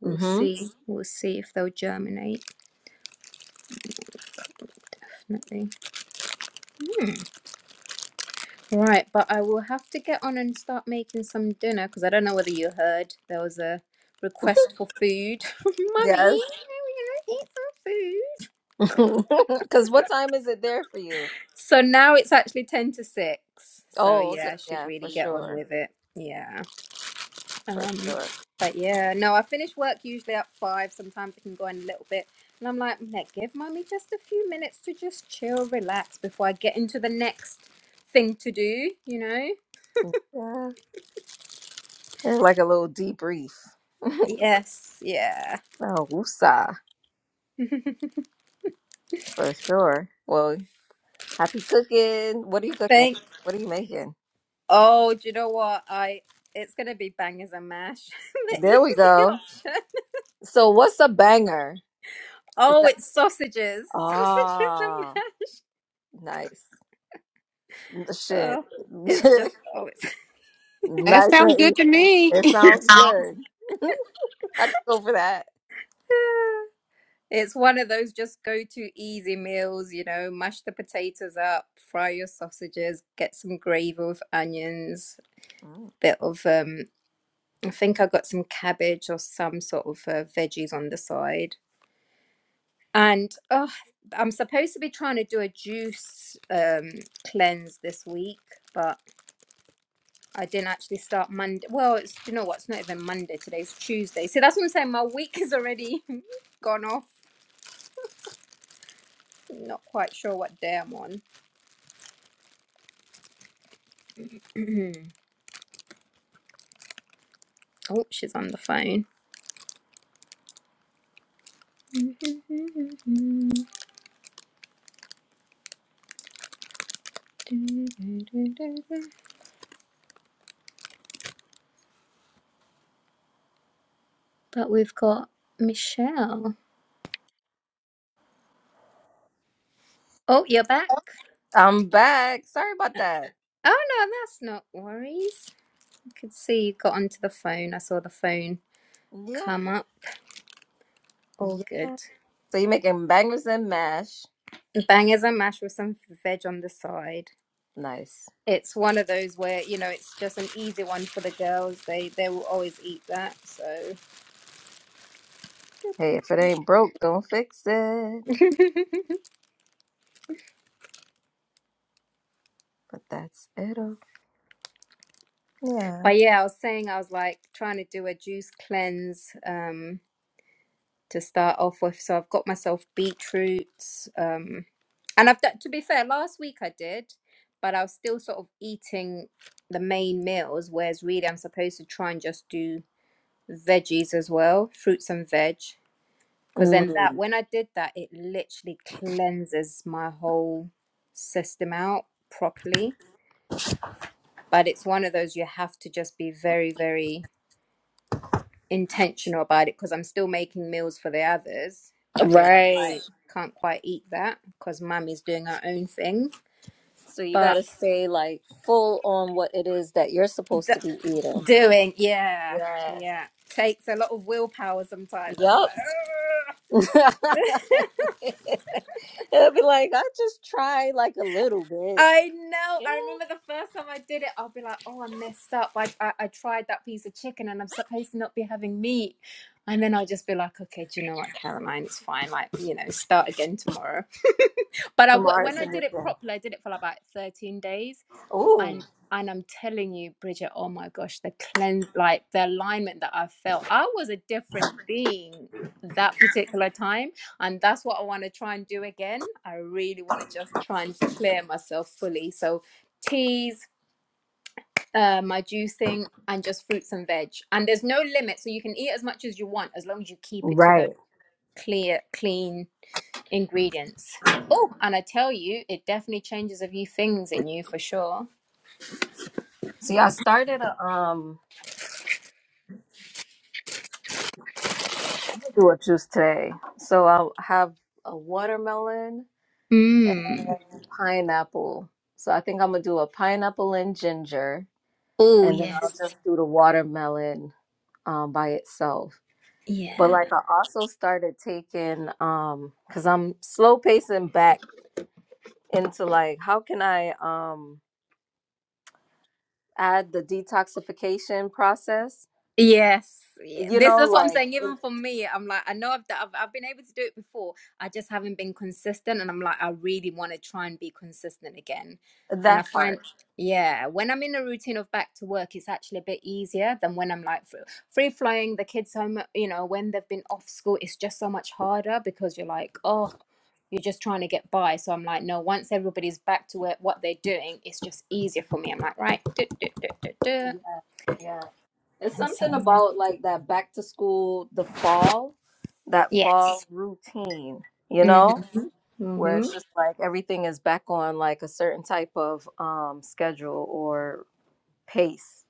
[SPEAKER 5] We'll
[SPEAKER 1] Mm-hmm.
[SPEAKER 5] see. We'll see if they'll germinate. Definitely. Hmm. Right, but I will have to get on and start making some dinner because I don't know whether you heard there was a request for food. <laughs> Mummy, we
[SPEAKER 1] Yes.
[SPEAKER 5] want to eat some food.
[SPEAKER 1] <laughs> Because what time is it there for you?
[SPEAKER 5] So now it's actually 10 to 6. So
[SPEAKER 1] Oh,
[SPEAKER 5] yeah,
[SPEAKER 1] okay.
[SPEAKER 5] I should
[SPEAKER 1] Yeah,
[SPEAKER 5] really
[SPEAKER 1] for
[SPEAKER 5] get on
[SPEAKER 1] sure.
[SPEAKER 5] with it. Yeah.
[SPEAKER 1] For
[SPEAKER 5] Um
[SPEAKER 1] sure.
[SPEAKER 5] but yeah, no, I finish work usually at 5. Sometimes I can go in a little bit. And I'm like, "Meh, give mommy just a few minutes to just chill, relax before I get into the next thing to do, you know?
[SPEAKER 1] Yeah. They're like a little debrief.
[SPEAKER 5] Yes, yeah.
[SPEAKER 1] Oh, woosah.
[SPEAKER 5] <laughs>
[SPEAKER 1] For sure. Well, happy cooking. What are you cooking?
[SPEAKER 5] Thank.
[SPEAKER 1] What are you making?
[SPEAKER 5] Oh, do you know what? I it's gonna be bangers and mash, <laughs> the
[SPEAKER 1] There we
[SPEAKER 5] easy
[SPEAKER 1] go.
[SPEAKER 5] option.
[SPEAKER 1] So, what's a banger? Is
[SPEAKER 5] Oh,
[SPEAKER 1] that.
[SPEAKER 5] it's sausages, <laughs> sausages and
[SPEAKER 1] Ah,
[SPEAKER 5] mash.
[SPEAKER 1] nice. Shit.
[SPEAKER 5] Oh,
[SPEAKER 1] <laughs> nice
[SPEAKER 5] it's just oh, it's
[SPEAKER 4] That sounds
[SPEAKER 1] and
[SPEAKER 4] good
[SPEAKER 1] easy.
[SPEAKER 4] to me.
[SPEAKER 1] It
[SPEAKER 4] <laughs>
[SPEAKER 1] sounds good. <laughs> I can go for that.
[SPEAKER 5] <laughs> it's one of those just go to easy meals, you know, mash the potatoes up, fry your sausages, get some gravy with onions,
[SPEAKER 1] Mm.
[SPEAKER 5] bit of um I think I got some cabbage or some sort of uh, veggies on the side. And oh, I'm supposed to be trying to do a juice um cleanse this week, but I didn't actually start Monday. Well, it's you know what? It's not even Monday. Today's Tuesday. So that's what I'm saying. My week is already <laughs> gone off Not quite sure what day I'm on. <clears throat> oh, she's on the phone. <laughs> But we've got Michelle. Oh, you're back.
[SPEAKER 1] I'm back. Sorry about
[SPEAKER 5] Oh
[SPEAKER 1] that.
[SPEAKER 5] no, that's not worries. I could see you got onto the phone. I saw the phone
[SPEAKER 1] Yeah.
[SPEAKER 5] come up. All good.
[SPEAKER 1] Yeah. So you're making bangers and mash.
[SPEAKER 5] Bangers and mash with some veg on the side.
[SPEAKER 1] Nice.
[SPEAKER 5] It's one of those where you know it's just an easy one for the girls. They they will always eat that. So
[SPEAKER 1] Hey, if it ain't broke, don't fix it.
[SPEAKER 5] <laughs>
[SPEAKER 1] But that's it. Yeah.
[SPEAKER 5] But yeah, I was saying I was like trying to do a juice cleanse um, to start off with. So I've got myself beetroots, um, and I've done. To be fair, last week I did, but I was still sort of eating the main meals. Whereas really, I'm supposed to try and just do veggies as well, fruits and veg, because then
[SPEAKER 1] Mm,
[SPEAKER 5] that when I did that, it literally cleanses my whole system out properly. But it's one of those you have to just be very, very intentional about it because I'm still making meals for the others, but be like, right,
[SPEAKER 1] right.
[SPEAKER 5] can't quite eat that because mummy's doing her own thing.
[SPEAKER 1] So you
[SPEAKER 5] But
[SPEAKER 1] gotta stay like full on what it is that you're supposed to
[SPEAKER 5] th-
[SPEAKER 1] be eating.
[SPEAKER 5] doing, yeah,
[SPEAKER 1] Yeah.
[SPEAKER 5] yeah, takes a lot of willpower sometimes. I'll be like,
[SPEAKER 1] Yup.
[SPEAKER 5] "Ugh."
[SPEAKER 1] <laughs> It'll be like, I just tried like a little bit.
[SPEAKER 5] I know.
[SPEAKER 1] Yeah.
[SPEAKER 5] I remember the first time I did it, I'll be like, oh, I messed up. I, I, I tried that piece of chicken and I'm supposed to not be having meat. And then I'll just be like, okay, do you know what, Caroline? It's fine. Like, you know, start again tomorrow. But I, w- when
[SPEAKER 1] Tomorrow's
[SPEAKER 5] I
[SPEAKER 1] a new
[SPEAKER 5] did it
[SPEAKER 1] day.
[SPEAKER 5] properly, I did it for like about 13 days
[SPEAKER 1] Ooh.
[SPEAKER 5] and and I'm telling you, Bridget, oh my gosh, the cleanse, like the alignment that I felt. I was a different being that particular time, and that's what I want to try and do again. I really want to just try and clear myself fully. So teas, uh, my juicing, and just fruits and veg. And there's no limit, so you can eat as much as you want as long as you keep it to those
[SPEAKER 1] Right.
[SPEAKER 5] clear, clean ingredients. Oh, and I tell you, it definitely changes a few things in you for sure.
[SPEAKER 1] So y'all started a um I'm gonna do a juice today. So I'll have a watermelon
[SPEAKER 5] Mm.
[SPEAKER 1] and pineapple. So I think I'm gonna do a pineapple and ginger,
[SPEAKER 5] Oh,
[SPEAKER 1] and then I'll
[SPEAKER 5] yes.
[SPEAKER 1] just do the watermelon um, by itself. But
[SPEAKER 5] Yeah.
[SPEAKER 1] like I also started taking um because I'm slow pacing back into like how can I um add the detoxification process?
[SPEAKER 5] Yes. Yeah.
[SPEAKER 1] You
[SPEAKER 5] This
[SPEAKER 1] know,
[SPEAKER 5] that's what I'm
[SPEAKER 1] like
[SPEAKER 5] saying.
[SPEAKER 1] in-
[SPEAKER 5] Even for me, I'm like, I know I've, d- I've I've been able to do it before. I just haven't been consistent, and I'm like, I really want to try and be consistent again. And I
[SPEAKER 1] that
[SPEAKER 5] find,
[SPEAKER 1] part.
[SPEAKER 5] yeah, when I'm in a routine of back to work, it's actually a bit easier than when I'm like free, free flying the kids home. You know, when they've been off school, it's just so much harder because you're like, oh, you're just trying to get by. So I'm like, no, once everybody's back to it, what they're doing, it's just easier for me. I'm like, right, do, do, do, do, do.
[SPEAKER 1] Yeah. yeah. It's
[SPEAKER 5] and so
[SPEAKER 1] something about like that back to school, the fall, that
[SPEAKER 5] yeah. yes.
[SPEAKER 1] fall routine, you know,
[SPEAKER 5] Mm-hmm.
[SPEAKER 1] where
[SPEAKER 5] Mm-hmm.
[SPEAKER 1] it's just like everything is back on like a certain type of um schedule or pace.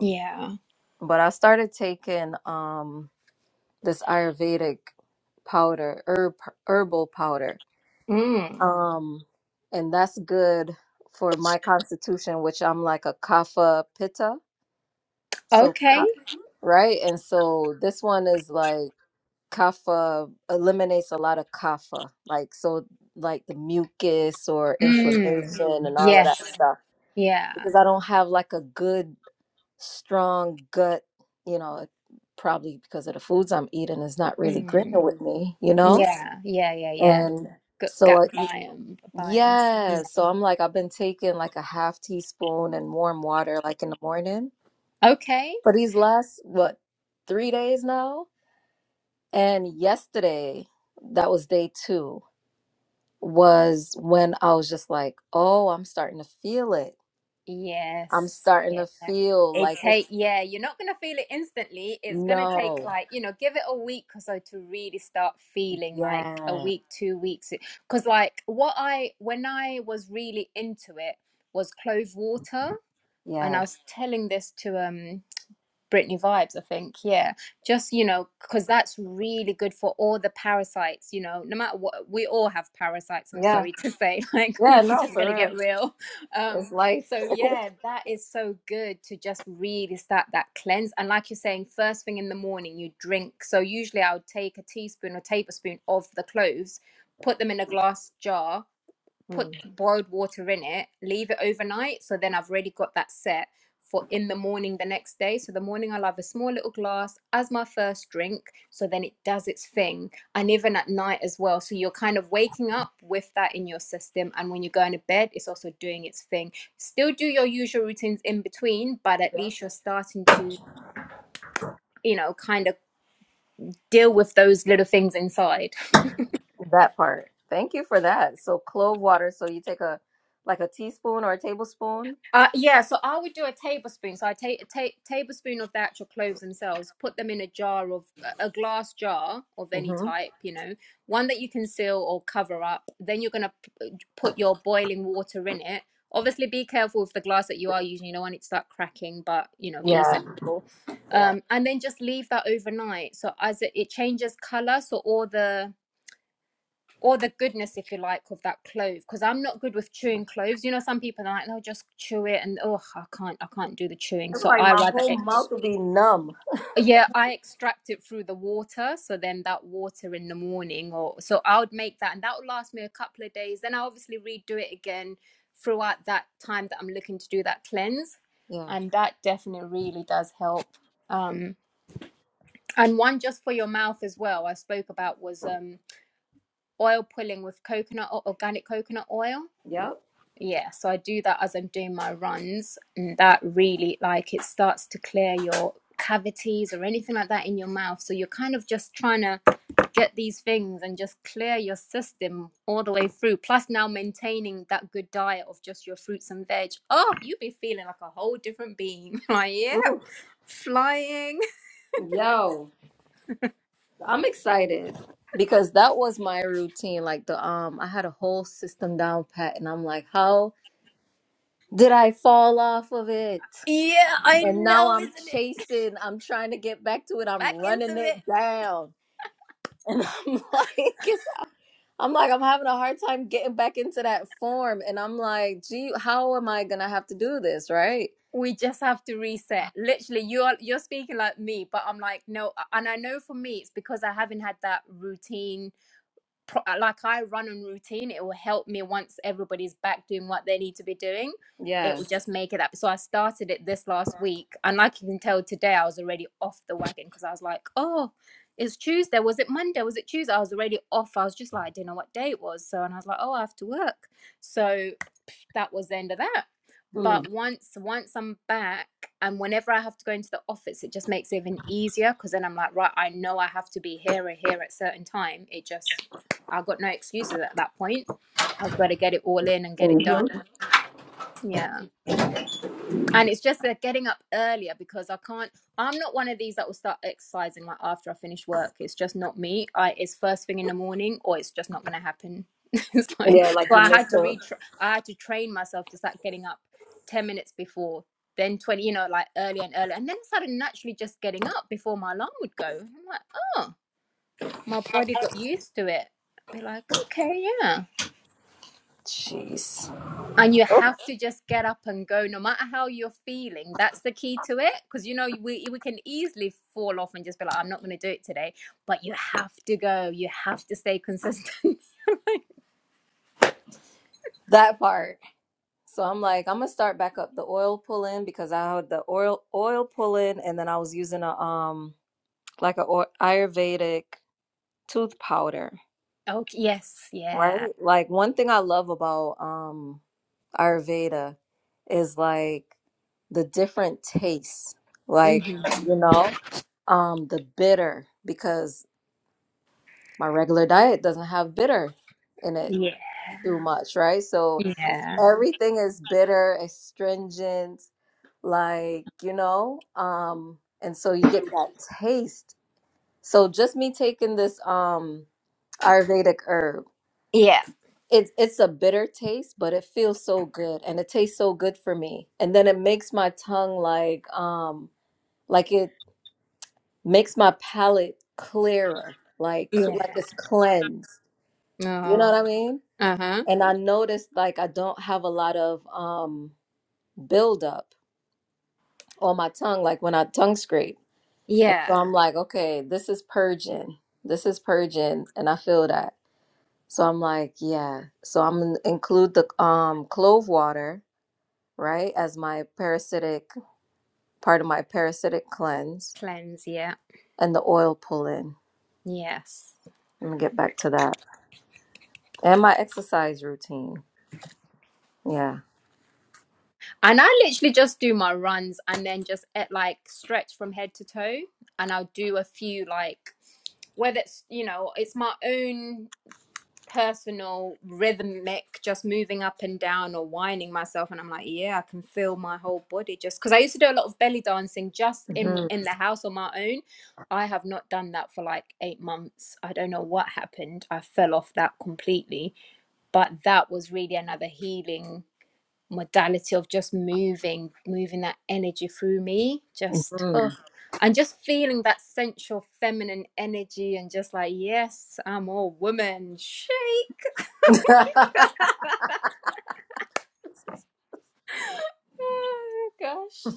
[SPEAKER 5] Yeah.
[SPEAKER 1] But I started taking um this Ayurvedic powder, herb herbal powder.
[SPEAKER 5] Mm.
[SPEAKER 1] Um and that's good for my constitution, which I'm like a kapha pitta. So ka-
[SPEAKER 5] Okay.
[SPEAKER 1] right? And so this one is like kapha eliminates a lot of kapha, like so like the mucus or
[SPEAKER 5] Mm.
[SPEAKER 1] inflammation and all of that
[SPEAKER 5] Yes.
[SPEAKER 1] stuff.
[SPEAKER 5] Yeah.
[SPEAKER 1] Because I don't have like a good strong gut, you know, probably because of the foods I'm eating is not really agreeing
[SPEAKER 5] Mm.
[SPEAKER 1] with me, you know?
[SPEAKER 5] Yeah. Yeah. Yeah. Yeah.
[SPEAKER 1] And
[SPEAKER 5] Gut,
[SPEAKER 1] so
[SPEAKER 5] gut
[SPEAKER 1] I-
[SPEAKER 5] biome. Biome. Yeah.
[SPEAKER 1] yeah, so I'm like I've been taking like a half teaspoon and warm water like in the morning
[SPEAKER 5] Okay.
[SPEAKER 1] for these last what three days now And yesterday, that was day two, was when I was just like, oh, I'm starting to feel it. I'm
[SPEAKER 5] Yes.
[SPEAKER 1] starting
[SPEAKER 5] Yeah.
[SPEAKER 1] to feel
[SPEAKER 5] It
[SPEAKER 1] like it's
[SPEAKER 5] take yeah, you're not gonna feel it instantly. It's gonna take
[SPEAKER 1] no.
[SPEAKER 5] like, you know, give it a week or so to really start feeling like a
[SPEAKER 1] Yeah.
[SPEAKER 5] week, two weeks. Because like what I when I was really into it was clove water and I
[SPEAKER 1] Yeah.
[SPEAKER 5] was telling this to um Brittany Vibes, I think, yeah, just you know, because that's really good for all the parasites, you know, no matter what, we all have parasites. I'm
[SPEAKER 1] Yeah.
[SPEAKER 5] sorry to say, <laughs> like we're
[SPEAKER 1] Yeah. No,
[SPEAKER 5] just
[SPEAKER 1] for
[SPEAKER 5] gonna get
[SPEAKER 1] real.
[SPEAKER 5] real.
[SPEAKER 1] It's
[SPEAKER 5] Um,
[SPEAKER 1] life.
[SPEAKER 5] so yeah, that is so good to just really start that cleanse. And like you're saying, first thing in the morning, you drink. So usually I would take a teaspoon or tablespoon of the cloves, put them in a glass jar, put
[SPEAKER 1] Mm,
[SPEAKER 5] boiled water in it, leave it overnight. So then I've already got that set for in the morning the next day. So the morning I'll have a small little glass as my first drink. So then it does its thing. And even at night as well. So you're kind of waking up with that in your system. And when you're going to bed, it's also doing its thing. Still do your usual routines in between, but at least you're starting to, you know, kind of deal with those little things inside.
[SPEAKER 1] that part. Thank you for that. So clove water. So you take a like a teaspoon or a tablespoon.
[SPEAKER 5] Uh, yeah, so I would do a tablespoon. So I take a ta- tablespoon of the actual cloves themselves, put them in a jar of a glass jar of any
[SPEAKER 1] hmm
[SPEAKER 5] type, you know, one that you can seal or cover up. Then you're gonna p- put your boiling water in it. Obviously, be careful with the glass that you are using. You don't want it to start cracking, but you know, be
[SPEAKER 1] Yeah.
[SPEAKER 5] sensible.
[SPEAKER 1] Yeah.
[SPEAKER 5] Um, and then just leave that overnight. So as it, it changes color, so all the or the goodness, if you like, of that clove. Because I'm not good with chewing cloves. You know, some people are like, they'll just chew it, and oh, I can't, I can't do the chewing.
[SPEAKER 1] It's
[SPEAKER 5] So
[SPEAKER 1] like
[SPEAKER 5] I
[SPEAKER 1] my
[SPEAKER 5] rather
[SPEAKER 1] whole
[SPEAKER 5] ex.
[SPEAKER 1] mouth will be numb.
[SPEAKER 5] Yeah, I extract it through the water. So then that water in the morning, or so I would make that, and that would last me a couple of days. Then I obviously redo it again throughout that time that I'm looking to do that cleanse,
[SPEAKER 1] Yeah.
[SPEAKER 5] and that definitely really does help. Um, and one just for your mouth as well. I spoke about was um oil pulling with coconut or organic coconut oil
[SPEAKER 1] Yep.
[SPEAKER 5] Yeah, so I do that as I'm doing my runs, and that really like it starts to clear your cavities or anything like that in your mouth. So you're kind of just trying to get these things and just clear your system all the way through. Plus, now maintaining that good diet of just your fruits and veg. Oh, you be feeling like a whole different being. <laughs> Like, yeah,
[SPEAKER 1] Mm.
[SPEAKER 5] flying. <laughs>
[SPEAKER 1] Yo. I'm excited because that was my routine. Like the um, I had a whole system down pat, and I'm like, how did I fall off of it?
[SPEAKER 5] Yeah, I
[SPEAKER 1] And now
[SPEAKER 5] know,
[SPEAKER 1] I'm
[SPEAKER 5] isn't it?
[SPEAKER 1] chasing. I'm trying to get back to it. I'm
[SPEAKER 5] Back
[SPEAKER 1] running
[SPEAKER 5] into it.
[SPEAKER 1] it down, and <laughs> I'm like, it's, I'm like, I'm having a hard time getting back into that form. And I'm like, gee, how am I gonna have to do this, right?
[SPEAKER 5] we just have to reset literally you're you're speaking like me but i'm like no and i know for me it's because i haven't had that routine pro- uh, like i run on routine it will help me once everybody's back doing what they need to be doing it
[SPEAKER 1] Yeah.
[SPEAKER 5] will just make it up so i started it this last week and like you can tell today i was already off the wagon because i was like oh it's tuesday was it monday was it tuesday i was already off i was just like i didn't know what day it was so and i was like oh i have to work so that was the end of that.
[SPEAKER 1] Mm-hmm.
[SPEAKER 5] But once once I'm back and whenever I have to go into the office, it just makes it even easier because then I'm like, right, I know I have to be here or here at certain time. It just I've got no excuses at that point. I've got to get it all in and get it done. Yeah and it's just that getting up earlier because I can't. I'm not one of these that will start exercising like after I finish work. It's just not me. I it's first thing in the morning, or it's just not going to happen. <laughs> it's like
[SPEAKER 1] Yeah, like
[SPEAKER 5] so
[SPEAKER 1] you
[SPEAKER 5] I
[SPEAKER 1] missed
[SPEAKER 5] had to
[SPEAKER 1] the.
[SPEAKER 5] retra- I had to train myself to start getting up ten minutes before, then twenty, you know, like earlier and earlier, and then I started naturally just getting up before my alarm would go. And I'm like, oh, my body got used to it. I'd Be like, okay, yeah.
[SPEAKER 1] Jeez.
[SPEAKER 5] and you have to just get up and go no matter how you're feeling that's the key to it because you know we, we can easily fall off and just be like i'm not going to do it today but you have to go you have to stay consistent
[SPEAKER 1] That part. So I'm like, I'm gonna start back up the oil pull in because I had the oil oil pull in, and then I was using a um like a or- Ayurvedic tooth powder,
[SPEAKER 5] <laughs> okay yes yeah
[SPEAKER 1] right? Like one thing I love about um Ayurveda is like the different tastes,
[SPEAKER 5] hmm
[SPEAKER 1] like you know, um the bitter because my regular diet doesn't have bitter in it
[SPEAKER 5] yeah
[SPEAKER 1] too much, right? So
[SPEAKER 5] yeah
[SPEAKER 1] everything is bitter, astringent like you know um and so you get that taste so just me taking this um ayurvedic herb
[SPEAKER 5] yeah
[SPEAKER 1] it's it's a bitter taste but it feels so good and it tastes so good for me and then it makes my tongue like um like it makes my palate clearer like cl- like
[SPEAKER 5] yeah
[SPEAKER 1] it's cleansed you know what
[SPEAKER 5] oh,
[SPEAKER 1] i mean
[SPEAKER 5] uh-huh
[SPEAKER 1] and i noticed like i don't have a lot of um buildup on my tongue like when i tongue scrape And so
[SPEAKER 5] yeah
[SPEAKER 1] I'm like, okay, this is purging. This is purging, and I feel that. So I'm like, yeah. So I'm gonna include the um clove water, right, as my parasitic part of my parasitic cleanse
[SPEAKER 5] cleanse yeah
[SPEAKER 1] and the oil pull in.
[SPEAKER 5] yes
[SPEAKER 1] Let me get back to that. And my exercise routine. Yeah.
[SPEAKER 5] And I literally just do my runs and then just at like stretch from head to toe. And I'll do a few like whether it's you know, it's my own personal rhythmic just moving up and down or winding myself and I'm like, yeah, I can feel my whole body just because I used to do a lot of belly dancing just in
[SPEAKER 1] hmm
[SPEAKER 5] in the house on my own. I have not done that for like eight months. I don't know what happened. I fell off that completely. But that was really another healing modality of just moving, moving that energy through me, just oh, and just feeling that sensual feminine energy and just like, yes, I'm all woman. Shake.
[SPEAKER 1] <laughs>
[SPEAKER 5] <laughs> oh gosh.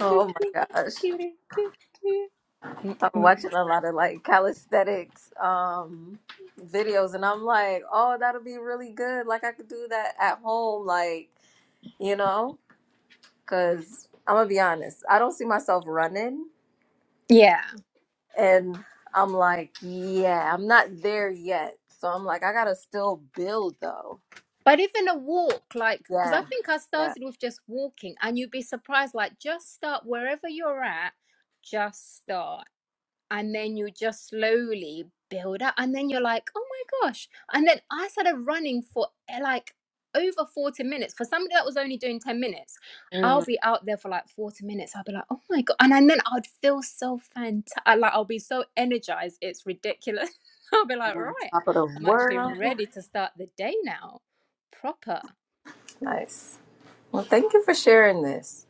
[SPEAKER 1] Oh my gosh. I'm
[SPEAKER 5] Mm-mm.
[SPEAKER 1] watching a lot of like calisthenics um videos and I'm like, "Oh, that'll be really good. Like I could do that at home like, you know, cuz I'm going to be honest. I don't see myself running
[SPEAKER 5] Yeah.
[SPEAKER 1] and I'm like, "Yeah, I'm not there yet." So I'm like, "I got to still build though."
[SPEAKER 5] But even a walk, like, because I
[SPEAKER 1] Yeah.
[SPEAKER 5] think I
[SPEAKER 1] Yeah.
[SPEAKER 5] started with just walking, and you'd be surprised, like, just start wherever you're at, just start. and then you just slowly build up and then you're like oh my gosh and then i started running for eh, like over 40 minutes for somebody that was only doing 10 minutes i'll be out there for like 40 minutes i'll be like oh my god and, and then i'd feel so fantastic like i'll be so energized it's ridiculous <laughs> i'll be like
[SPEAKER 1] On
[SPEAKER 5] right
[SPEAKER 1] top of the
[SPEAKER 5] i'm actually
[SPEAKER 1] world.
[SPEAKER 5] ready to start the day now proper
[SPEAKER 1] Nice. Well, thank you for sharing this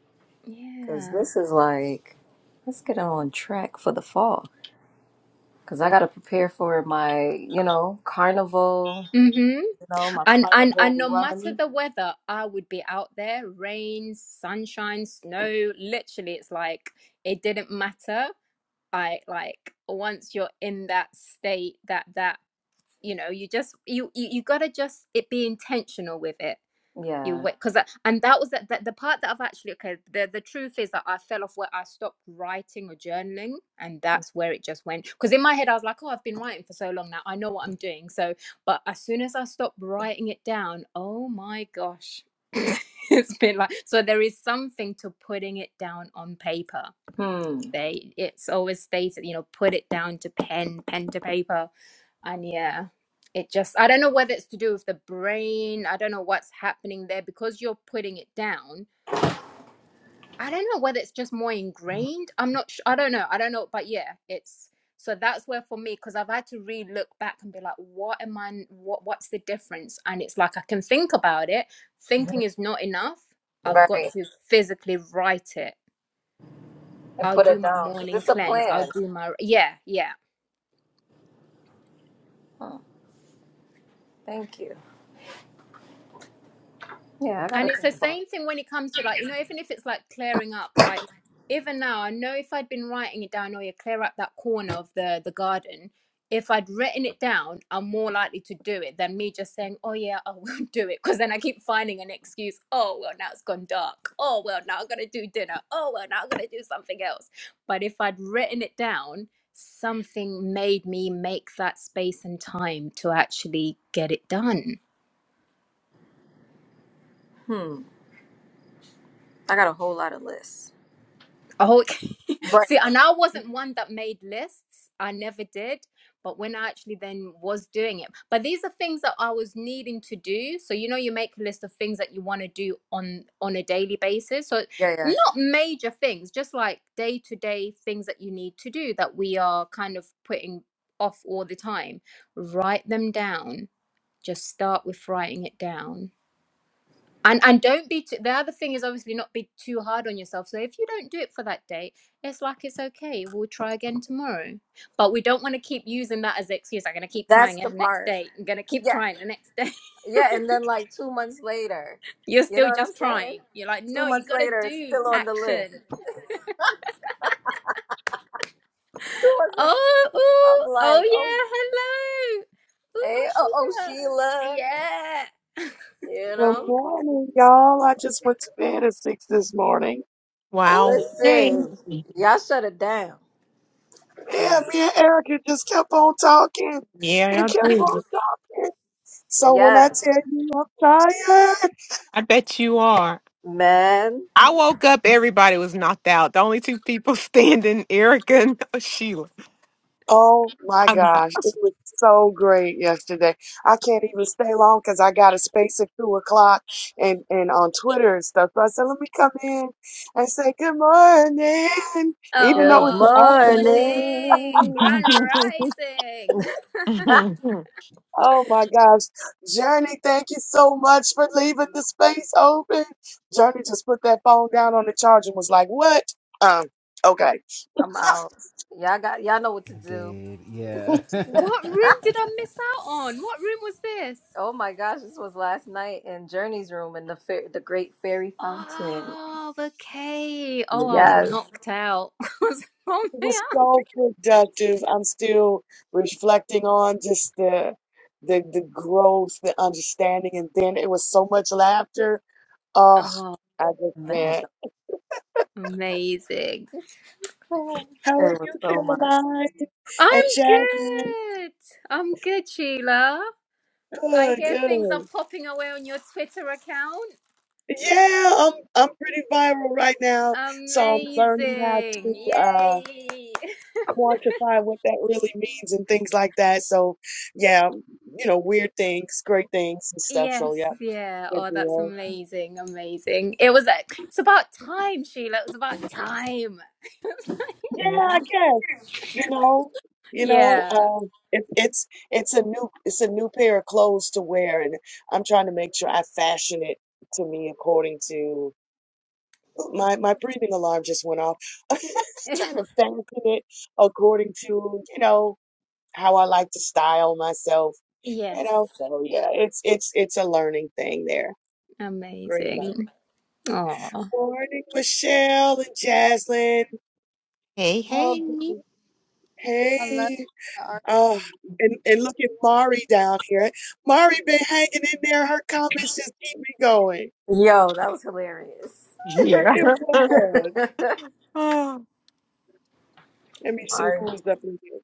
[SPEAKER 1] cuz
[SPEAKER 5] yeah
[SPEAKER 1] this is like let's get on track for the fall. Cause I gotta prepare for my, you know, carnival, you know, my
[SPEAKER 5] And and
[SPEAKER 1] carnival
[SPEAKER 5] and no matter
[SPEAKER 1] run.
[SPEAKER 5] the weather, I would be out there, rain, sunshine, snow. Literally, it's like it didn't matter. I like once you're in that state, that that you know, you just you you, you gotta just it be intentional with it. You
[SPEAKER 1] Yeah.
[SPEAKER 5] wait, because and that was the, the, the part that I've actually okay. The the truth is that I fell off where I stopped writing or journaling, and that's where it just went. Because in my head I was like, oh, I've been writing for so long now, I know what I'm doing. So, but as soon as I stopped writing it down, oh my gosh, <laughs> it's been like so. There is something to putting it down on paper
[SPEAKER 1] Hmm.
[SPEAKER 5] they it's always stated you know put it down to pen pen to paper and yeah it just i don't know whether it's to do with the brain i don't know what's happening there because you're putting it down i don't know whether it's just more ingrained i'm not sure i don't know i don't know but yeah it's so that's where for me because i've had to really look back and be like what am i what what's the difference and it's like i can think about it thinking is not enough i've got
[SPEAKER 1] Right.
[SPEAKER 5] to physically write it
[SPEAKER 1] And
[SPEAKER 5] I'll
[SPEAKER 1] put
[SPEAKER 5] do
[SPEAKER 1] it
[SPEAKER 5] my
[SPEAKER 1] down. Cause
[SPEAKER 5] morning
[SPEAKER 1] it's a
[SPEAKER 5] cleanse. I'll
[SPEAKER 1] plan.
[SPEAKER 5] do my yeah, yeah.
[SPEAKER 1] Huh. Thank you. Yeah, I
[SPEAKER 5] And
[SPEAKER 1] gotta
[SPEAKER 5] it's
[SPEAKER 1] think
[SPEAKER 5] the
[SPEAKER 1] about
[SPEAKER 5] same
[SPEAKER 1] it.
[SPEAKER 5] thing when it comes to like, you know, even if it's like clearing up, like even now, I know if I'd been writing it down, oh yeah, clear up that corner of the the garden. If I'd written it down, I'm more likely to do it than me just saying, oh yeah, I will <laughs> do it. Because then I keep finding an excuse. Oh well, now it's gone dark. Oh well, now I'm gonna do dinner. Oh well, now I'm gonna do something else. But if I'd written it down, something made me make that space and time to actually get it done
[SPEAKER 1] Hmm. I got a whole lot of lists.
[SPEAKER 5] Oh, <laughs>
[SPEAKER 1] Right.
[SPEAKER 5] see, and I wasn't one that made lists. I never did. But when I actually then was doing it, but these are things that I was needing to do. So you know, you make a list of things that you want to do on on a daily basis. So
[SPEAKER 1] Yeah, yeah.
[SPEAKER 5] not major things, just like day to day things that you need to do that we are kind of putting off all the time. Write them down. Just start with writing it down and and don't be too, the other thing is obviously not be too hard on yourself so if you don't do it for that date it's like it's okay we'll try again tomorrow but we don't want to keep using that as an excuse i'm going to keep
[SPEAKER 1] That's
[SPEAKER 5] trying at
[SPEAKER 1] the
[SPEAKER 5] the next
[SPEAKER 1] part.
[SPEAKER 5] date i'm going to keep
[SPEAKER 1] Yeah.
[SPEAKER 5] trying the next day
[SPEAKER 1] Yeah. And then like two months later,
[SPEAKER 5] <laughs> you're
[SPEAKER 1] you know
[SPEAKER 5] still
[SPEAKER 1] what I'm
[SPEAKER 5] just
[SPEAKER 1] saying?
[SPEAKER 5] trying you're like
[SPEAKER 1] Two
[SPEAKER 5] no you
[SPEAKER 1] months
[SPEAKER 5] got to
[SPEAKER 1] later, it's
[SPEAKER 5] do
[SPEAKER 1] still on the list.
[SPEAKER 5] action
[SPEAKER 1] Two months later,
[SPEAKER 5] oh
[SPEAKER 1] I'm
[SPEAKER 5] ooh, oh
[SPEAKER 1] like, oh,
[SPEAKER 5] yeah hello ooh,
[SPEAKER 1] hey,
[SPEAKER 5] oh
[SPEAKER 1] oh, oh
[SPEAKER 5] sheila
[SPEAKER 1] Sheila,
[SPEAKER 5] yeah
[SPEAKER 1] you
[SPEAKER 6] Good
[SPEAKER 1] know?
[SPEAKER 6] morning, y'all. I just went to bed at six this morning.
[SPEAKER 4] wow.
[SPEAKER 5] oh
[SPEAKER 4] Hey,
[SPEAKER 1] Listen, y'all shut it down.
[SPEAKER 6] Yeah,
[SPEAKER 1] Cause
[SPEAKER 6] me and Erica just kept on talking and
[SPEAKER 4] yeah, I
[SPEAKER 5] <laughs>
[SPEAKER 6] kept
[SPEAKER 4] do.
[SPEAKER 6] on talking. So when I
[SPEAKER 1] yes,
[SPEAKER 6] tell you I'm tired,
[SPEAKER 4] I bet you are.
[SPEAKER 1] man.
[SPEAKER 4] I woke up, everybody was knocked out. The only two people <laughs> standing, Erica and <laughs> Sheila.
[SPEAKER 6] oh my
[SPEAKER 4] I'm out.
[SPEAKER 6] gosh, it was so great yesterday. I can't even stay long because I got a space at two o'clock and and on Twitter and stuff. So I said, let me come in and say good morning, even though
[SPEAKER 1] Good
[SPEAKER 6] it's the
[SPEAKER 5] oh
[SPEAKER 6] afternoon.
[SPEAKER 5] morning
[SPEAKER 1] morning. <laughs>
[SPEAKER 5] grand
[SPEAKER 4] <laughs>
[SPEAKER 5] rising
[SPEAKER 6] Oh my gosh. Journey, thank you so much for leaving the space open. Journey just put that phone down on the charger and was like, what? Um, okay.
[SPEAKER 1] I'm out. Y'all got y'all know what to
[SPEAKER 3] I
[SPEAKER 1] do.
[SPEAKER 3] did. Yeah.
[SPEAKER 5] What room did I miss out on? What room was this?
[SPEAKER 1] Oh my gosh, this was last night in Journey's room in the fair, the Great Fairy Fountain.
[SPEAKER 5] Oh, okay. Oh, I was
[SPEAKER 1] Yes,
[SPEAKER 5] knocked out. <laughs> I was on
[SPEAKER 6] It was
[SPEAKER 5] my out.
[SPEAKER 6] so productive. I'm still reflecting on just the the the growth, the understanding, and then it was so much laughter. Oh,
[SPEAKER 5] Oh,
[SPEAKER 6] I just
[SPEAKER 1] man,
[SPEAKER 6] can't.
[SPEAKER 5] amazing. I'm
[SPEAKER 6] How are
[SPEAKER 1] it was
[SPEAKER 6] you,
[SPEAKER 1] so much.
[SPEAKER 6] Caroline? And Jasmine?
[SPEAKER 5] good. I'm good, Sheila. I
[SPEAKER 6] Good,
[SPEAKER 5] hear things
[SPEAKER 6] good.
[SPEAKER 5] are popping away on your Twitter account.
[SPEAKER 6] Yeah, I'm I'm pretty viral right now, so I'm learning how to
[SPEAKER 5] Amazing.
[SPEAKER 6] uh
[SPEAKER 5] Yay. <laughs>
[SPEAKER 6] quantify what that really means and things like that. So, yeah, you know, weird things, great things and stuff. So,
[SPEAKER 5] Yes,
[SPEAKER 6] yeah,
[SPEAKER 5] yeah.
[SPEAKER 6] good
[SPEAKER 5] Oh, that's
[SPEAKER 6] deal.
[SPEAKER 5] amazing. Amazing. It was it's about time, Sheila. It was about time.
[SPEAKER 6] Yeah,
[SPEAKER 4] yeah.
[SPEAKER 6] I guess you know, you know,
[SPEAKER 5] Yeah.
[SPEAKER 6] um, it, it's it's a new it's a new pair of clothes to wear, and I'm trying to make sure I fashion it to me according to my my breathing alarm just went off. <laughs>
[SPEAKER 5] <laughs>
[SPEAKER 6] Trying to fashion it according to you know how I like to style myself. You
[SPEAKER 5] Yes.
[SPEAKER 6] know, so yeah, it's it's it's a learning thing there. Great learning.
[SPEAKER 5] Amazing. Oh,
[SPEAKER 6] Morning, Michelle and Jaslyn.
[SPEAKER 4] Hey,
[SPEAKER 6] Oh,
[SPEAKER 4] hey.
[SPEAKER 2] I love
[SPEAKER 6] hey.
[SPEAKER 2] the art.
[SPEAKER 6] Uh, and, and look at Mari down here. Mari been hanging in there. Her comments just keep me going.
[SPEAKER 1] Yo, that was hilarious.
[SPEAKER 4] Yeah.
[SPEAKER 6] It was.
[SPEAKER 1] <laughs>
[SPEAKER 4] <sighs> <laughs>
[SPEAKER 6] Let me see
[SPEAKER 1] Sorry.
[SPEAKER 6] who was up in here.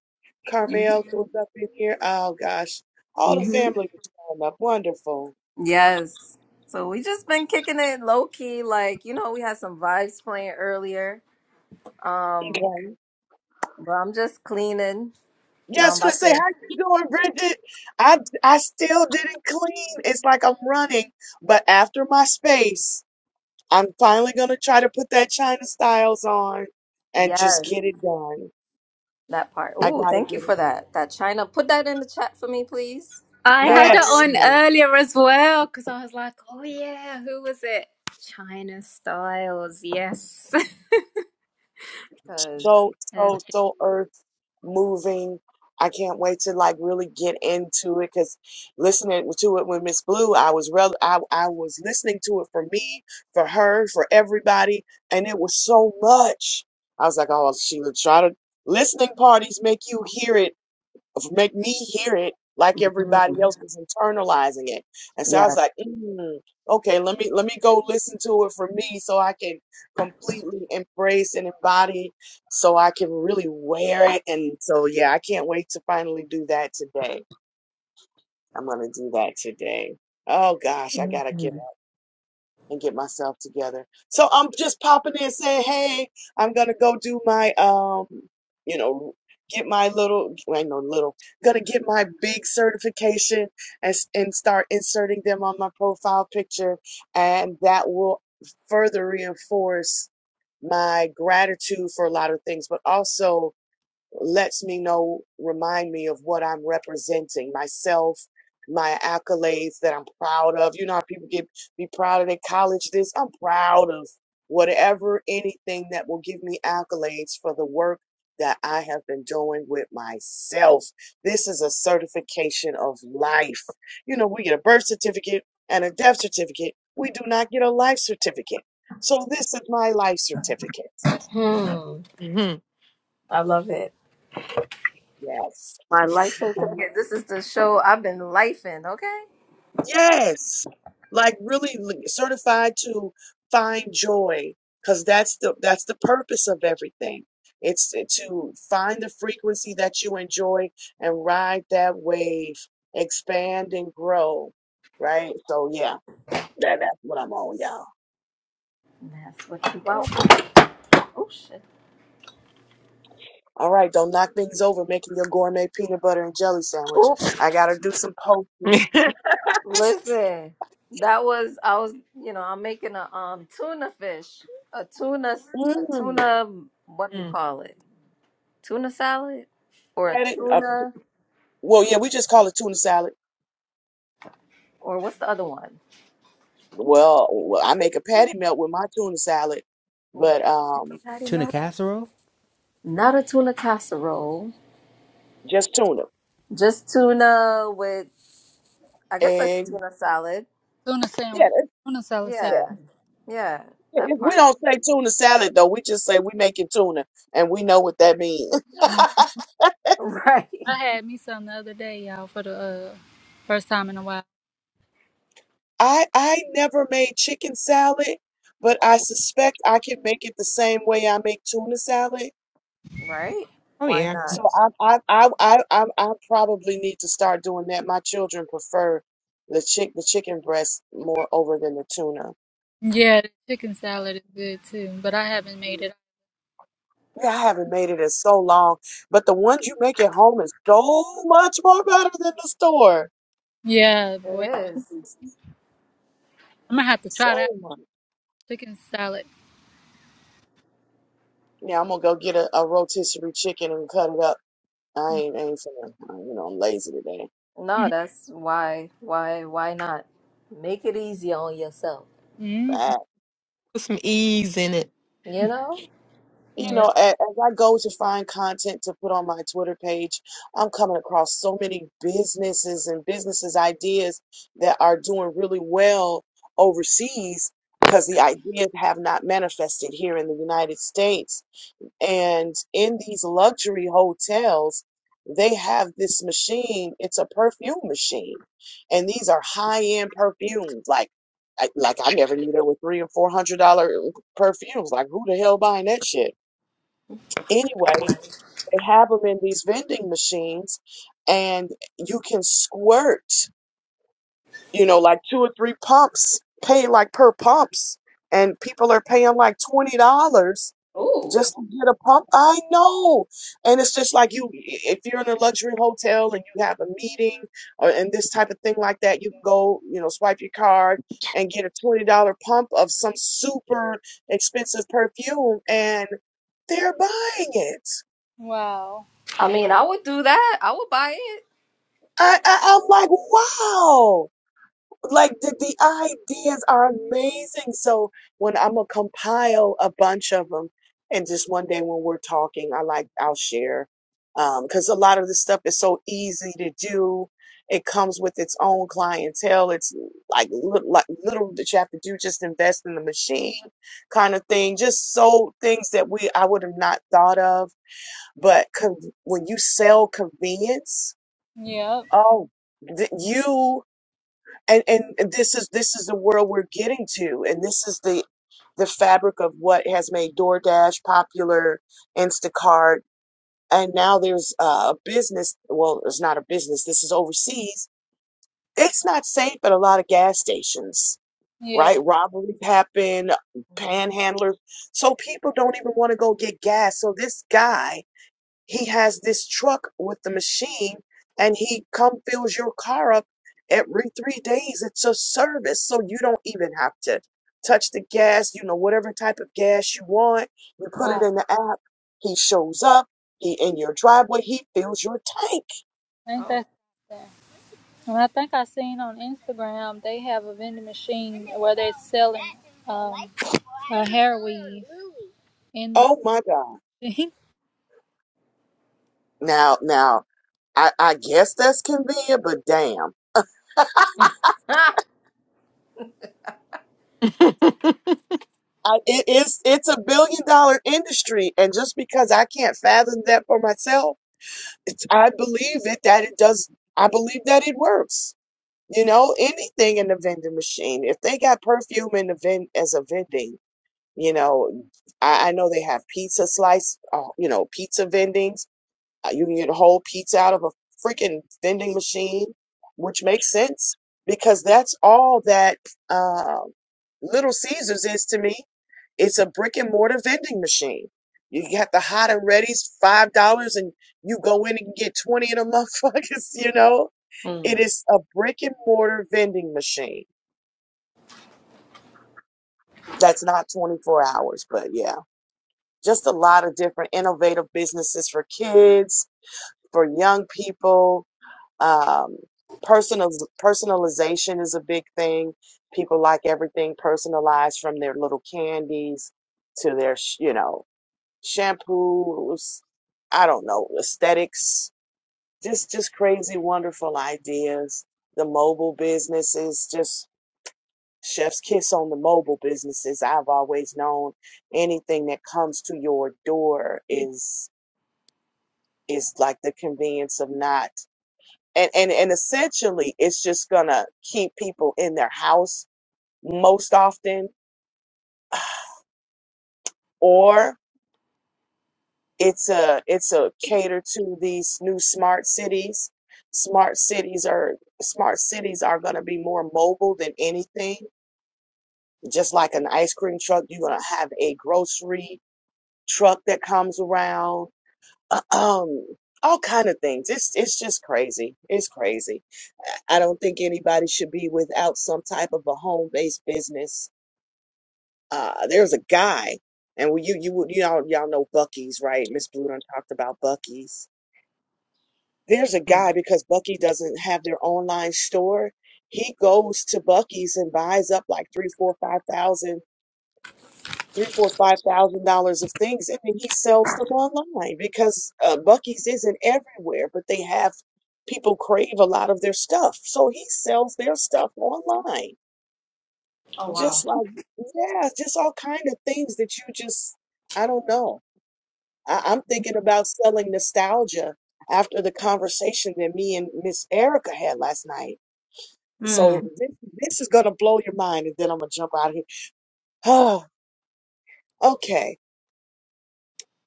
[SPEAKER 6] Carmel was up in here. Oh gosh. All the
[SPEAKER 1] hmm
[SPEAKER 6] family was showing up. Wonderful.
[SPEAKER 1] Yes. So we just been kicking it low key, like you know, we had some vibes playing earlier. Um,
[SPEAKER 6] Okay.
[SPEAKER 1] Bro, I'm just cleaning.
[SPEAKER 6] Yeah, I
[SPEAKER 1] Now
[SPEAKER 6] was
[SPEAKER 1] I'm
[SPEAKER 6] gonna
[SPEAKER 1] about
[SPEAKER 6] say,
[SPEAKER 1] to.
[SPEAKER 6] how you doing, Bridget? I I still didn't clean. It's like I'm running, but after my space, I'm finally gonna try to put that China Styles on and just
[SPEAKER 1] Yes,
[SPEAKER 6] get it done.
[SPEAKER 1] that part.
[SPEAKER 6] I
[SPEAKER 1] Ooh,
[SPEAKER 6] gotta
[SPEAKER 1] thank
[SPEAKER 6] get
[SPEAKER 1] you
[SPEAKER 6] it
[SPEAKER 1] for
[SPEAKER 6] done.
[SPEAKER 1] that. That China. Put that in the chat for me, please.
[SPEAKER 5] I
[SPEAKER 1] That
[SPEAKER 5] had it
[SPEAKER 6] Yes,
[SPEAKER 5] on
[SPEAKER 1] artist.
[SPEAKER 6] honey.
[SPEAKER 5] earlier as well because I was like, oh yeah, who was it? China Styles. Yes. <laughs>
[SPEAKER 1] Because,
[SPEAKER 6] so
[SPEAKER 5] Uh,
[SPEAKER 6] so so earth moving. I can't wait to like really get into it because listening to it with Miss Blue, I was rel I, I was listening to it for me, for her, for everybody, and it was so much. I was like, oh, Sheila, try to listening parties make you hear it make me hear it like everybody else was internalizing it. And so I
[SPEAKER 1] yeah.
[SPEAKER 6] was like, mm, okay, let me let me go listen to it for me so I can completely embrace and embody so I can really wear it. And so yeah, I can't wait to finally do that today. I'm gonna do that today. Oh gosh, I gotta get and get myself together. So I'm just popping in saying, hey, I'm gonna go do my um, you know, get my little, I know little, gonna get my big certification and and start inserting them on my profile picture, and that will further reinforce my gratitude for a lot of things, but also lets me know, remind me of what I'm representing myself, my accolades that I'm proud of. You know how people get be proud of their college this? I'm proud of whatever, anything that will give me accolades for the work that I have been doing with myself. This is a certification of life. You know, we get a birth certificate and a death certificate. We do not get a life certificate. So this is my life certificate.
[SPEAKER 1] Hmm.
[SPEAKER 4] Mhm.
[SPEAKER 1] I love it.
[SPEAKER 6] Yes.
[SPEAKER 1] My life certificate. This is the show I've been lifing, okay?
[SPEAKER 6] Yes. Like really li- certified to find joy because that's the that's the purpose of everything. It's to find the frequency that you enjoy and ride that wave, expand and grow, right? So yeah, that that's what I'm on, y'all.
[SPEAKER 1] And That's what you want. Oh, shit.
[SPEAKER 6] All right, don't knock things over making your gourmet peanut butter and jelly sandwich.
[SPEAKER 1] Ooh,
[SPEAKER 6] I gotta do some posting.
[SPEAKER 4] <laughs>
[SPEAKER 1] listen. That was, I was, you know, I'm making a um tuna fish. A tuna, a
[SPEAKER 6] Mm.
[SPEAKER 1] tuna, what do you
[SPEAKER 4] Mm.
[SPEAKER 1] call it? tuna salad or a
[SPEAKER 6] Had it- uh,
[SPEAKER 1] tuna
[SPEAKER 6] well, yeah, we just call it tuna salad.
[SPEAKER 1] or what's the other one?
[SPEAKER 6] Well, well, I make a patty melt with my tuna salad,
[SPEAKER 1] Oh,
[SPEAKER 6] but um,
[SPEAKER 3] <laughs>
[SPEAKER 1] Patty
[SPEAKER 3] Tuna
[SPEAKER 1] melt.
[SPEAKER 3] casserole?
[SPEAKER 1] Not a tuna casserole,
[SPEAKER 6] just tuna.
[SPEAKER 1] just tuna with I guess that's
[SPEAKER 6] And
[SPEAKER 1] tuna salad.
[SPEAKER 2] tuna
[SPEAKER 6] yeah,
[SPEAKER 2] sandwich,
[SPEAKER 6] that's,
[SPEAKER 2] tuna salad sandwich.
[SPEAKER 6] yeah.
[SPEAKER 1] Yeah, yeah,
[SPEAKER 6] If
[SPEAKER 1] that
[SPEAKER 6] we
[SPEAKER 1] part. <laughs>
[SPEAKER 6] don't say tuna salad though. We just say we making tuna, and we know what that means. <laughs>
[SPEAKER 2] Mm.
[SPEAKER 1] Right,
[SPEAKER 2] I had me some the other day, y'all, for the uh, first time in a while.
[SPEAKER 6] I I never made chicken salad, but I suspect I can make it the same way I make tuna salad.
[SPEAKER 1] right.
[SPEAKER 4] oh
[SPEAKER 1] Why
[SPEAKER 4] yeah.
[SPEAKER 1] not?
[SPEAKER 6] So I I I I I, I probably need to start doing that. My children prefer the chick the chicken breast more over than the tuna.
[SPEAKER 2] Yeah, the chicken salad is good too, but I haven't made it.
[SPEAKER 6] Yeah, I haven't made it in so long, but the ones you make at home is so much more better than the store.
[SPEAKER 2] Yeah, boy,
[SPEAKER 1] It is.
[SPEAKER 2] I'm gonna have to
[SPEAKER 6] So
[SPEAKER 2] try that
[SPEAKER 6] much.
[SPEAKER 2] chicken salad.
[SPEAKER 6] Yeah, I'm gonna go get a, a rotisserie chicken and cut it up. I ain't, I ain't finna, uh, you know, I'm lazy today.
[SPEAKER 2] <laughs>
[SPEAKER 1] No, that's why, why, why not? Make it easy on yourself.
[SPEAKER 2] Mm,
[SPEAKER 6] But,
[SPEAKER 4] Put some ease in it.
[SPEAKER 1] You know,
[SPEAKER 6] you
[SPEAKER 2] yep.
[SPEAKER 6] know, as, as I go to find content to put on my Twitter page, I'm coming across so many businesses and businesses ideas that are doing really well overseas because the ideas have not manifested here in the United States. And in these luxury hotels, they have this machine. It's a perfume machine. And these are high-end perfumes. Like, I, like I never knew there were three and four hundred dollar uh, perfumes. Like, who the hell buying that shit? Anyway, they have them in these vending machines and you can squirt, you know, like two or three pumps, pay like per pumps. And people are paying like $20 just to get a pump. I know. And it's just like you, if you're in a luxury hotel and you have a meeting or and this type of thing like that, you can go, you know, swipe your card and get a $20 pump of some super expensive perfume and they're buying it.
[SPEAKER 2] Wow.
[SPEAKER 1] I mean, I would do that. I would buy
[SPEAKER 6] I, I, I'm like, wow. like the, the ideas are amazing. So when I'm gonna compile a bunch of them, and just one day when we're talking, I like I'll share Um, because a lot of the stuff is so easy to do. It comes with its own clientele. It's like little, like little that you have to do, just invest in the machine, kind of thing. Just so things that we I would have not thought of. But con- when you sell convenience,
[SPEAKER 2] Yep.
[SPEAKER 6] oh, th- you and and this is this is the world we're getting to and this is the the fabric of what has made DoorDash popular Instacart and now there's uh, a business well it's not a business this is overseas it's not safe at a lot of gas stations right
[SPEAKER 2] Yeah.
[SPEAKER 6] robberies happen panhandlers so people don't even want to go get gas so this guy he has this truck with the machine and he come fills your car up every three days. It's a service, so you don't even have to touch the gas, you know, whatever type of gas you want. You put it
[SPEAKER 2] Wow.
[SPEAKER 6] in the app. He shows up. He in your driveway. He fills your tank.
[SPEAKER 2] Ain't that something? And I think I seen on Instagram they have a vending machine where they're selling um a hair weave in the
[SPEAKER 6] Oh my God.
[SPEAKER 2] machine. <laughs>
[SPEAKER 6] Now, now, I, I guess that's convenient, but damn.
[SPEAKER 1] it. <laughs>
[SPEAKER 4] <laughs>
[SPEAKER 6] I, it is, it's a billion dollar industry. And just because I can't fathom that for myself, It's, I believe it that it does. I believe that it works. You know, anything in the vending machine. If they got perfume in the vend as a vending, you know, I, I know they have pizza slice, uh, you know, pizza vending. Uh, You can get a whole pizza out of a freaking vending machine, which makes sense because that's all that uh, Little Caesars is to me. It's a brick and mortar vending machine. You got the hot and ready's five dollars, and you go in and get twenty of them motherfuckers. <laughs> You know, it
[SPEAKER 1] Hmm.
[SPEAKER 6] is a brick and mortar vending machine. That's not twenty four hours, but yeah, just a lot of different innovative businesses for kids, for young people Um, personal personalization is a big thing. People like everything personalized from their little candies to their, sh- you know, shampoos. I don't know, aesthetics. Just just crazy, wonderful ideas. The mobile businesses, just chef's kiss on the mobile businesses. I've always known anything that comes to your door is is like the convenience of not and and and essentially it's just gonna keep people in their house most often or it's a it's a cater to these new smart cities smart cities are smart cities are gonna be more mobile than anything just like an ice cream truck you're gonna have a grocery truck that comes around <clears throat> um all kind of things it's it's just crazy it's crazy i don't think anybody should be without some type of a home-based business uh there's a guy and we, you you would- you all y'all know Bucky's right Miss Blue done talked about Bucky's there's a guy because Bucky doesn't have their online store he goes to Bucky's and buys up like three four five thousand three four five thousand dollars of things and then he sells them online because uh, Bucky's isn't everywhere but they have people crave a lot of their stuff so he sells their stuff online
[SPEAKER 1] Oh wow.
[SPEAKER 6] just like yeah just all kind of things that you just I don't know I, I'm thinking about selling nostalgia after the conversation that me and Miss Erica had last night. So
[SPEAKER 1] Mm,
[SPEAKER 6] this, this is gonna blow your mind, and then I'm gonna jump out of here. <sighs> Oh, okay.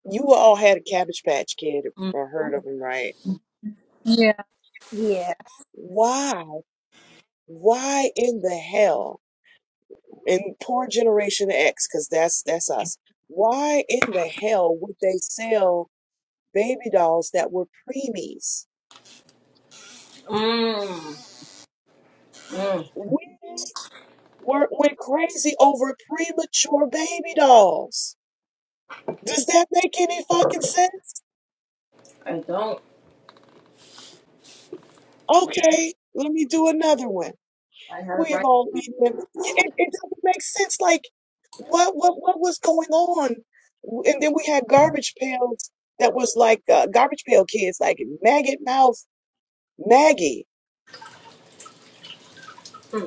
[SPEAKER 6] You all had a Cabbage Patch Kid
[SPEAKER 1] mm,
[SPEAKER 6] or heard of him, right?
[SPEAKER 2] Yeah.
[SPEAKER 5] yeah.
[SPEAKER 6] Why? Why in the hell? And poor Generation X, because that's that's us. Why in the hell would they sell baby dolls that were preemies?
[SPEAKER 1] mm, mm.
[SPEAKER 6] We're, we're crazy over premature baby dolls. Does that make any fucking sense? Okay, let me do another one. We have all eaten them. Yeah, It, it doesn't make sense. Like, what, what, what was going on? And then we had garbage pails that was like uh, garbage pail kids, like maggot mouth Maggie.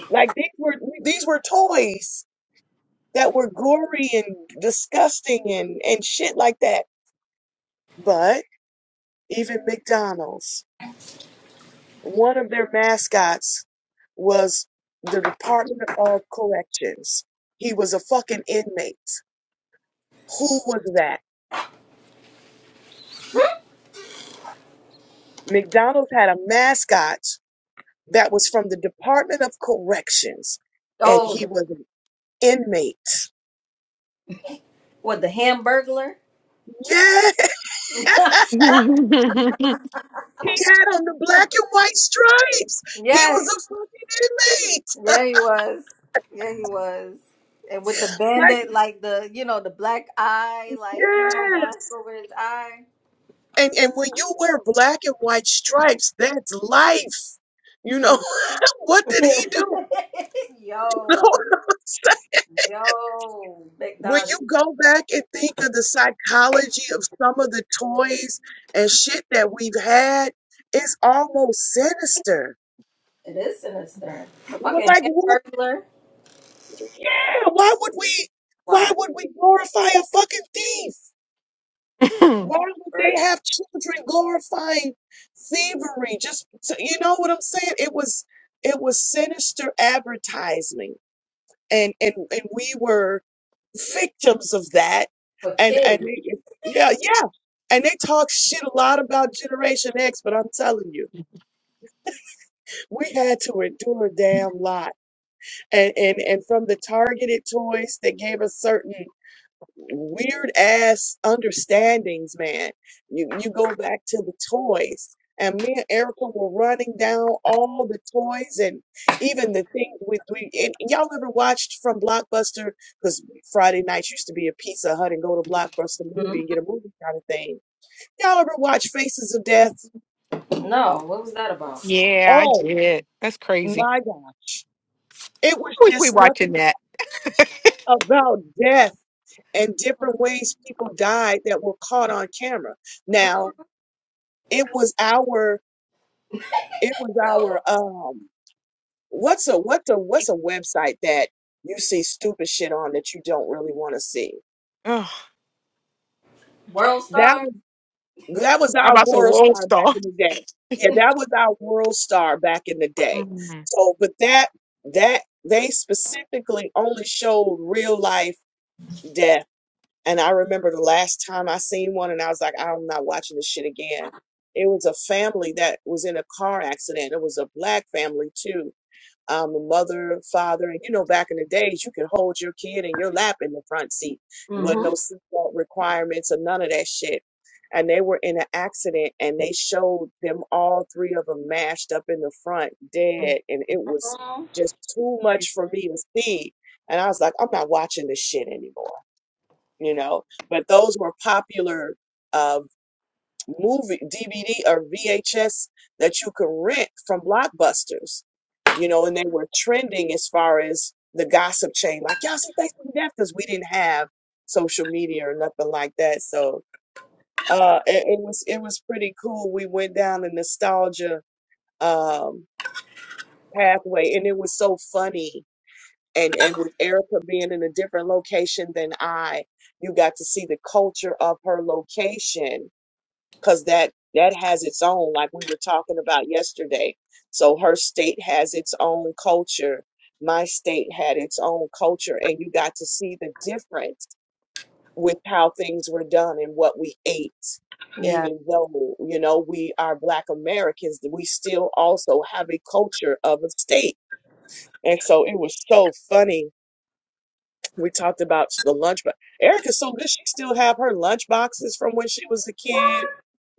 [SPEAKER 6] Like these were these were toys that were gory and disgusting and and shit like that. But even McDonald's. One of their mascots was the Department of Corrections. He was a fucking inmate. Who was that? McDonald's had a mascot that was from the Department of Corrections, and
[SPEAKER 1] Oh,
[SPEAKER 6] he
[SPEAKER 1] the,
[SPEAKER 6] was an inmate.
[SPEAKER 1] what the Hamburglar?
[SPEAKER 6] Yeah,
[SPEAKER 4] <laughs>
[SPEAKER 6] he had on the black and white stripes. He
[SPEAKER 1] Yeah,
[SPEAKER 6] was a fucking inmate.
[SPEAKER 1] yeah, he was. Yeah, he was. And with the
[SPEAKER 6] Like,
[SPEAKER 1] bandit, like the you know the black eye, like you know mask
[SPEAKER 6] yes.
[SPEAKER 1] over his eye.
[SPEAKER 6] And and when you wear black and white stripes, that's life. You know,
[SPEAKER 1] Hmm.
[SPEAKER 6] <laughs> what
[SPEAKER 1] <laughs>
[SPEAKER 6] did he do? <laughs> know <laughs>
[SPEAKER 1] yo, yo,
[SPEAKER 6] When
[SPEAKER 1] McDonald.
[SPEAKER 6] you go back and think of the psychology of some of the toys and shit that we've had, it's almost sinister.
[SPEAKER 1] It is sinister. A
[SPEAKER 6] We're
[SPEAKER 1] fucking
[SPEAKER 6] like, what?
[SPEAKER 1] Hamburglar.
[SPEAKER 6] Yeah, why would we? Why
[SPEAKER 1] Why
[SPEAKER 6] would we glorify a fucking thief? Why would they
[SPEAKER 1] burglar
[SPEAKER 6] have children glorifying thievery? Just to- you know what I'm saying? It was it was sinister advertising, and and and we were victims of that.
[SPEAKER 1] for
[SPEAKER 6] And and
[SPEAKER 1] kids.
[SPEAKER 6] they- yeah, yeah. And they talk shit a lot about Generation X, but I'm telling you, we had to endure a damn lot. And and and from the targeted toys that gave us certain weird ass understandings, man. You you go back to the toys. And me and Erica were running down all the toys and even the things with we and y'all ever watched from Blockbuster? Because Friday nights used to be a Pizza Hut and go to Blockbuster movie
[SPEAKER 1] hmm
[SPEAKER 6] and get a movie kind of thing. Y'all ever watch Faces of Death?
[SPEAKER 1] No, what was that about?
[SPEAKER 4] yeah, I
[SPEAKER 6] Oh
[SPEAKER 4] did. That's crazy.
[SPEAKER 6] my gosh. It
[SPEAKER 4] I
[SPEAKER 6] was
[SPEAKER 4] wish we
[SPEAKER 6] just
[SPEAKER 4] watching
[SPEAKER 6] nothing
[SPEAKER 4] that.
[SPEAKER 6] about death and different ways people died that were caught on camera. Now it was our it was
[SPEAKER 1] So,
[SPEAKER 6] our um what's a what's a what's a website that you see stupid shit on that you don't really want to see
[SPEAKER 4] Ugh.
[SPEAKER 1] World
[SPEAKER 6] that
[SPEAKER 1] Star.
[SPEAKER 6] was that was
[SPEAKER 4] I'm
[SPEAKER 6] our
[SPEAKER 4] about to say
[SPEAKER 6] world
[SPEAKER 4] World
[SPEAKER 6] star back
[SPEAKER 4] Star.
[SPEAKER 6] in the day yeah that was our world star back in the day
[SPEAKER 4] Mm.
[SPEAKER 6] so but that that they specifically only showed real life death and i remember the last time i seen one and i was like i'm not watching this shit again it was a family that was in a car accident it was a black family too um, a mother, father, and you know, back in the days, you could hold your kid in your lap in the front seat. There wasn't
[SPEAKER 1] hmm
[SPEAKER 6] no seatbelt requirements or none of that shit. And they were in an accident, and they showed them all three of them mashed up in the front, dead, and it was
[SPEAKER 1] Mhm.
[SPEAKER 6] just too much for me to see. And I was like, I'm not watching this shit anymore, you know. But those were popular. uh, movie DVD or VHS that you could rent from Blockbusters, you know, and they were trending as far as the gossip chain. Like, y'all see Thanksgiving Death because we didn't have social media or nothing like that. So uh, it, it was it was pretty cool. We went down the nostalgia um, pathway, and it was so funny. And and with Erica being in a different location than I, you got to see the culture of her location because that that has its own like we were talking about yesterday so her state has its own culture my state had its own culture and you got to see the difference with how things were done and what we ate even though you know we are black americans we still also have a culture of a state and so it was so funny we talked about the lunchbox. Erica's so good; she still have her lunch boxes from when she was a kid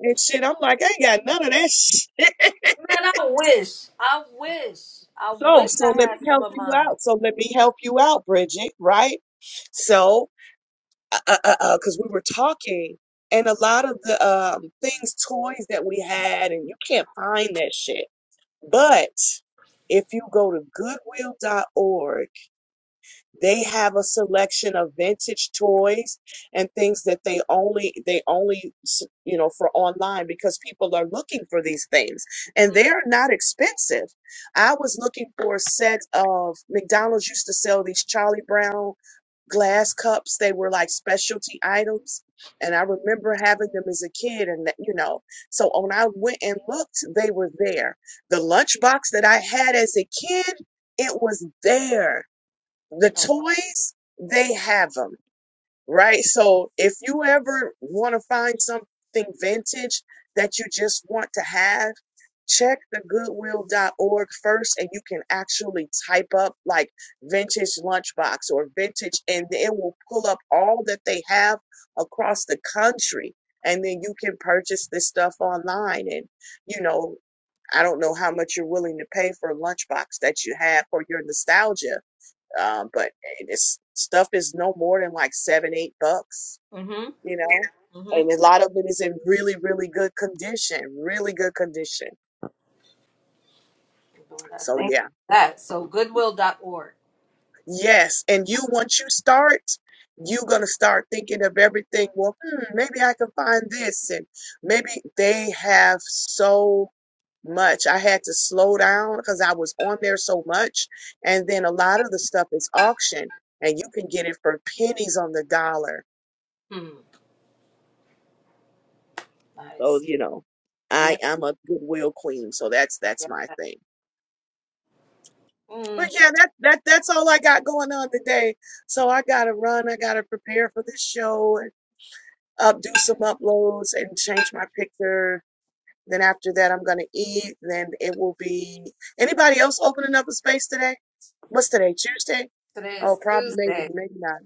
[SPEAKER 6] and shit. I'm like, I ain't got none of that shit.
[SPEAKER 1] Man, I wish. I wish. I
[SPEAKER 6] So,
[SPEAKER 1] wish
[SPEAKER 6] so
[SPEAKER 1] I
[SPEAKER 6] let me
[SPEAKER 1] had some
[SPEAKER 6] help
[SPEAKER 1] of
[SPEAKER 6] you
[SPEAKER 1] mine.
[SPEAKER 6] out. So let me help you out, Bridget. Right? So, because uh, uh, uh, 'cause we were talking, and a lot of the um, things, toys that we had, and you can't find that shit. But if you go to Goodwill.org They have a selection of vintage toys and things that they only they only s- you know for online because people are looking for these things and they're not expensive. I was looking for a set of McDonald's used to sell these Charlie Brown glass cups. They were like specialty items. And I remember having them as a kid. And, that, you know, so when I went and looked, they were there. The lunchbox that I had as a kid, it was there the toys they have them right so if you ever want to find something vintage that you just want to have check the Goodwill dot org first and you can actually type up like vintage lunchbox or vintage and it will pull up all that they have across the country and then you can purchase this stuff online and you know i don't know how much you're willing to pay for a lunchbox that you have for your nostalgia um, but it's stuff is no more than like seven, eight bucks,
[SPEAKER 1] Mm-hmm.
[SPEAKER 6] you know.
[SPEAKER 1] Mm-hmm.
[SPEAKER 6] And a lot of it is in really, really good condition, really good condition.
[SPEAKER 1] Doing that.
[SPEAKER 6] So
[SPEAKER 1] Thank you
[SPEAKER 6] yeah,
[SPEAKER 1] for that. So goodwill.org.
[SPEAKER 6] yes. And you, once you start, you're gonna start thinking of everything. Well, hmm, maybe I can find this, and maybe they have so much. I had to slow down because I was on there so much. And then a lot of the stuff is auction, and you can get it for pennies on the dollar
[SPEAKER 1] Hmm.
[SPEAKER 6] So,
[SPEAKER 1] Nice.
[SPEAKER 6] you know, I
[SPEAKER 1] Yeah.
[SPEAKER 6] am a goodwill queen, so that's that's my
[SPEAKER 1] yeah.
[SPEAKER 6] thing. But
[SPEAKER 1] Mm,
[SPEAKER 6] yeah, that that that's all I got going on today. So I gotta run, I gotta prepare for this show and up do some uploads and change my picture. Then after that I'm gonna eat. Then it will be anybody else opening up a space today? What's today? Tuesday?
[SPEAKER 1] today
[SPEAKER 6] Oh,
[SPEAKER 1] is
[SPEAKER 6] probably maybe,
[SPEAKER 1] Tuesday.
[SPEAKER 6] maybe not.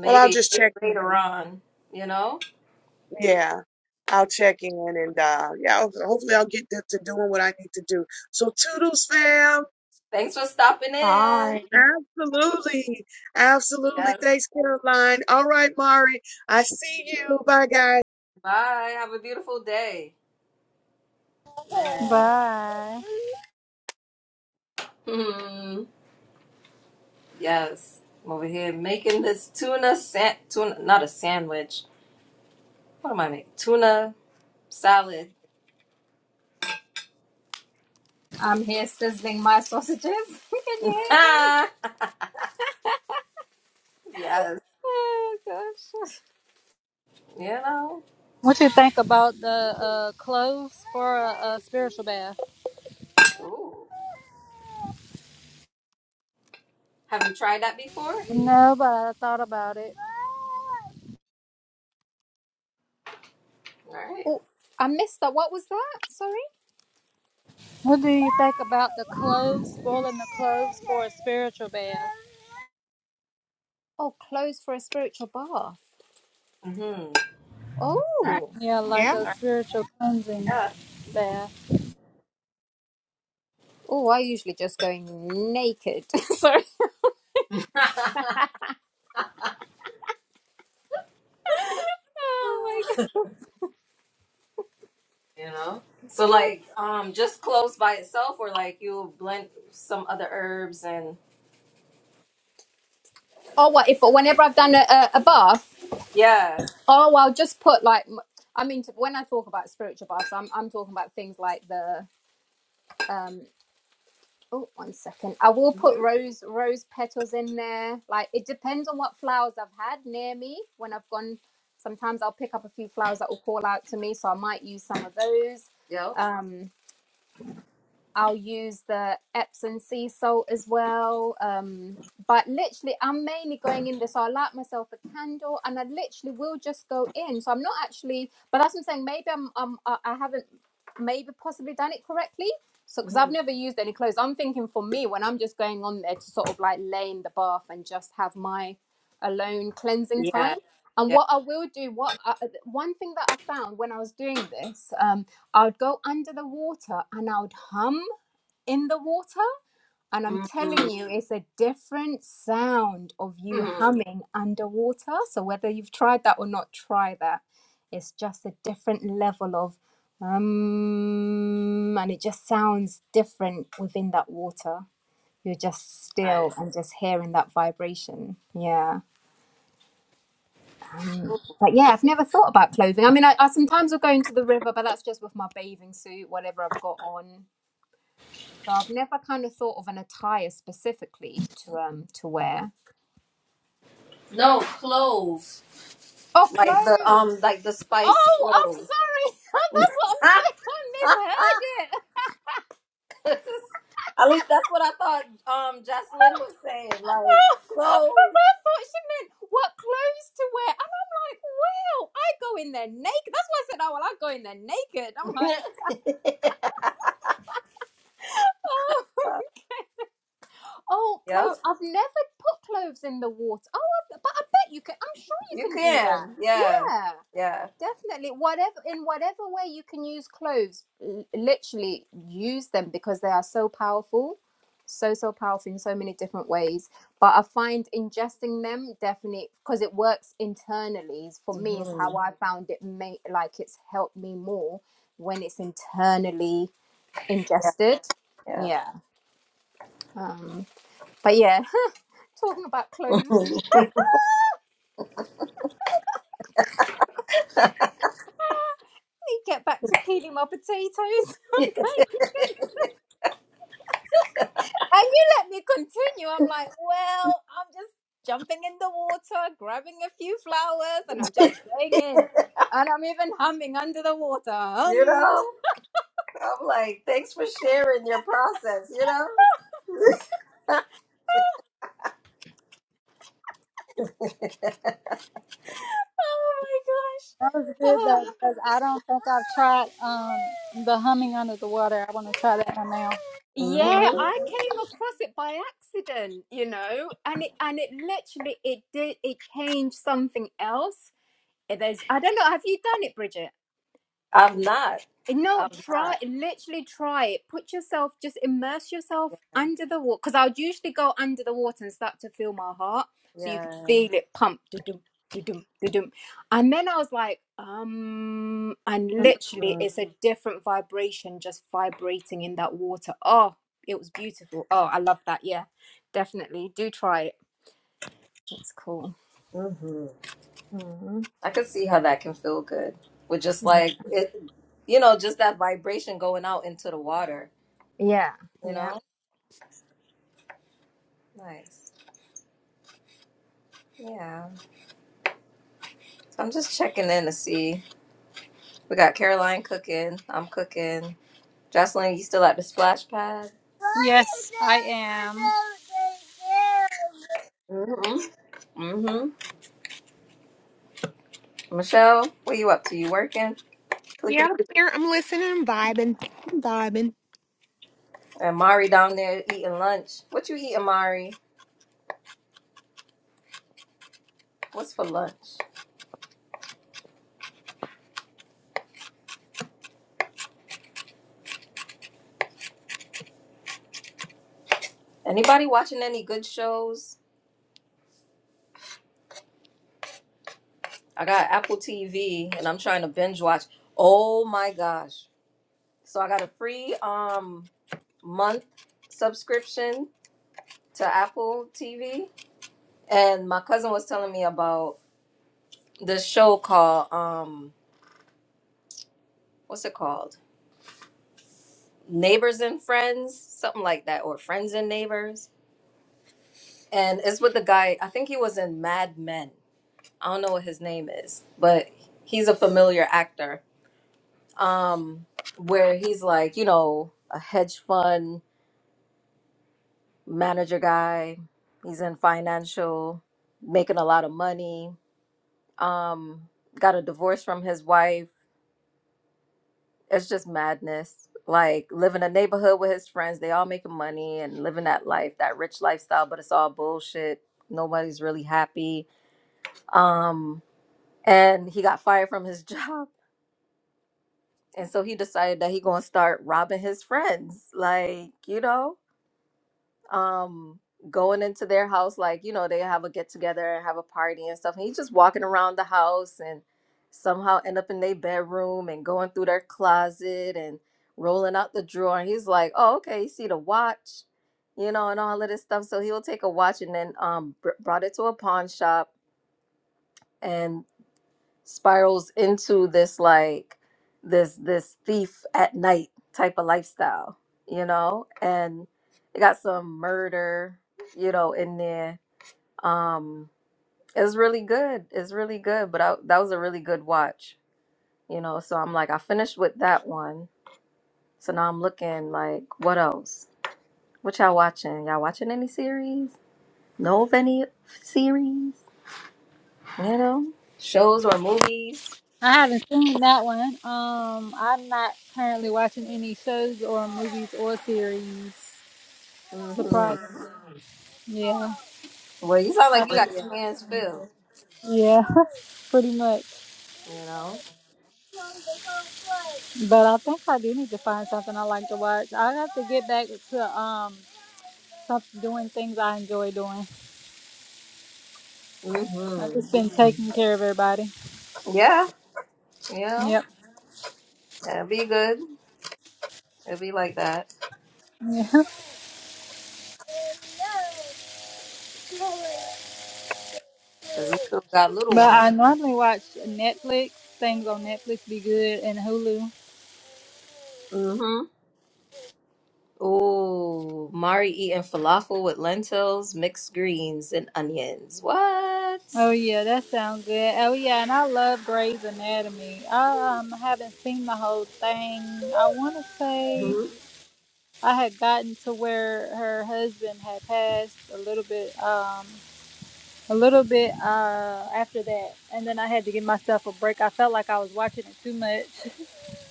[SPEAKER 6] Well, I'll just check in.
[SPEAKER 1] later on, you know?
[SPEAKER 6] Yeah, I'll check in and uh yeah, ho- hopefully I'll get to, to doing what I need to do. So toodles, fam.
[SPEAKER 1] Thanks for stopping in.
[SPEAKER 4] Hi.
[SPEAKER 6] Absolutely. Absolutely.
[SPEAKER 1] Yes.
[SPEAKER 6] Thanks, Caroline. All right, Mari. I see you. Bye, guys.
[SPEAKER 1] Bye. Have a beautiful day. Man. Hmm. Yes. I'm over here making this tuna, san- tuna, not a sandwich. What am I making? Tuna salad
[SPEAKER 5] I'm here sizzling my sausages. <laughs> Can you hear them?
[SPEAKER 1] Ah, yes.
[SPEAKER 5] Oh gosh.
[SPEAKER 1] You know.
[SPEAKER 2] What you think about the uh, clothes for a, a spiritual bath?
[SPEAKER 1] Ooh. Have you tried that before?
[SPEAKER 2] No, but I thought about it.
[SPEAKER 1] All right.
[SPEAKER 5] Oh, I missed that. What was that? Sorry.
[SPEAKER 2] What do you think about the clothes, spoiling the clothes for a spiritual bath?
[SPEAKER 5] Oh, clothes for a spiritual bath.
[SPEAKER 1] Mm-hmm.
[SPEAKER 5] Oh.
[SPEAKER 2] Yeah, like
[SPEAKER 4] Yeah.
[SPEAKER 2] a spiritual cleansing
[SPEAKER 1] Yeah.
[SPEAKER 2] bath.
[SPEAKER 5] Oh, I usually just go naked. <laughs> Sorry. <laughs> Oh my god.
[SPEAKER 1] You know. So like, um, just cloves by itself, or like you blend some other herbs and
[SPEAKER 5] Oh, what if whenever I've done a, a, a bath?
[SPEAKER 1] yeah.
[SPEAKER 5] Oh, I'll just put like, m- I mean, t- when I talk about spiritual baths, I'm I'm talking about things like the um. Oh, one second. I will put
[SPEAKER 1] Mm-hmm.
[SPEAKER 5] rose rose petals in there. Like it depends on what flowers I've had near me when I've gone. Sometimes I'll pick up a few flowers that will call out to me, so I might use some of those.
[SPEAKER 1] Yep.
[SPEAKER 5] Um, I'll use the Epsom sea salt as well. Um, but literally, I'm mainly going in this. So I light myself a candle, and I literally will just go in. So I'm not actually, but that's what I'm saying. Maybe I'm, I'm I I haven't, maybe possibly done it correctly. So because I've
[SPEAKER 1] hmm
[SPEAKER 5] never used any clothes, I'm thinking for me when I'm just going on there to sort of like lay in the bath and just have my alone cleansing
[SPEAKER 1] Yeah.
[SPEAKER 5] time. And
[SPEAKER 1] Yeah.
[SPEAKER 5] what I will do, what I, uh, one thing that I found when I was doing this, um, I would go under the water and I would hum in the water. And I'm telling
[SPEAKER 1] Mm-hmm.
[SPEAKER 5] you, it's a different sound of you
[SPEAKER 1] hmm
[SPEAKER 5] humming underwater. So whether you've tried that or not, try that. It's just a different level of um, and it just sounds different within that water. You're just
[SPEAKER 1] Right.
[SPEAKER 5] still and just hearing that vibration. Yeah. Um, but yeah, I've never thought about clothing. I mean, I, I sometimes will go into the river, but that's just with my bathing suit, whatever I've got on. So I've never kind of thought of an attire specifically to um to wear.
[SPEAKER 1] No clove,
[SPEAKER 5] Oh,
[SPEAKER 1] like the um,
[SPEAKER 5] clothes.
[SPEAKER 1] like the spice
[SPEAKER 5] Oh, I'm
[SPEAKER 1] clove.
[SPEAKER 5] sorry. <laughs> That's what I'm
[SPEAKER 1] Ah!
[SPEAKER 5] saying. I misheard it. <laughs>
[SPEAKER 1] <laughs> At least that's what I thought. Um, Jocelyn was saying like
[SPEAKER 5] Because I
[SPEAKER 1] clove.
[SPEAKER 5] thought she meant what clothes to wear, and I'm like, well, I go in there naked. That's why I said, oh well, I go in there naked. I'm like,
[SPEAKER 1] <laughs>
[SPEAKER 5] oh,
[SPEAKER 1] <laughs>
[SPEAKER 5] <laughs> oh,
[SPEAKER 1] Yep.
[SPEAKER 5] clothes. I've never put clothes in the water. Oh, I, but I bet you can. I'm sure you
[SPEAKER 1] You
[SPEAKER 5] can do that.
[SPEAKER 1] can. Yeah.
[SPEAKER 5] Yeah.
[SPEAKER 1] Yeah.
[SPEAKER 5] Definitely, whatever in whatever way you can use cloves, l- literally use them because they are so powerful, so so powerful in so many different ways. But I find ingesting them definitely because it works internally. is- For me, is
[SPEAKER 1] hmm
[SPEAKER 5] how I found it. May like it's helped me more when it's internally
[SPEAKER 1] Yeah.
[SPEAKER 5] ingested.
[SPEAKER 1] Yeah.
[SPEAKER 5] Yeah. Um, but yeah, <laughs> talking about clothes, let me get back to peeling my potatoes.
[SPEAKER 1] <clears throat> <laughs> you
[SPEAKER 5] <laughs> And you let me continue. I'm like, well, I'm just jumping in the water, grabbing a few flowers, and I'm just going in. And I'm even humming under the water. Um, <laughs>
[SPEAKER 1] know, I'm like, thanks for sharing your process. You know.
[SPEAKER 5] oh my gosh.
[SPEAKER 2] That was
[SPEAKER 5] <sighs>
[SPEAKER 2] good
[SPEAKER 5] Ah.
[SPEAKER 2] though, because I don't think I've tried um the humming under the water. I want to try that one now.
[SPEAKER 5] yeah,
[SPEAKER 1] hmm
[SPEAKER 5] I came across it by accident, you know, and it and it literally it did it changed something else. There's I don't know, have you done it, Bridget?
[SPEAKER 1] I'm not.
[SPEAKER 5] No,
[SPEAKER 1] I'm
[SPEAKER 5] try
[SPEAKER 1] not.
[SPEAKER 5] literally try it. Put yourself, just immerse yourself under the water. Because I would usually go under the water and start to feel my heart, so you could
[SPEAKER 1] Yeah.
[SPEAKER 5] feel it pump, dum dum dum. And then I was like, um, and literally,
[SPEAKER 1] Mm-hmm.
[SPEAKER 5] it's a different vibration just vibrating in that water. Oh, it was beautiful. Oh, I love that. Yeah, definitely do try it. It's cool. hmm
[SPEAKER 1] I could see how that can feel good with just like it, you know, just that vibration going out into the water.
[SPEAKER 5] Yeah,
[SPEAKER 1] You
[SPEAKER 5] yeah.
[SPEAKER 1] know. Nice. Yeah. I'm just checking in to see. We got Caroline cooking. I'm cooking. Jocelyn, you still at the splash pad?
[SPEAKER 2] Yes, I am.
[SPEAKER 1] Mm-hmm. Mm-hmm. Michelle, what you up to? You working?
[SPEAKER 4] Yeah,
[SPEAKER 1] Clickety.
[SPEAKER 4] I'm here. I'm listening. I'm vibing. I'm vibing.
[SPEAKER 1] And Mari down there eating lunch. What you eating, Mari? What's for lunch? Anybody watching any good shows? I got Apple TV and I'm trying to binge watch. Oh my gosh. So I got a free um month subscription to Apple TV. And my cousin was telling me about this show called um what's it called? Neighbors and Friends, something like that, or Friends and Neighbors and it's with the guy. I think he was in Mad Men. I don't know what his name is, but he's a familiar actor. Um, where he's like, you know, a hedge fund manager guy. He's in financial, making a lot of money. Um, got a divorce from his wife. It's just madness. Like living a neighborhood with his friends, they all making money and living that life, that rich lifestyle, but it's all bullshit. Nobody's really happy. Um, and he got fired from his <laughs> job and so he decided that he gonna start robbing his friends like you know um going into their house like you know they have a get together and have a party and stuff and he's just walking around the house and somehow end up in their bedroom and going through their closet and rolling out the drawer and he's like oh okay you see the watch you know and all of this stuff so he'll take a watch and then um br- brought it to a pawn shop spirals into this like this this thief at night type of lifestyle, you know? And it got some murder, you know, in there. Um it's really good. It's really good, but I, that was a really good watch, you know. So I'm like I finished with that one. So now I'm looking like what else? What y'all watching? Y'all watching any series? Know of any series? You know, shows or movies?
[SPEAKER 2] I haven't seen that one. Um, I'm not currently watching any shows or movies or series.
[SPEAKER 1] Mm-hmm.
[SPEAKER 2] Surprisingly, yeah,
[SPEAKER 1] Well, you sound
[SPEAKER 2] I
[SPEAKER 1] like you got
[SPEAKER 2] think,
[SPEAKER 1] your hands filled,
[SPEAKER 2] yeah, <laughs> pretty much.
[SPEAKER 1] you know?
[SPEAKER 2] But I think I do need to find something I like to watch. I have to get back to um some, doing things I enjoy doing. I've
[SPEAKER 1] hmm
[SPEAKER 2] just been taking care of everybody.
[SPEAKER 1] Yeah, yeah.
[SPEAKER 2] Yep.
[SPEAKER 1] It'll be good. It'll be like that.
[SPEAKER 2] Yep.
[SPEAKER 1] Because you still got little
[SPEAKER 2] But
[SPEAKER 1] ones.
[SPEAKER 2] I normally watch Netflix, things on Netflix be good, and Hulu.
[SPEAKER 1] Mm-hmm. Ooh, Mari eating falafel with lentils, mixed greens, and onions. What?
[SPEAKER 2] Oh, yeah, that sounds good. Oh, yeah, and I love Grey's Anatomy. I um, haven't seen the whole thing. I want to say
[SPEAKER 1] hmm
[SPEAKER 2] I had gotten to where her husband had passed a little bit. Um, a little bit uh, after that, and then I had to give myself a break. I felt like I was watching it too much. <laughs>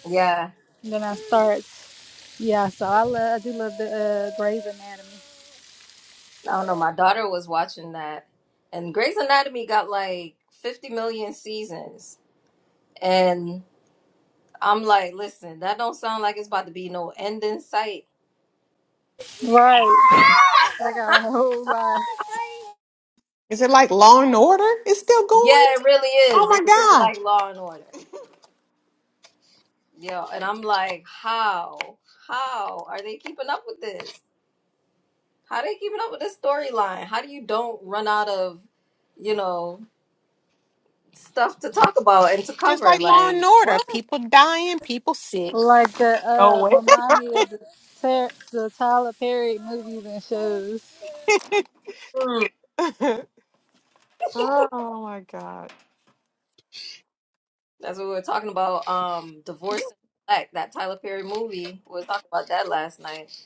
[SPEAKER 1] Yeah.
[SPEAKER 2] And Then I start. Yeah, so I love. I do love the uh, Grey's Anatomy.
[SPEAKER 1] I don't know. My daughter was watching that. And Grey's Anatomy got like 50 million seasons. And I'm like, listen, that don't sound like it's about to be no end in sight.
[SPEAKER 2] Right. I got a whole lot.
[SPEAKER 4] Is it like Law and Order? It's still
[SPEAKER 1] Yeah,
[SPEAKER 4] going?
[SPEAKER 1] it really
[SPEAKER 4] Oh
[SPEAKER 1] is.
[SPEAKER 4] my
[SPEAKER 1] It's really
[SPEAKER 4] God.
[SPEAKER 1] like Law and Order. Yeah, and I'm like, how? How are they keeping up with this? How they keeping up with this storyline? How do you don't run out of, you know, stuff to talk about and to
[SPEAKER 4] Just
[SPEAKER 1] cover?
[SPEAKER 4] like Law and
[SPEAKER 1] Like,
[SPEAKER 4] Order.
[SPEAKER 1] what?
[SPEAKER 4] People dying, people sick.
[SPEAKER 2] Like the
[SPEAKER 4] Go
[SPEAKER 2] uh,
[SPEAKER 4] away.
[SPEAKER 2] remind me of the Ter- the Tyler Perry movies and shows.
[SPEAKER 1] Mm.
[SPEAKER 4] <laughs> oh my God.
[SPEAKER 1] That's what we were talking about. Um, Divorce and Black, that Tyler Perry movie. We was talking about that last night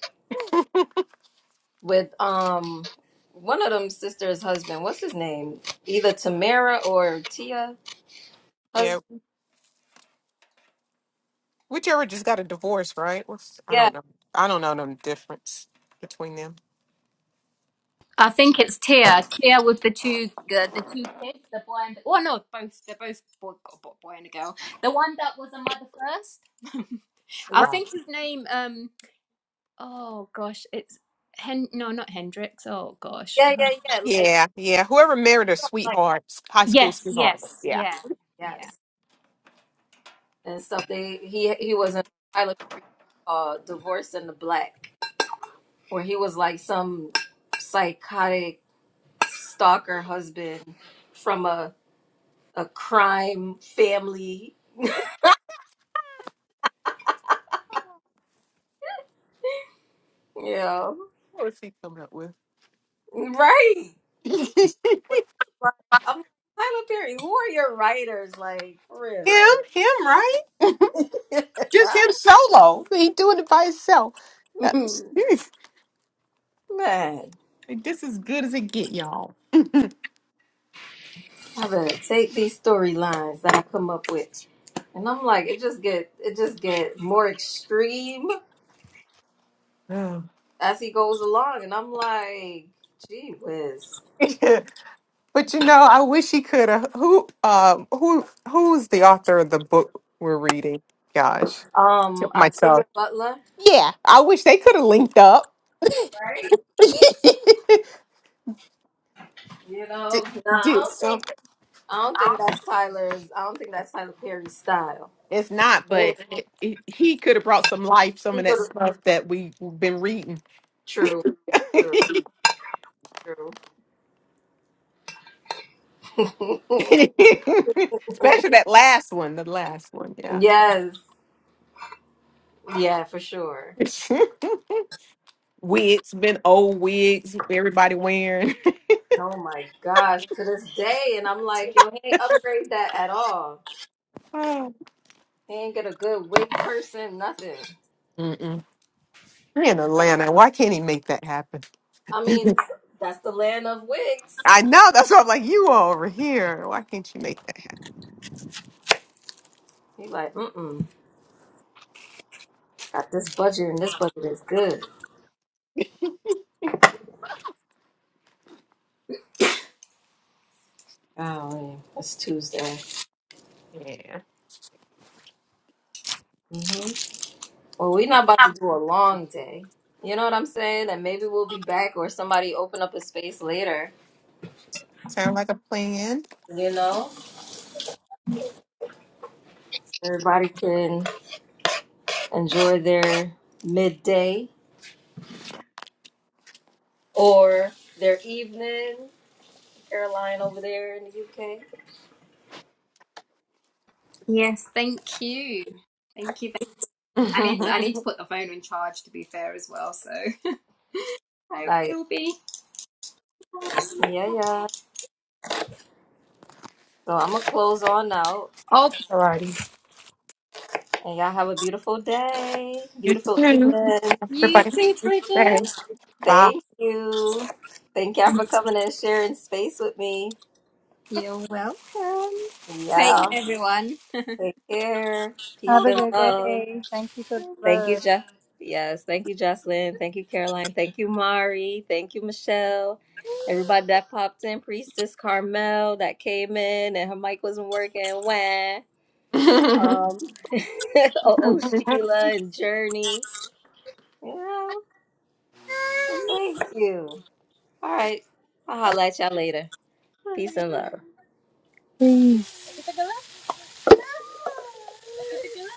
[SPEAKER 1] with um one of them sisters' husband. What's his name? Either Tamara or Tia
[SPEAKER 4] Yeah.
[SPEAKER 1] husband.
[SPEAKER 4] Whichever just got a divorce, right? What's, I
[SPEAKER 1] Yeah,
[SPEAKER 4] don't know. I don't know no difference between them.
[SPEAKER 5] I think it's Tia. Tia with the two uh, the two kids, the boy and the, oh no, both they're both boy, boy boy and a girl. The one that was a mother first. <laughs> I
[SPEAKER 1] right.
[SPEAKER 4] Oh.
[SPEAKER 5] think his name um oh gosh, it's Hen no not Hendrix. Oh gosh. uh
[SPEAKER 4] Yeah. Yeah. Whoever married a
[SPEAKER 1] Like,
[SPEAKER 4] sweetheart, high school
[SPEAKER 5] Yes,
[SPEAKER 4] sweetheart.
[SPEAKER 5] yes,
[SPEAKER 4] Yeah.
[SPEAKER 5] yeah. Yeah.
[SPEAKER 1] yes. and stuff. They he he was in Tyler Perry, uh, Divorce in the Black, where he was like some psychotic stalker husband from a a crime family. Yeah,
[SPEAKER 4] What was he coming up with?
[SPEAKER 1] right.
[SPEAKER 4] <laughs> him,
[SPEAKER 1] I'm like, Tyler Perry. Who are your writers? Like for
[SPEAKER 4] him, right? Just him
[SPEAKER 1] real,
[SPEAKER 4] solo. He doing it by himself. That's-
[SPEAKER 1] <laughs>
[SPEAKER 4] <laughs>
[SPEAKER 1] man.
[SPEAKER 4] like, this is good as it get, y'all.
[SPEAKER 1] I better take these storylines that I come up with, and I'm like, it just get it just get more extreme.
[SPEAKER 4] <sighs>
[SPEAKER 1] as he goes along, and I'm like, gee whiz.
[SPEAKER 4] <laughs> Yeah, but you know, I wish he could have. Who, um, who, who's the author of the book we're reading? Gosh, tip
[SPEAKER 1] Um, Octavia
[SPEAKER 4] myself.
[SPEAKER 1] Butler,
[SPEAKER 4] Yeah, I wish they could have linked up.
[SPEAKER 1] right?
[SPEAKER 4] <laughs>
[SPEAKER 1] You
[SPEAKER 4] did,
[SPEAKER 1] know, no, I
[SPEAKER 4] did
[SPEAKER 1] don't think
[SPEAKER 4] something.
[SPEAKER 1] I don't think that's Tyler's. I don't think that's Tyler Perry's style.
[SPEAKER 4] It's not,
[SPEAKER 1] Eh,
[SPEAKER 4] but it, it, he could have brought some life, some
[SPEAKER 1] He
[SPEAKER 4] of that
[SPEAKER 1] go
[SPEAKER 4] stuff that we've been reading,
[SPEAKER 1] true,
[SPEAKER 4] <laughs>
[SPEAKER 1] true,
[SPEAKER 4] especially
[SPEAKER 1] true. <laughs>
[SPEAKER 4] that last one. The last one, yeah.
[SPEAKER 1] yes, yeah, for sure.
[SPEAKER 4] <laughs> wigs, been old wigs, everybody wearing.
[SPEAKER 1] Oh my gosh, to this day, and I'm like, yo, he ain't upgrade that at all.
[SPEAKER 4] <laughs>
[SPEAKER 1] He ain't get a good wig person, nothing.
[SPEAKER 4] Mm-mm. He in
[SPEAKER 1] I,
[SPEAKER 4] Atlanta. Why can't he make that happen?
[SPEAKER 1] I mean, that's the land of wigs.
[SPEAKER 4] I know. That's why I'm like, you are over here. Why can't you make that happen?
[SPEAKER 1] He like, mm mm. Got this budget, and this budget is good. Oh, man. it's Tuesday.
[SPEAKER 4] Yeah.
[SPEAKER 1] hmm Well, we're not about to do a long day. You know what I'm saying? And maybe we'll be back, or somebody open up a space later.
[SPEAKER 4] Sound like a plan.
[SPEAKER 1] You know, everybody can enjoy their midday or their evening. Caroline over there in the UK.
[SPEAKER 5] Yes, thank you. Thank you. Thank
[SPEAKER 4] <laughs>
[SPEAKER 5] I need to I need to
[SPEAKER 4] Alrighty.
[SPEAKER 5] put the phone in charge to be fair as well, so <laughs> I
[SPEAKER 1] Like,
[SPEAKER 5] will be.
[SPEAKER 1] yeah, yeah. So I'm gonna close on out,
[SPEAKER 5] Oh
[SPEAKER 1] and y'all have a beautiful day,
[SPEAKER 4] You
[SPEAKER 1] beautiful
[SPEAKER 4] too.
[SPEAKER 1] evening.
[SPEAKER 5] you
[SPEAKER 4] Everybody. have a
[SPEAKER 5] too,
[SPEAKER 4] good day.
[SPEAKER 5] Bridget.
[SPEAKER 4] Bye.
[SPEAKER 1] Thank you. Thank y'all for coming and sharing space with me.
[SPEAKER 5] You're welcome. Take
[SPEAKER 1] Yeah.
[SPEAKER 5] care everyone.
[SPEAKER 1] Take care.
[SPEAKER 2] Have
[SPEAKER 1] Peace
[SPEAKER 2] a
[SPEAKER 1] and
[SPEAKER 2] good
[SPEAKER 1] love.
[SPEAKER 2] day. Thank you for
[SPEAKER 1] Thank you,
[SPEAKER 2] the
[SPEAKER 1] Jeff. Yes. Thank you, Jocelyn. Thank you, Caroline. Thank you, Mari. Thank you, Michelle. Everybody that popped in, Priestess Carmel that came in and her mic wasn't working. Wah.
[SPEAKER 4] <laughs>
[SPEAKER 1] Um, <laughs> oh, oh, Sheila and Journey. Yeah.
[SPEAKER 2] love.
[SPEAKER 1] Thank you. All right. I'll holla at y'all later. Peace and love.
[SPEAKER 2] Peace.